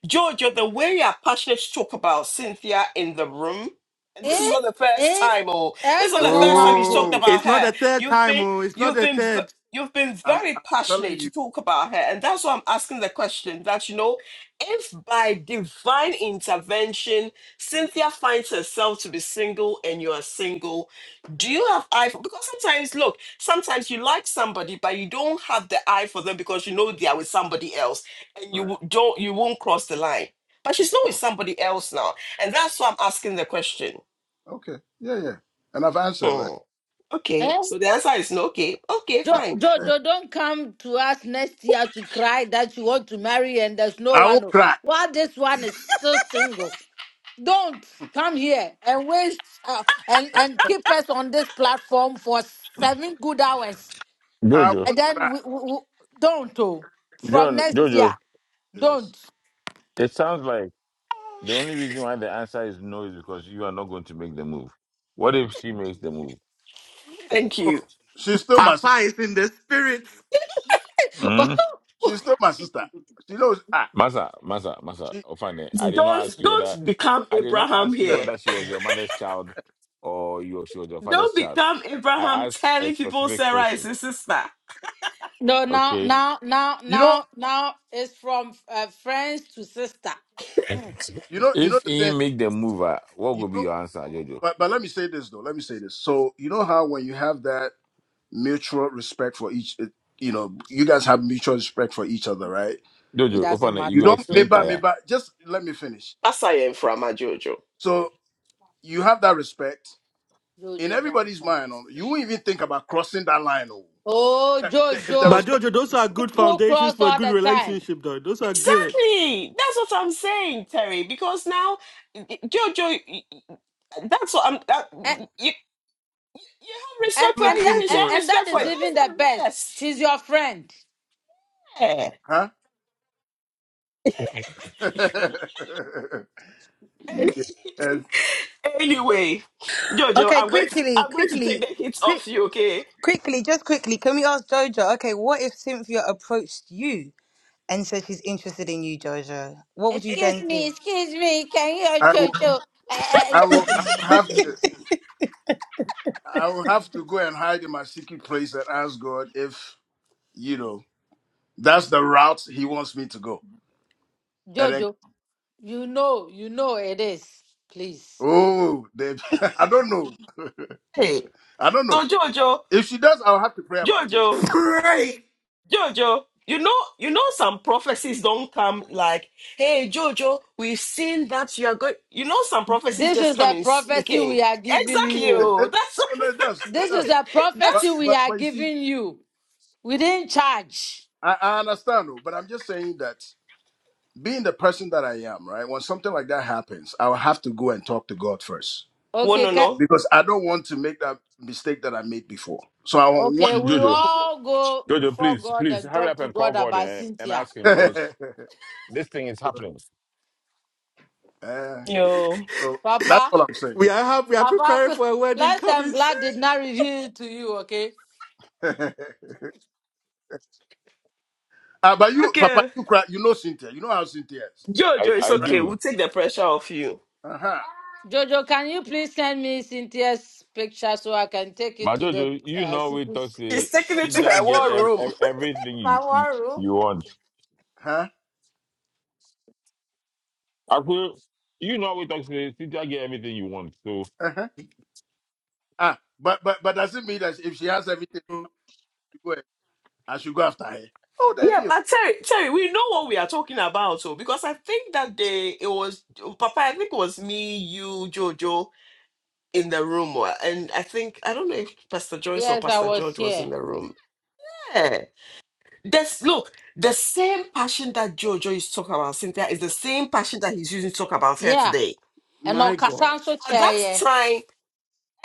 Speaker 1: Jojo, the way your passionate talk about Cynthia in the room, and this
Speaker 7: right.
Speaker 1: is
Speaker 8: Eh,
Speaker 1: not the first
Speaker 8: eh,
Speaker 1: time, oh, this
Speaker 8: eh,
Speaker 1: is
Speaker 8: me
Speaker 1: not the
Speaker 8: ngon
Speaker 1: first time
Speaker 8: ngon
Speaker 1: he's talked
Speaker 8: po.
Speaker 7: Oh,
Speaker 1: about
Speaker 6: It's not
Speaker 1: her.
Speaker 6: the third
Speaker 1: You've
Speaker 6: time,
Speaker 1: been,
Speaker 6: oh, it's not
Speaker 1: you've
Speaker 6: the
Speaker 1: been, v-
Speaker 6: third.
Speaker 1: you've been
Speaker 7: I'm,
Speaker 1: very
Speaker 7: I'm telling
Speaker 1: passionate to
Speaker 7: you.
Speaker 1: talk about her, and that's why I'm asking the question. That you know, if by divine intervention Cynthia finds herself to be single and you are single,
Speaker 7: Yeah.
Speaker 1: do you have eye for? Because sometimes, look. Sometimes you like somebody, but you don't have the eye for them because you know they are with somebody else, and you
Speaker 7: Right.
Speaker 1: don't, you won't cross the line. But she's not with
Speaker 7: Oh,
Speaker 1: somebody else now, and that's why I'm asking the question.
Speaker 7: okay. Yeah, yeah. And I've answered, right?
Speaker 1: Hmm. Okay,
Speaker 8: eh.
Speaker 1: so the answer is no. Okay, okay,
Speaker 7: Yeah.
Speaker 8: Jo-
Speaker 1: fine.
Speaker 7: Yeah.
Speaker 8: Jojo, don't come to us next year to cry that you want to marry and there's no
Speaker 7: I won't
Speaker 8: one.
Speaker 7: cry.
Speaker 8: While this one is still single. don't come here and waste uh, and and keep us on this platform for seven good hours
Speaker 7: I
Speaker 2: Jojo,
Speaker 8: and
Speaker 7: won't
Speaker 8: then
Speaker 7: cry.
Speaker 8: we, we, we- don't oh. from
Speaker 2: John,
Speaker 8: next year
Speaker 2: Jojo.
Speaker 7: Yes.
Speaker 8: don't
Speaker 2: It sounds like the only reason why the answer is no is because you are not going to make the move. What if she makes the move?
Speaker 1: Thank
Speaker 7: Oh,
Speaker 1: you.
Speaker 7: she's still my. sis-
Speaker 6: Papa is in the spirit.
Speaker 2: Hmm?
Speaker 8: *laughs*
Speaker 7: She's still my sister. She knows. Ah,
Speaker 2: Masa, Masa, Masa.
Speaker 7: she.
Speaker 2: Ofane, I did not ask
Speaker 1: Don't
Speaker 2: you whether
Speaker 1: don't become
Speaker 2: I did not
Speaker 1: Abraham
Speaker 2: ask you
Speaker 1: here.
Speaker 2: whether she was your mother's child or you she was your father's
Speaker 1: Don't
Speaker 2: child.
Speaker 1: become
Speaker 2: I
Speaker 1: Abraham
Speaker 2: asked a
Speaker 1: telling people
Speaker 2: specific
Speaker 1: Sarah is
Speaker 2: question.
Speaker 1: his sister.
Speaker 8: no now
Speaker 2: okay?
Speaker 8: now now
Speaker 7: You know.
Speaker 8: now now it's from uh, friends to sister Hmm,
Speaker 7: You know. You know
Speaker 2: If
Speaker 7: the
Speaker 2: he
Speaker 7: thing.
Speaker 2: make the move, ah, what
Speaker 7: You
Speaker 2: will be
Speaker 7: know.
Speaker 2: your answer, Jojo?
Speaker 7: But but let me say this though. Let me say this. So you know how when you have that mutual respect for each, it, you know, you guys have mutual respect for each other, right?
Speaker 8: it
Speaker 2: Jojo,
Speaker 8: doesn't
Speaker 2: open it. You
Speaker 7: You
Speaker 2: go
Speaker 8: matter
Speaker 7: don't
Speaker 2: explain
Speaker 7: meba
Speaker 8: jojo
Speaker 2: tire.
Speaker 7: meba. Just let me finish.
Speaker 1: That's I am from Jojo.
Speaker 7: So you have that respect in
Speaker 8: jojo
Speaker 7: everybody's
Speaker 8: Johnson.
Speaker 7: mind. oh, You won't even think about crossing that line. Oh,
Speaker 8: oh
Speaker 7: That- that- if the
Speaker 6: But
Speaker 8: jojo
Speaker 7: respect,
Speaker 6: Jojo, those are good
Speaker 8: people
Speaker 6: foundations
Speaker 8: cross
Speaker 6: for a
Speaker 8: all
Speaker 6: good
Speaker 8: the time
Speaker 6: relationship, though. Those are good.
Speaker 1: Exactly. That's what I'm saying, Terry. Because now, y- y- Jojo, y- y- that's what I'm. That, you,
Speaker 8: and
Speaker 1: you have
Speaker 8: and
Speaker 1: respect for.
Speaker 8: and that,
Speaker 6: Looking
Speaker 1: You should
Speaker 8: and,
Speaker 6: for
Speaker 1: have
Speaker 8: and that
Speaker 1: respect
Speaker 7: is
Speaker 1: for
Speaker 8: is
Speaker 1: it.
Speaker 7: right?
Speaker 8: even
Speaker 1: That's
Speaker 8: the
Speaker 1: the
Speaker 8: best
Speaker 1: best.
Speaker 8: she's your friend
Speaker 1: Yeah.
Speaker 7: Huh? *laughs* you, yes.
Speaker 1: Anyway, Jojo,
Speaker 10: Okay,
Speaker 1: I'm going to
Speaker 10: quickly,
Speaker 1: I'm going to take
Speaker 10: quickly,
Speaker 1: the hits
Speaker 10: quick,
Speaker 1: off you. Okay.
Speaker 10: quickly, just quickly. Can we ask Jojo? Okay, what if Cynthia approached you and said she's interested in you, Jojo? What would you
Speaker 8: Excuse
Speaker 10: then
Speaker 8: me,
Speaker 10: do?
Speaker 8: excuse me. Can you
Speaker 7: I will.
Speaker 8: Jojo? Uh,
Speaker 7: I
Speaker 8: uh,
Speaker 7: will. I will have to. I will have to go and hide in my secret place and ask God if you know that's the route He wants me to go. And then,
Speaker 8: Jojo, you know, you know it is. Please.
Speaker 7: oh, they, *laughs* I don't know.
Speaker 1: Hey.
Speaker 7: I don't know.
Speaker 1: So Jojo,
Speaker 7: If she does, I'll have to pray about it.
Speaker 1: Jojo,
Speaker 6: great.
Speaker 1: Jojo. You know, you know, some prophecies don't come like, "Hey, Jojo, we've seen that you are going." You know, some prophecies
Speaker 8: This
Speaker 1: just
Speaker 8: is
Speaker 1: come
Speaker 8: a
Speaker 1: in
Speaker 8: prophecy
Speaker 1: speaking.
Speaker 8: we are giving
Speaker 1: Exactly.
Speaker 7: It,
Speaker 8: you.
Speaker 1: Oh,
Speaker 7: it,
Speaker 1: that's
Speaker 7: no,
Speaker 1: *laughs*
Speaker 7: no, it does. It
Speaker 8: This is
Speaker 7: does.
Speaker 8: a
Speaker 7: But
Speaker 1: That's
Speaker 8: prophecy
Speaker 1: *laughs*
Speaker 8: we
Speaker 7: but
Speaker 8: are
Speaker 7: but you see,
Speaker 8: giving you. We didn't charge.
Speaker 7: I, I understand. though, But I'm just saying that being the person that I am, right? When something like that happens, I will have to go and talk to God first
Speaker 1: one
Speaker 8: Okay,
Speaker 1: no
Speaker 8: ca-
Speaker 1: no.
Speaker 7: because I don't want to make that mistake that I made before. So I won't want.
Speaker 8: okay. We
Speaker 2: Jojo,
Speaker 8: all go
Speaker 2: Jojo,
Speaker 8: before
Speaker 2: please,
Speaker 8: God
Speaker 2: please
Speaker 8: and
Speaker 2: hurry
Speaker 8: talk
Speaker 2: up
Speaker 8: to
Speaker 2: and call
Speaker 8: God
Speaker 2: God
Speaker 8: about
Speaker 2: and, and
Speaker 8: Cynthia.
Speaker 2: ask
Speaker 7: *laughs*
Speaker 2: him because this thing is
Speaker 7: so,
Speaker 2: happening.
Speaker 7: eh,
Speaker 1: Yo.
Speaker 7: so that's
Speaker 8: Papa,
Speaker 7: all I'm saying.
Speaker 6: We are happy. We are
Speaker 8: Papa,
Speaker 6: preparing
Speaker 8: *laughs*
Speaker 6: for a wedding
Speaker 8: flesh and
Speaker 6: coming
Speaker 8: blood did not reveal it to you, okay?
Speaker 7: *laughs* uh, but you, Papa,
Speaker 1: Okay.
Speaker 7: you cry. You know Cynthia. You know how Cynthia is,
Speaker 1: Jojo,
Speaker 2: I,
Speaker 1: it's
Speaker 2: I
Speaker 7: right?
Speaker 1: okay. We'll
Speaker 2: do.
Speaker 1: take the pressure off you.
Speaker 7: Uh huh.
Speaker 8: Jojo, can you please send me Cynthia's picture so I can take it
Speaker 2: But
Speaker 8: to the
Speaker 2: Jojo, you
Speaker 8: uh,
Speaker 2: know we
Speaker 8: secret?
Speaker 2: talk say
Speaker 1: She's taking it to her
Speaker 2: Sidia get
Speaker 1: war
Speaker 2: ev-
Speaker 1: room.
Speaker 2: ev-
Speaker 1: *laughs*
Speaker 2: everything
Speaker 8: My
Speaker 2: you
Speaker 8: room.
Speaker 2: you want.
Speaker 7: Huh.
Speaker 2: Aku, you know we talk say Sidia get everything you want. So
Speaker 7: Uh huh. Ah, but but but does it mean that if she has everything,
Speaker 6: soon.
Speaker 7: I should go after her. Oh, there
Speaker 1: Yeah,
Speaker 7: you.
Speaker 1: but Terry, Terry, we know what we are talking about, so because I think that day it was Papa, I think it was me, you, Jojo in the room. wa- And I think I don't know if Pastor Joyce or
Speaker 8: Yes, I
Speaker 1: Pastor
Speaker 8: was
Speaker 1: George was in
Speaker 8: here.
Speaker 1: the room. Yeah. This look, the same passion that Jojo is talking about Cynthia is the same passion that he's using to talk about her
Speaker 8: Yeah,
Speaker 1: today.
Speaker 8: and
Speaker 6: My God,
Speaker 8: Okasanso
Speaker 1: At
Speaker 8: chair.
Speaker 1: that
Speaker 8: yeah.
Speaker 1: time,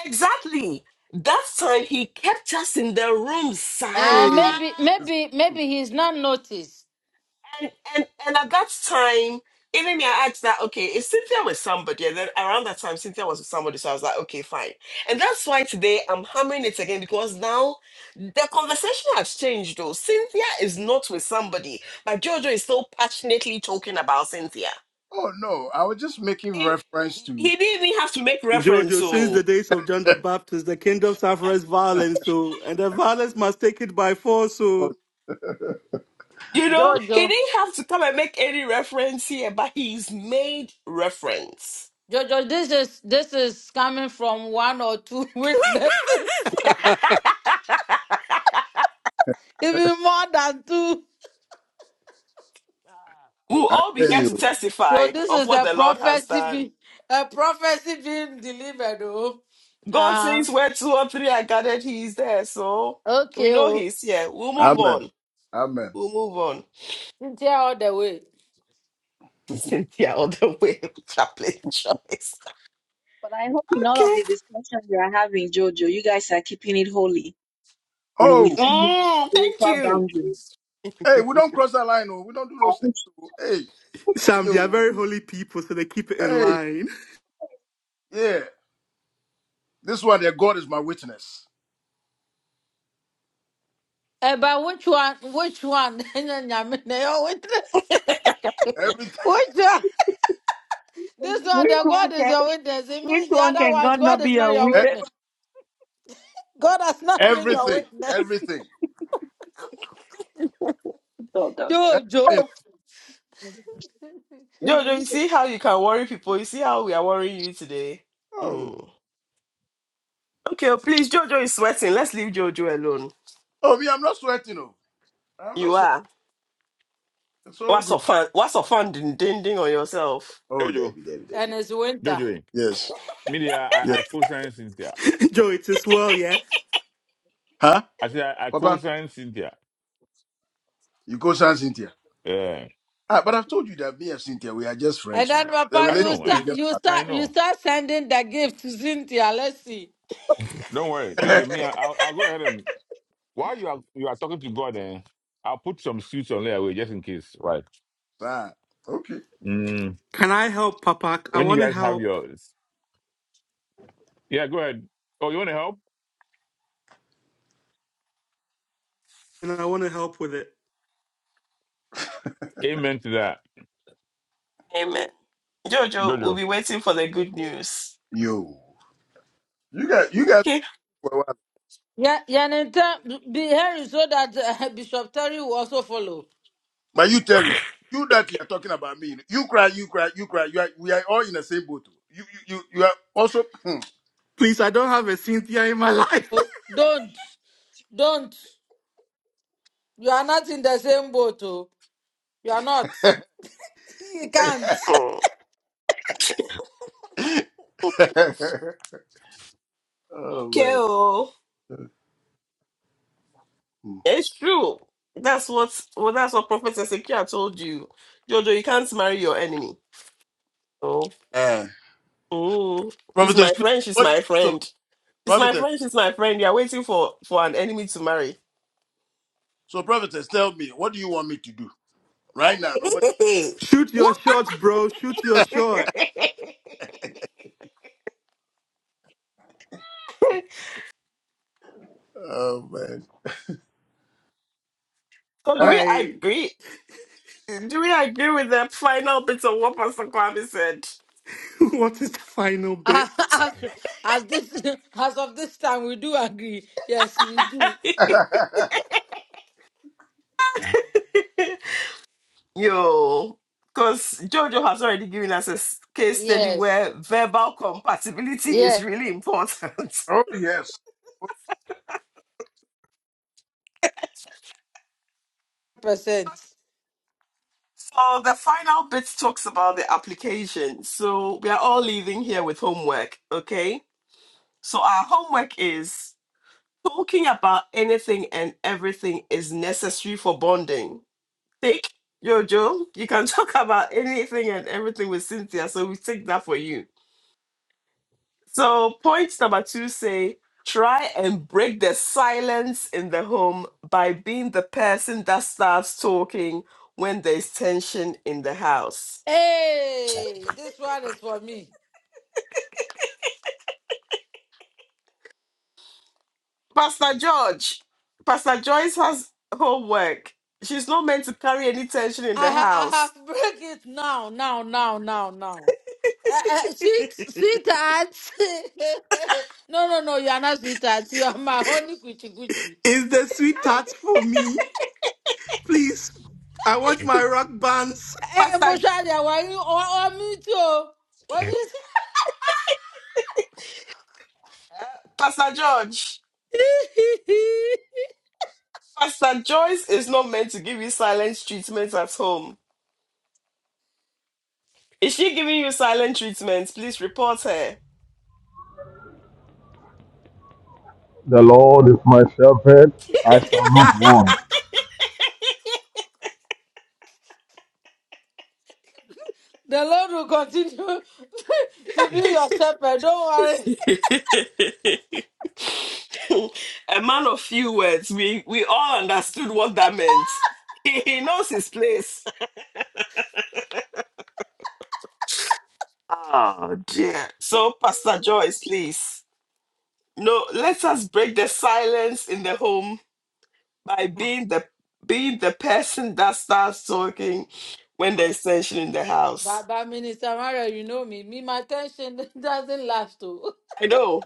Speaker 1: Exactly. That time he kept us in the room, sir.
Speaker 8: Eh,
Speaker 7: Hey,
Speaker 8: maybe,
Speaker 7: it's
Speaker 8: maybe,
Speaker 7: not true.
Speaker 8: maybe he's not noticed.
Speaker 1: And and and at that time, even me, I asked that, okay, if Cynthia was somebody, and then around that time Cynthia was with somebody, so I was like, okay, fine. And that's why today I'm hammering it again because now the conversation has changed though. Cynthia is not with somebody, but Jojo is so passionately talking about Cynthia.
Speaker 7: Oh no, I was just making
Speaker 1: And
Speaker 7: reference to.
Speaker 1: he didn't even have to make reference,
Speaker 6: Jojo. Since
Speaker 1: so
Speaker 6: the days of John the Baptist, the kingdom suffers violence, so and the violence must take it by force.
Speaker 7: Oh,
Speaker 6: So
Speaker 1: You know, he
Speaker 8: Jojo,
Speaker 1: didn't have to come and make any reference here, but he's made reference.
Speaker 8: Jojo, this is this is coming from one or two *laughs* witnesses,
Speaker 6: *laughs*
Speaker 1: *laughs*
Speaker 8: *laughs* even more than two.
Speaker 1: we'll
Speaker 7: I
Speaker 1: all be
Speaker 7: hear
Speaker 1: here to
Speaker 7: you.
Speaker 8: So
Speaker 1: testify
Speaker 8: this
Speaker 1: of
Speaker 8: is
Speaker 1: what
Speaker 8: a
Speaker 1: the Lord has
Speaker 8: prophecy,
Speaker 1: done.
Speaker 8: be, a prophecy being delivered. Oh,
Speaker 1: God
Speaker 8: uh,
Speaker 1: says, Where two or three are gathered, he is there. So we
Speaker 8: okay,
Speaker 1: know
Speaker 8: oh,
Speaker 1: he's here. We'll move
Speaker 7: Amen.
Speaker 1: on.
Speaker 7: Amen.
Speaker 1: We'll move on.
Speaker 8: Cynthia all the way.
Speaker 1: *laughs*
Speaker 7: *laughs*
Speaker 1: Cynthia, all the way, *laughs* chaplain choice.
Speaker 4: But I hope in all of
Speaker 1: Okay.
Speaker 4: the discussion we are having, Jojo, you guys are keeping it holy and
Speaker 7: Oh,
Speaker 4: within
Speaker 1: Mm, thank
Speaker 4: spiritual
Speaker 1: you.
Speaker 4: boundaries.
Speaker 7: hey, we don't cross that line. Oh, we don't do those things. Oh. Hey, thank
Speaker 6: Sam, they are
Speaker 7: you.
Speaker 6: very holy people, so they keep it in
Speaker 7: Hey,
Speaker 6: line.
Speaker 7: yeah. This one, there, God is my witness.
Speaker 8: About which one? Which one? *laughs* Your witness. *laughs*
Speaker 1: *laughs*
Speaker 7: Everything,
Speaker 8: Which one? This one,
Speaker 4: Which
Speaker 8: the God
Speaker 4: one
Speaker 8: is
Speaker 4: can
Speaker 8: your witness. It
Speaker 4: which
Speaker 8: means the
Speaker 4: one
Speaker 8: other
Speaker 4: can
Speaker 8: ones,
Speaker 4: God
Speaker 8: God
Speaker 4: not
Speaker 8: is
Speaker 4: be
Speaker 8: not
Speaker 4: a
Speaker 8: your
Speaker 7: *laughs* e-
Speaker 4: witness
Speaker 8: witness. God has not been your
Speaker 7: everything,
Speaker 8: witness.
Speaker 7: everything,
Speaker 4: of us?
Speaker 8: Jojo.
Speaker 7: everything.
Speaker 1: Jojo, you see how you can worry people? You see how we are worrying you today?
Speaker 7: Oh,
Speaker 1: Mm. Okay, oh, please, Jojo is sweating. Let's leave Jojo alone.
Speaker 7: oh, me, I'm not sweating. Oh, I'm not
Speaker 1: You
Speaker 7: sweating.
Speaker 1: are.
Speaker 7: It's all
Speaker 1: What's
Speaker 7: good.
Speaker 1: offend? What's offending? Ding ding on yourself.
Speaker 7: Oh,
Speaker 2: Jojo,
Speaker 7: David, David,
Speaker 8: And
Speaker 7: David.
Speaker 8: it's winter.
Speaker 2: Jojo, eh,
Speaker 7: Yes,
Speaker 2: media, I,
Speaker 7: yes.
Speaker 2: I co-sign Cynthia.
Speaker 6: *laughs* Joe, it is well, yeah.
Speaker 7: Huh,
Speaker 2: I say I, I
Speaker 7: Papa?
Speaker 2: co-sign Cynthia.
Speaker 7: You go San Cynthia.
Speaker 2: Yeah,
Speaker 7: Ah, but I've told you that me and Cynthia, we are just
Speaker 8: And
Speaker 7: friends. So
Speaker 8: then,
Speaker 7: the
Speaker 8: Papa,
Speaker 2: I
Speaker 7: relationship
Speaker 8: you
Speaker 2: know,
Speaker 7: is
Speaker 2: and
Speaker 8: start,
Speaker 7: just
Speaker 8: you
Speaker 7: part.
Speaker 2: I, I
Speaker 8: start, you
Speaker 2: know.
Speaker 8: start sending the gift to Cynthia. Let's see.
Speaker 2: Don't worry, Jojo. Me, I- I'll, I'll go ahead and while you are you are talking to God, eh, I'll put some suits on there away just in case. Right.
Speaker 7: *laughs* ah, okay.
Speaker 2: Mm.
Speaker 6: Can I help, Papa? I
Speaker 2: When you
Speaker 6: want to
Speaker 2: guys have
Speaker 6: help,
Speaker 2: yours, yeah, go ahead. Oh, you want to help?
Speaker 6: and I want to help with it.
Speaker 2: Amen to that,
Speaker 1: Amen. Jojo will
Speaker 2: Jojo.
Speaker 1: be waiting for the good news.
Speaker 7: Yo. You guys you guys
Speaker 1: Okay.
Speaker 7: for a while.
Speaker 8: Yeah, yeah. And then be here so that uh, *laughs* Bishop Terry will also follow.
Speaker 7: But you Terry, you that you're talking about me. You cry, you cry, you cry. You are we are all in the same boat. oh. You you you, you are also
Speaker 6: Please, I don't have a Cynthia in my *laughs* life.
Speaker 8: Oh, don't, don't. You are not in the same boat, oh. You are not. *laughs* You can't.
Speaker 1: Mm.
Speaker 7: *laughs* Oh
Speaker 1: Okay.
Speaker 7: man.
Speaker 1: Oh,
Speaker 7: Hmm.
Speaker 1: it's true. That's what. Well, that's what Prophet Ezekiel told you. Jojo, you can't marry your enemy. Oh.
Speaker 7: Eh.
Speaker 1: Mm. She's
Speaker 7: prophetess,
Speaker 1: my friend. She's
Speaker 7: what
Speaker 1: my
Speaker 7: so
Speaker 1: friend. She's my
Speaker 7: prophetess,
Speaker 1: friend. She's my friend. You're waiting for for an enemy to marry.
Speaker 7: so prophetess, tell me, what do you want me to do right now?
Speaker 1: *laughs*
Speaker 7: What,
Speaker 6: Shoot your
Speaker 1: what? *laughs*
Speaker 6: shot, bro. Shoot your
Speaker 7: *laughs*
Speaker 6: shot.
Speaker 7: oh
Speaker 1: so do
Speaker 7: man.
Speaker 1: we
Speaker 6: Why? *laughs*
Speaker 1: agree? Do we agree with the final bit of what Pastor Kwame said?
Speaker 6: What is the final
Speaker 8: *laughs*
Speaker 6: bit?
Speaker 8: as, as as this as of this time we do agree yes we do
Speaker 1: *laughs*
Speaker 7: *laughs*
Speaker 1: Yo, because Jojo has already given us a s- case study
Speaker 8: yes
Speaker 1: where verbal compatibility is
Speaker 8: yes
Speaker 1: really important.
Speaker 7: Oh yes.
Speaker 8: percent
Speaker 1: *laughs* so the final bit talks about the application. So we are all leaving here with homework, okay? So our homework is talking about anything and everything is necessary for bonding. Take Jojo. You can *laughs* talk about anything and everything with Cynthia, so we take that for you. So point number two say try and break the silence in the home by being the person that starts talking when there's tension in the house.
Speaker 8: hey this one is for me
Speaker 1: Pastor George, Pastor Joyce has homework. She's not meant to carry any tension in
Speaker 8: i
Speaker 1: the
Speaker 8: ha- i
Speaker 1: house.
Speaker 8: have *laughs* break it now now now now now uh, uh, sweet
Speaker 1: *laughs*
Speaker 8: sweetheart *laughs* no no no you are not sweetheart you are my honey kuchi kuchi
Speaker 6: Is the sweet touch for me? Please. I want my rock bands.
Speaker 8: hey
Speaker 1: Pastor,
Speaker 8: moshari why you or me too what is
Speaker 1: Pastor George,
Speaker 8: *laughs*
Speaker 1: Pastor Joyce is not meant to give you silence treatment at home. Is she giving you silent treatment? Please report her. *laughs*
Speaker 11: The Lord is my shepherd, I shall not want.
Speaker 6: *laughs*
Speaker 8: The Lord will continue *laughs* to be your shepherd. Don't worry.
Speaker 1: A man of few words. We we all understood what that meant. *laughs* He, knows his place. Oh dear. So Pastor Joyce, please. No, let us break the silence in the home by being the being the person that starts talking when there's tension in the house.
Speaker 8: Baba Minister Mario, you know me. Me, my tension *laughs* doesn't last too.
Speaker 1: I know.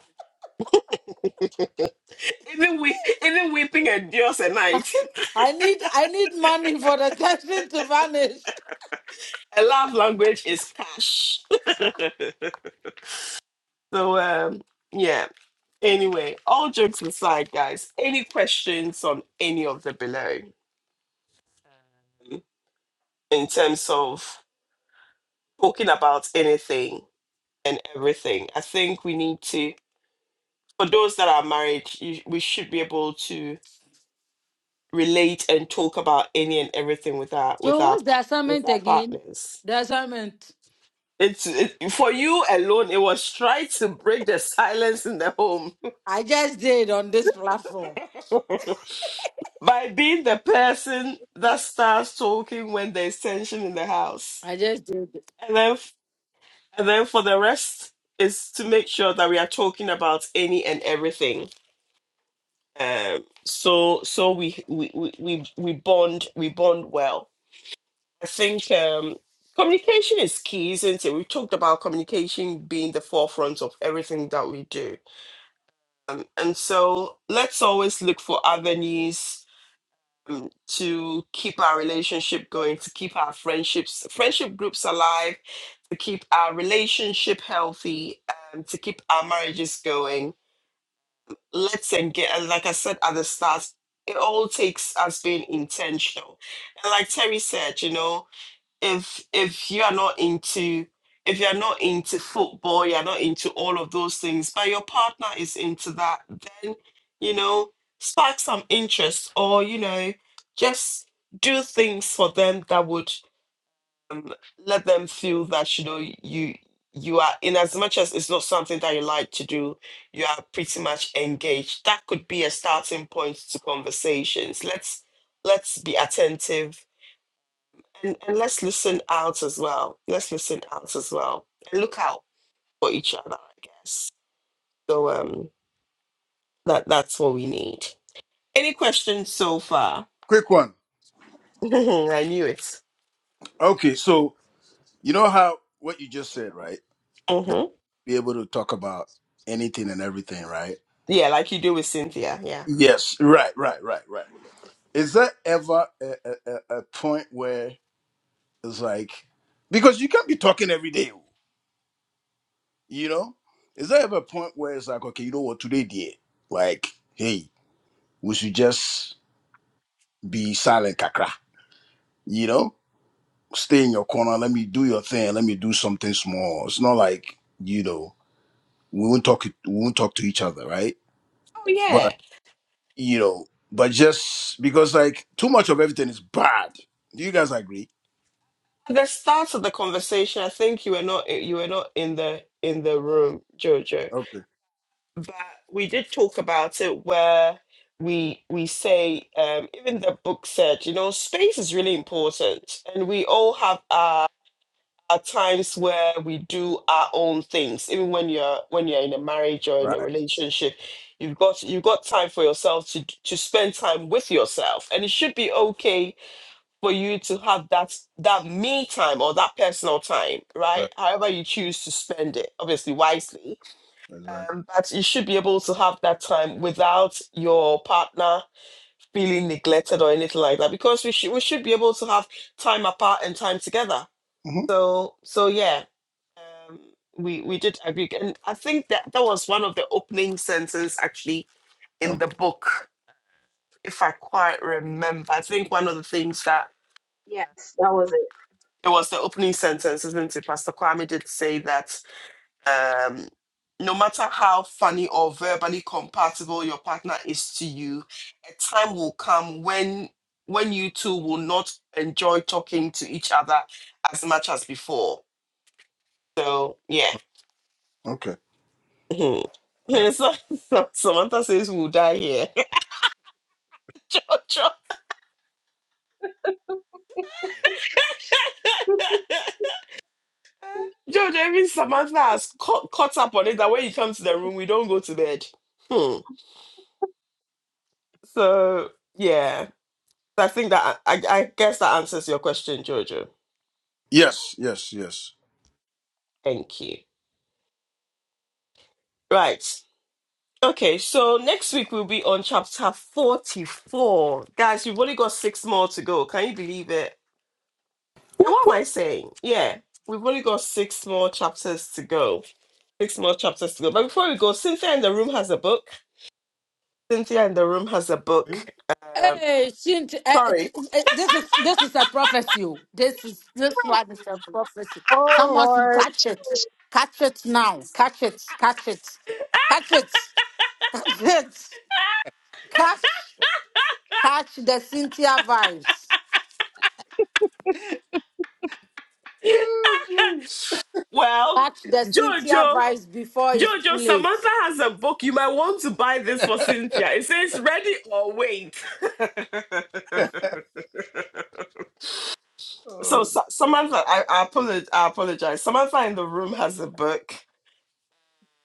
Speaker 1: Even we even weeping endures a
Speaker 8: *laughs*
Speaker 1: night.
Speaker 8: I need I need money for the *laughs* tension to vanish.
Speaker 1: A love language is cash. *laughs* So um yeah. Anyway, all jokes aside, guys, any questions on any of the below in terms of talking about anything and everything? I think we need to for those that are married, you, we should be able to relate and talk about any and everything with our with
Speaker 8: So
Speaker 1: our
Speaker 8: what's the
Speaker 1: with
Speaker 8: assignment
Speaker 1: our
Speaker 8: again?
Speaker 1: partners.
Speaker 8: The assignment.
Speaker 1: It's it, for you alone. It was trying to break the silence in the home.
Speaker 8: I just did on this platform.
Speaker 1: *laughs* by being the person that starts talking when there's tension in the house.
Speaker 8: I just did.
Speaker 1: And then and then for the rest is to make sure that we are talking about any and everything. Um so so we we we we we bond we bond well. I think um communication is key, isn't it? We talked about communication being the forefront of everything that we do. Um, and so let's always look for avenues um, to keep our relationship going, to keep our friendships, friendship groups alive, to keep our relationship healthy, um, to keep our marriages going. Let's engage. And like I said at the start, it all takes us being intentional. And like Terry said, you know, if if you are not into if you're not into football you're not into all of those things but your partner is into that then you know spark some interest or you know just do things for them that would um, let them feel that you know you you are in as much as it's not something that you like to do you are pretty much engaged that could be a starting point to conversations let's let's be attentive and, and let's listen out as well. Let's listen out as well. And look out for each other, I guess. So um that that's what we need. Any questions so far?
Speaker 7: Quick one.
Speaker 1: *laughs* I knew it.
Speaker 7: Okay, so you know how what you just said, right? That
Speaker 1: hmm
Speaker 7: be able to talk about anything and everything, right?
Speaker 1: Yeah, like you do with Cynthia. Yeah.
Speaker 7: Yes. Right. Right. Right. Right. Is there ever a, a, a a point where it's like because you can't be talking every day, you know? Is there ever a point where it's like, okay, you know what, today, dear, like, hey, we should just be silent, kakra, you know? Stay in your corner. Let me do your thing. Let me do something small. It's not like you know. we won't talk we won't talk to each other right
Speaker 1: Oh
Speaker 7: but
Speaker 1: yeah.
Speaker 7: you know but just because like too much of everything is bad do you guys agree
Speaker 1: At the start of the conversation, I think you were not eh, you were not in the in the room, Jojo.
Speaker 7: okay
Speaker 1: But we did talk about it where we we say um even the book said you know space is really important and we all have our are times where we do our own things even when you're when you're in a marriage or in a
Speaker 7: right
Speaker 1: relationship you've got you've got time for yourself to to spend time with yourself and it should be okay for you to have that that me time or that personal time
Speaker 7: exactly,
Speaker 1: right however you choose to spend it obviously wisely
Speaker 7: exactly.
Speaker 1: um, but you should be able to have that time without your partner feeling neglected or anything like that because we should we should be able to have time apart and time together
Speaker 7: hmm
Speaker 1: so so yeah, um, we we did agree, and I think that that was one of the opening sentences actually in the
Speaker 7: okay
Speaker 1: book, if I quite remember. I think one of the things that
Speaker 4: Yes, that was it.
Speaker 1: it was the opening sentence, isn't it? Pastor Kwame did say that um, no matter how funny or verbally compatible your partner is to you, a time will come when when you two will not enjoy talking to each other as much as before. So yeah
Speaker 7: okay
Speaker 1: Hmm. *laughs*
Speaker 7: all right
Speaker 1: Yeah, So, so- Samantha says we'll die here. *laughs* Jojo, *laughs* Jojo, even Samantha has caught, caught up on it that when you come to the room, we don't go to bed. Hmm. So, yeah, I think that I, I guess that answers your question, Jojo.
Speaker 7: yes yes yes
Speaker 1: Thank you. Right. Okay, so next week we'll be on chapter 44. Guys, we've only got six more to go. Can you believe it?
Speaker 6: Whoop,
Speaker 1: what am
Speaker 6: whoop.
Speaker 1: I saying? Yeah, we've only got six more chapters to go. Six more chapters to go. But before we go, Cynthia in the room has a book. Cynthia in the room has a book. Um,
Speaker 8: Hey, Shint, uh, t-
Speaker 1: sorry.
Speaker 8: uh, this is this is a prophecy. oh. This is this one is a prophecy.
Speaker 4: Oh
Speaker 8: Someone should
Speaker 4: Lord. *laughs*
Speaker 8: catch it. Catch it now. Catch it. Catch it. Catch it. Catch it. Catch catch the Cynthia vibes.
Speaker 1: *laughs*
Speaker 7: Yes, yes.
Speaker 1: Well,
Speaker 8: Catch the Cynthia
Speaker 1: Jojo,
Speaker 8: vibes before it's too
Speaker 1: Jojo,
Speaker 8: late.
Speaker 1: Samantha has a book. You might want to buy this for Cynthia. It says ready or wait.
Speaker 7: *laughs*
Speaker 1: So,
Speaker 7: oh.
Speaker 1: Sa- Samantha, I, I, apologize, I apologize. Samantha in the room has a book.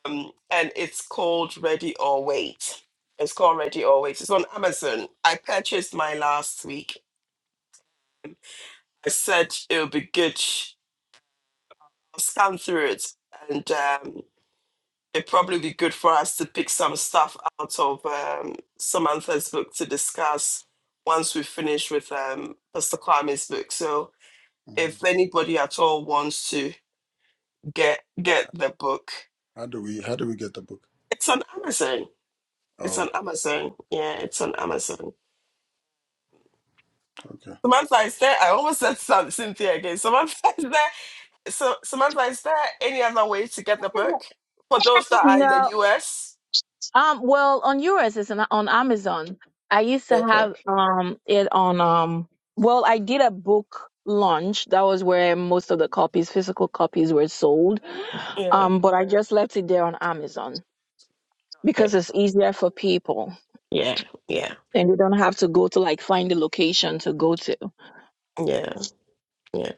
Speaker 1: um, and it's called Ready or Wait. It's called Ready or Wait. It's on Amazon. I purchased mine last week. I said it would be good. I'll scan through it, and um, it'd probably be good for us to pick some stuff out of um, Samantha's book to discuss once we finish with um, Pastor Kwame's book. So,
Speaker 7: Mhm.
Speaker 1: if anybody at all wants to get get the book,
Speaker 7: how do we how do we get the book
Speaker 1: it's on Amazon. It's on
Speaker 7: oh
Speaker 1: Amazon. Yeah, it's on Amazon.
Speaker 7: okay
Speaker 1: Samantha, is there, I almost said *laughs* Sam- Cynthia again. Samantha, *laughs* is there, so, Samantha, is there any other way to get the book for those that are in the
Speaker 4: No.
Speaker 1: US?
Speaker 4: Um, well, on yours it's on, on Amazon. I used to
Speaker 1: Okay.
Speaker 4: have um it on um. Well, I did a book launch. That was where most of the copies, physical copies, were sold.
Speaker 1: Yeah.
Speaker 4: Um, but I just left it there on Amazon because
Speaker 1: Okay.
Speaker 4: it's easier for people
Speaker 1: Yeah. Yeah.
Speaker 4: and they don't have to go to like find the location to go to.
Speaker 1: Yeah. Yeah.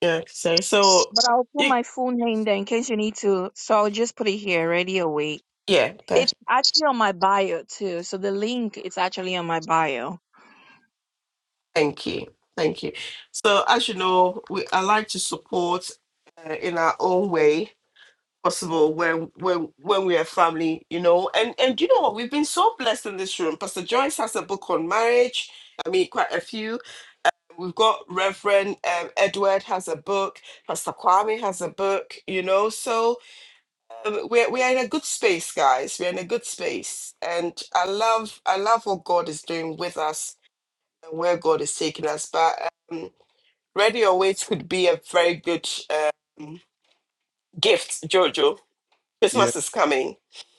Speaker 1: Yeah. So, so
Speaker 4: But I'll put
Speaker 1: you,
Speaker 4: my full name there in case you need to. So I'll just put it here, ready awake.
Speaker 1: yeah.
Speaker 4: It's
Speaker 1: Perfect.
Speaker 4: actually on my bio too. So the link is actually on my bio.
Speaker 1: Thank you. Thank you. So, as you know, we I like to support uh, in our own way possible when when when we are family you know and and you know what we've been so blessed in this room pastor joyce has a book on marriage i mean quite a few we've got reverend um, edward has a book pastor kwame has a book you know so um, we're, we're in a good space guys we're in a good space and i love i love what god is doing with us and where god is taking us but um, ready or wait could be a very good um, gift jojo
Speaker 7: yeah
Speaker 1: christmas is coming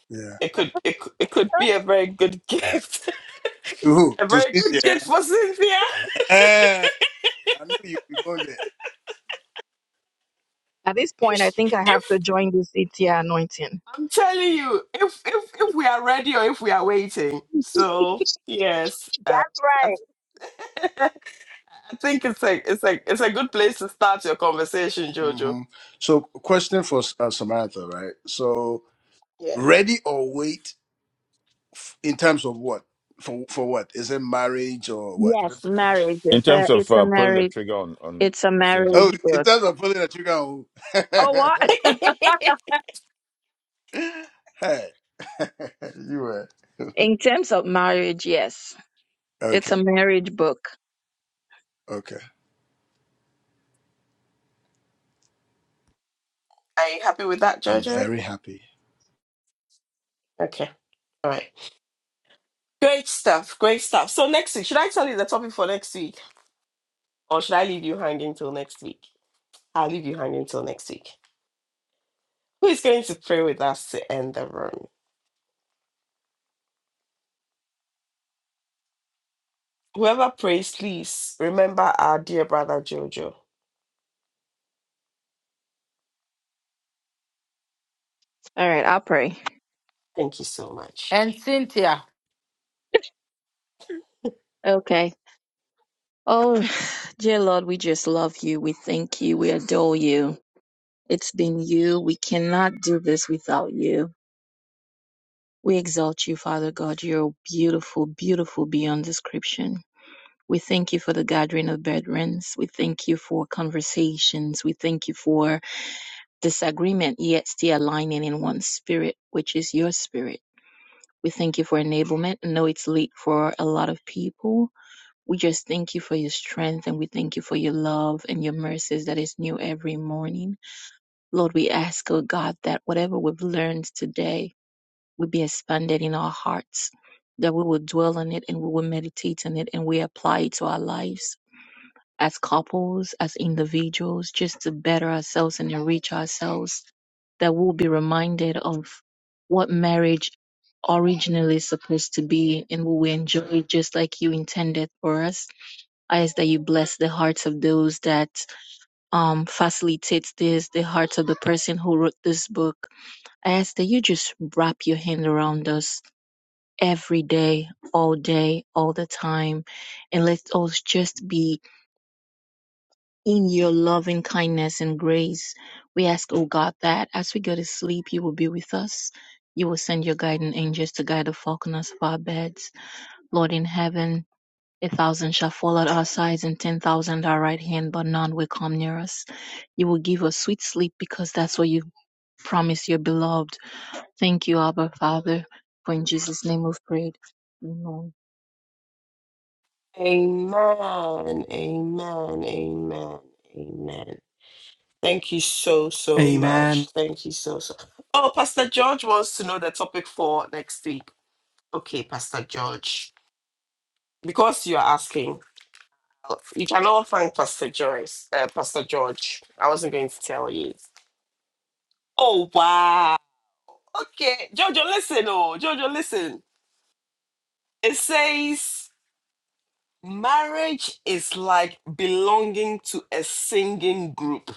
Speaker 7: yeah
Speaker 1: It could it, cou- it could be a very good *laughs* gift,
Speaker 7: to who
Speaker 1: a
Speaker 7: to
Speaker 1: very
Speaker 7: sit
Speaker 1: good
Speaker 7: there
Speaker 1: gift for Cynthia. *laughs*
Speaker 7: Eh, *laughs* i knew you'd be going there
Speaker 4: At this
Speaker 1: If,
Speaker 4: point, I
Speaker 1: she-
Speaker 4: think I have to
Speaker 1: if
Speaker 4: join the CTR anointing.
Speaker 1: I'm telling you, if if if we are ready or if we are waiting, so yes, uh,
Speaker 4: That's
Speaker 1: *laughs* I
Speaker 4: right.
Speaker 1: think it's like it's like it's a good place to start your conversation, Jojo.
Speaker 7: hmm so question for uh, samantha right so
Speaker 1: Yeah,
Speaker 7: ready or wait F- In terms of what? For for what? Is it marriage or what?
Speaker 4: Yes, marriage.
Speaker 2: In
Speaker 4: It's a
Speaker 2: terms of
Speaker 4: it's a
Speaker 2: uh, pulling the
Speaker 4: marriage.
Speaker 2: trigger on on
Speaker 4: It's a
Speaker 2: Cynthia.
Speaker 7: Oh,
Speaker 4: marriage
Speaker 7: in
Speaker 4: book.
Speaker 7: terms of pulling a trigger. on who?
Speaker 4: Oh what? *laughs*
Speaker 7: *laughs* hey, *laughs* you were
Speaker 4: In terms of marriage, yes. It's
Speaker 7: okay.
Speaker 4: a marriage book.
Speaker 7: Okay,
Speaker 1: are you happy with that,
Speaker 7: I'm
Speaker 1: Jojo?
Speaker 7: very happy.
Speaker 1: Okay, all right. Great stuff, great stuff. So next week, should I tell you the topic for next week, or should I leave you hanging till next week? I'll leave you hanging till next week. Who is going to pray with us to end the room? Whoever prays, please remember our dear brother Jojo.
Speaker 4: All right, I'll pray.
Speaker 1: Thank you so much.
Speaker 8: And Cynthia.
Speaker 4: Okay. Oh, *sighs* dear Lord, we just love you. We thank you. We adore you. It's been you. We cannot do this without you. We exalt you, Father God. You're beautiful, beautiful beyond description. We thank you for the gathering of brethrens. We thank you for conversations. We thank you for disagreement, yet still aligning in one spirit, which is your spirit. We thank you for enablement. I know it's late for a lot of people. We just thank you for your strength and we thank you for your love and your mercies that is new every morning. Lord, we ask, oh God, that whatever we've learned today will be expanded in our hearts, that we will dwell on it and we will meditate on it and we apply it to our lives as couples, as individuals, just to better ourselves and enrich ourselves, that we'll be reminded of what marriage originally is supposed to be and will we enjoy it just like you intended for us. I ask that you bless the hearts of those that um facilitates this, the hearts of the person who wrote this book. I ask that you just wrap your hand around us every day, all day, all the time, and let us just be in your loving kindness and grace. We ask, O God, that as we go to sleep, you will be with us. You will send your guiding angels to guide the falconers of our beds. Lord in heaven, a thousand shall fall at our sides and ten thousand at our right hand, but none will come near us. You will give us sweet sleep because that's what you promise your beloved. Thank you, Abba Father, for in Jesus' name we've prayed. Amen.
Speaker 1: Amen. Amen. Amen. Amen. Thank you so, so
Speaker 6: Amen.
Speaker 1: much. Thank you so, so. Oh, Pastor George wants to know the topic for next week. Okay, Pastor George. Because you're asking, uh, you cannot find Pastor Joyce, uh, Pastor George. I wasn't going to tell you. Oh, wow. Okay, Jojo, listen, oh, Jojo, listen. It says marriage is like belonging to a singing group.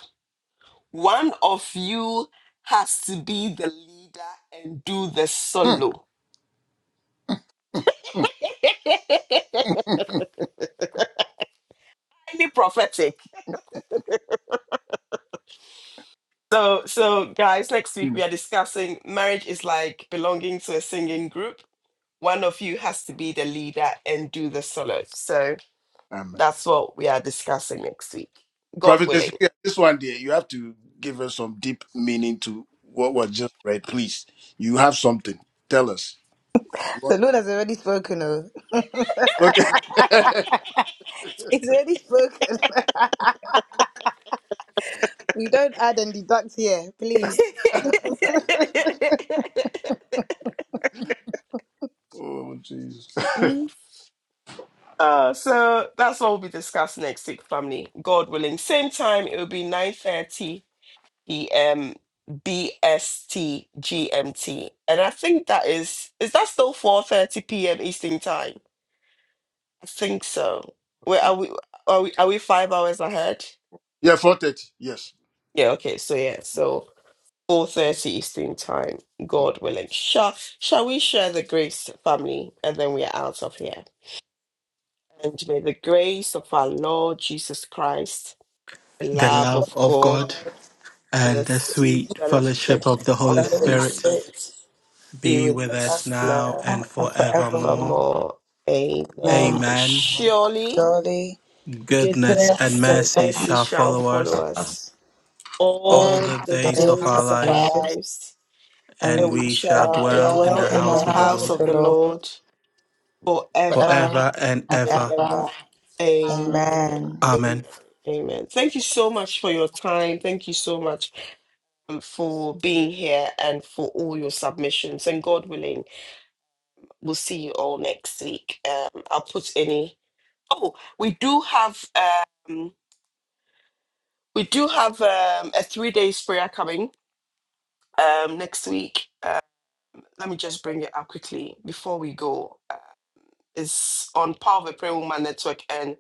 Speaker 1: One of you has to be the leader and do the
Speaker 7: Hmm.
Speaker 1: solo. *laughs* Highly prophetic. So, so guys, next week
Speaker 7: Hmm.
Speaker 1: we are discussing marriage is like belonging to a singing group. One of you has to be the leader and do the solo. So
Speaker 7: Amen.
Speaker 1: that's what we are discussing next week. God
Speaker 7: Prophet
Speaker 1: willing.
Speaker 7: Ezekiel, this one, dear, you have to give us some deep meaning to what was just read, please. You have something. Tell us. You
Speaker 10: The Lord has already spoken. Oh,
Speaker 7: Look. *laughs*
Speaker 10: *laughs* it's already spoken. *laughs* we don't add and deduct here,
Speaker 1: *laughs*
Speaker 10: please.
Speaker 7: oh, jeez.
Speaker 1: Mm. Uh, so that's what we'll be discussing next week, family. God willing. Same time, it will be 9.30 p.m. BST GMT. And I think that is, is that still 4.30 p.m. Eastern time? I think so. Where are we, are we, are we five hours ahead?
Speaker 7: Yeah, four thirty. Yes.
Speaker 1: Yeah, okay. So yeah, so 4.30 Eastern time,
Speaker 7: Hmm.
Speaker 1: God willing. Shall, shall we share the grace, family? And then we are out of here. And may the grace of our Lord Jesus Christ, the
Speaker 6: The
Speaker 1: love
Speaker 6: love
Speaker 1: of
Speaker 6: of
Speaker 1: God,
Speaker 6: God
Speaker 1: and
Speaker 6: and
Speaker 1: the
Speaker 6: the
Speaker 1: sweet
Speaker 6: sweet fellowship
Speaker 1: fellowship
Speaker 6: of
Speaker 10: Friendship
Speaker 6: the
Speaker 10: of
Speaker 1: of
Speaker 6: Holy
Speaker 10: the
Speaker 1: the
Speaker 10: Holy
Speaker 1: Holy
Speaker 6: Spirit
Speaker 10: Spirit
Speaker 1: Spirit be
Speaker 6: be
Speaker 1: with
Speaker 6: with
Speaker 10: with
Speaker 6: us
Speaker 1: us
Speaker 10: us
Speaker 6: now
Speaker 1: now
Speaker 10: now
Speaker 6: and
Speaker 10: and
Speaker 1: and
Speaker 6: forevermore.
Speaker 10: forevermore.
Speaker 1: forevermore. Amen.
Speaker 10: Amen.
Speaker 1: And
Speaker 6: Amen.
Speaker 1: surely
Speaker 10: Surely,
Speaker 6: Goodness
Speaker 10: goodness
Speaker 6: and
Speaker 1: goodness
Speaker 10: and
Speaker 1: and
Speaker 6: mercy
Speaker 1: mercy
Speaker 6: shall
Speaker 1: shall
Speaker 6: follow
Speaker 1: follow
Speaker 6: us
Speaker 1: us
Speaker 10: all
Speaker 6: all
Speaker 1: all
Speaker 6: the
Speaker 1: the
Speaker 10: the
Speaker 6: days of
Speaker 10: days
Speaker 6: our
Speaker 10: of
Speaker 1: days of
Speaker 10: our
Speaker 1: our
Speaker 6: lives
Speaker 10: lives,
Speaker 1: lives,
Speaker 10: and
Speaker 6: and
Speaker 1: and
Speaker 10: we
Speaker 1: we
Speaker 6: we shall
Speaker 10: shall
Speaker 1: shall
Speaker 6: dwell in
Speaker 10: dwell
Speaker 1: dwell
Speaker 6: the
Speaker 10: in
Speaker 1: in
Speaker 10: the
Speaker 6: house
Speaker 1: the
Speaker 6: of the
Speaker 10: house
Speaker 1: house
Speaker 6: Lord
Speaker 10: of
Speaker 1: of
Speaker 10: the
Speaker 1: the
Speaker 10: Lord
Speaker 1: Lord forever
Speaker 10: forever
Speaker 6: forever and
Speaker 10: and
Speaker 1: and
Speaker 6: ever.
Speaker 10: ever.
Speaker 1: ever. Amen.
Speaker 10: Amen.
Speaker 1: Amen.
Speaker 6: Amen.
Speaker 1: Amen. Thank you so much for your time. Thank you so much um, for being here and for all your submissions. And God willing, we'll see you all next week. Um, I'll put any. Oh, we do have um, we do have um, a three days prayer coming um, next week. Uh, let me just bring it up quickly before we go. Uh, it's on Power of a Prayer Woman Network and.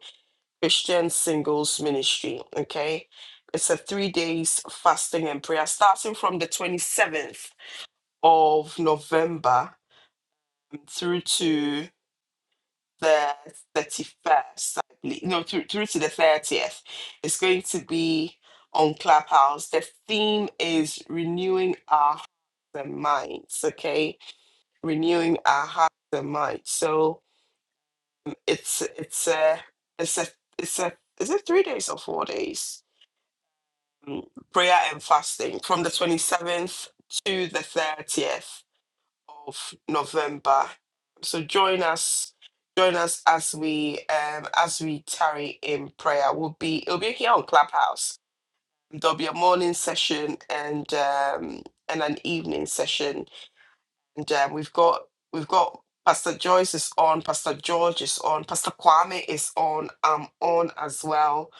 Speaker 1: Christian Singles Ministry. Okay. It's a three days fasting and prayer starting from the 27th of November through to the 31st, I believe. No, through, through to the 30th. It's going to be on Clubhouse. The theme is renewing our hearts and minds. Okay. Renewing our hearts and minds. So it's it's a it's a it's a is it three days or four days? um, prayer and fasting from the 27th to the 30th of November. So join us, join us as we um, as we tarry in prayer. We'll be it'll be here on Clubhouse. There'll be a morning session and um, and an evening session, and um, we've got we've got. Pastor Joyce is on, Pastor George is on, Pastor Kwame is on, I'm on as well.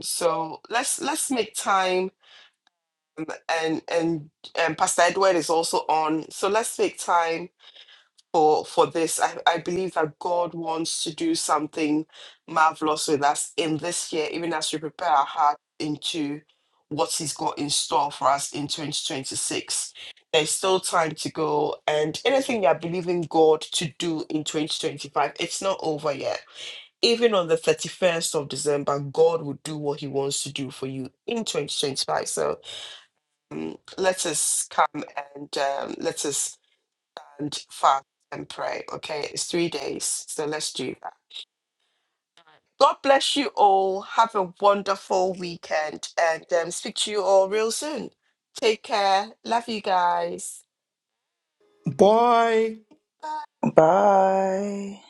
Speaker 1: So let's let's make time and and and Pastor Edward is also on. So let's make time for for this. I, I believe that God wants to do something marvelous with us in this year, even as we prepare our heart into what He's got in store for us in 2026. There's still time to go, and anything you're believing God to do in 2025, it's not over yet. Even on the 31st of December, God will do what He wants to do for you in 2025. So um, let us come and um, let us and fast and pray. Okay, it's three days, so let's do that. God bless you all. Have a wonderful weekend, and um, speak to you all real soon. Take care. Love you guys.
Speaker 6: Boy.
Speaker 10: Bye.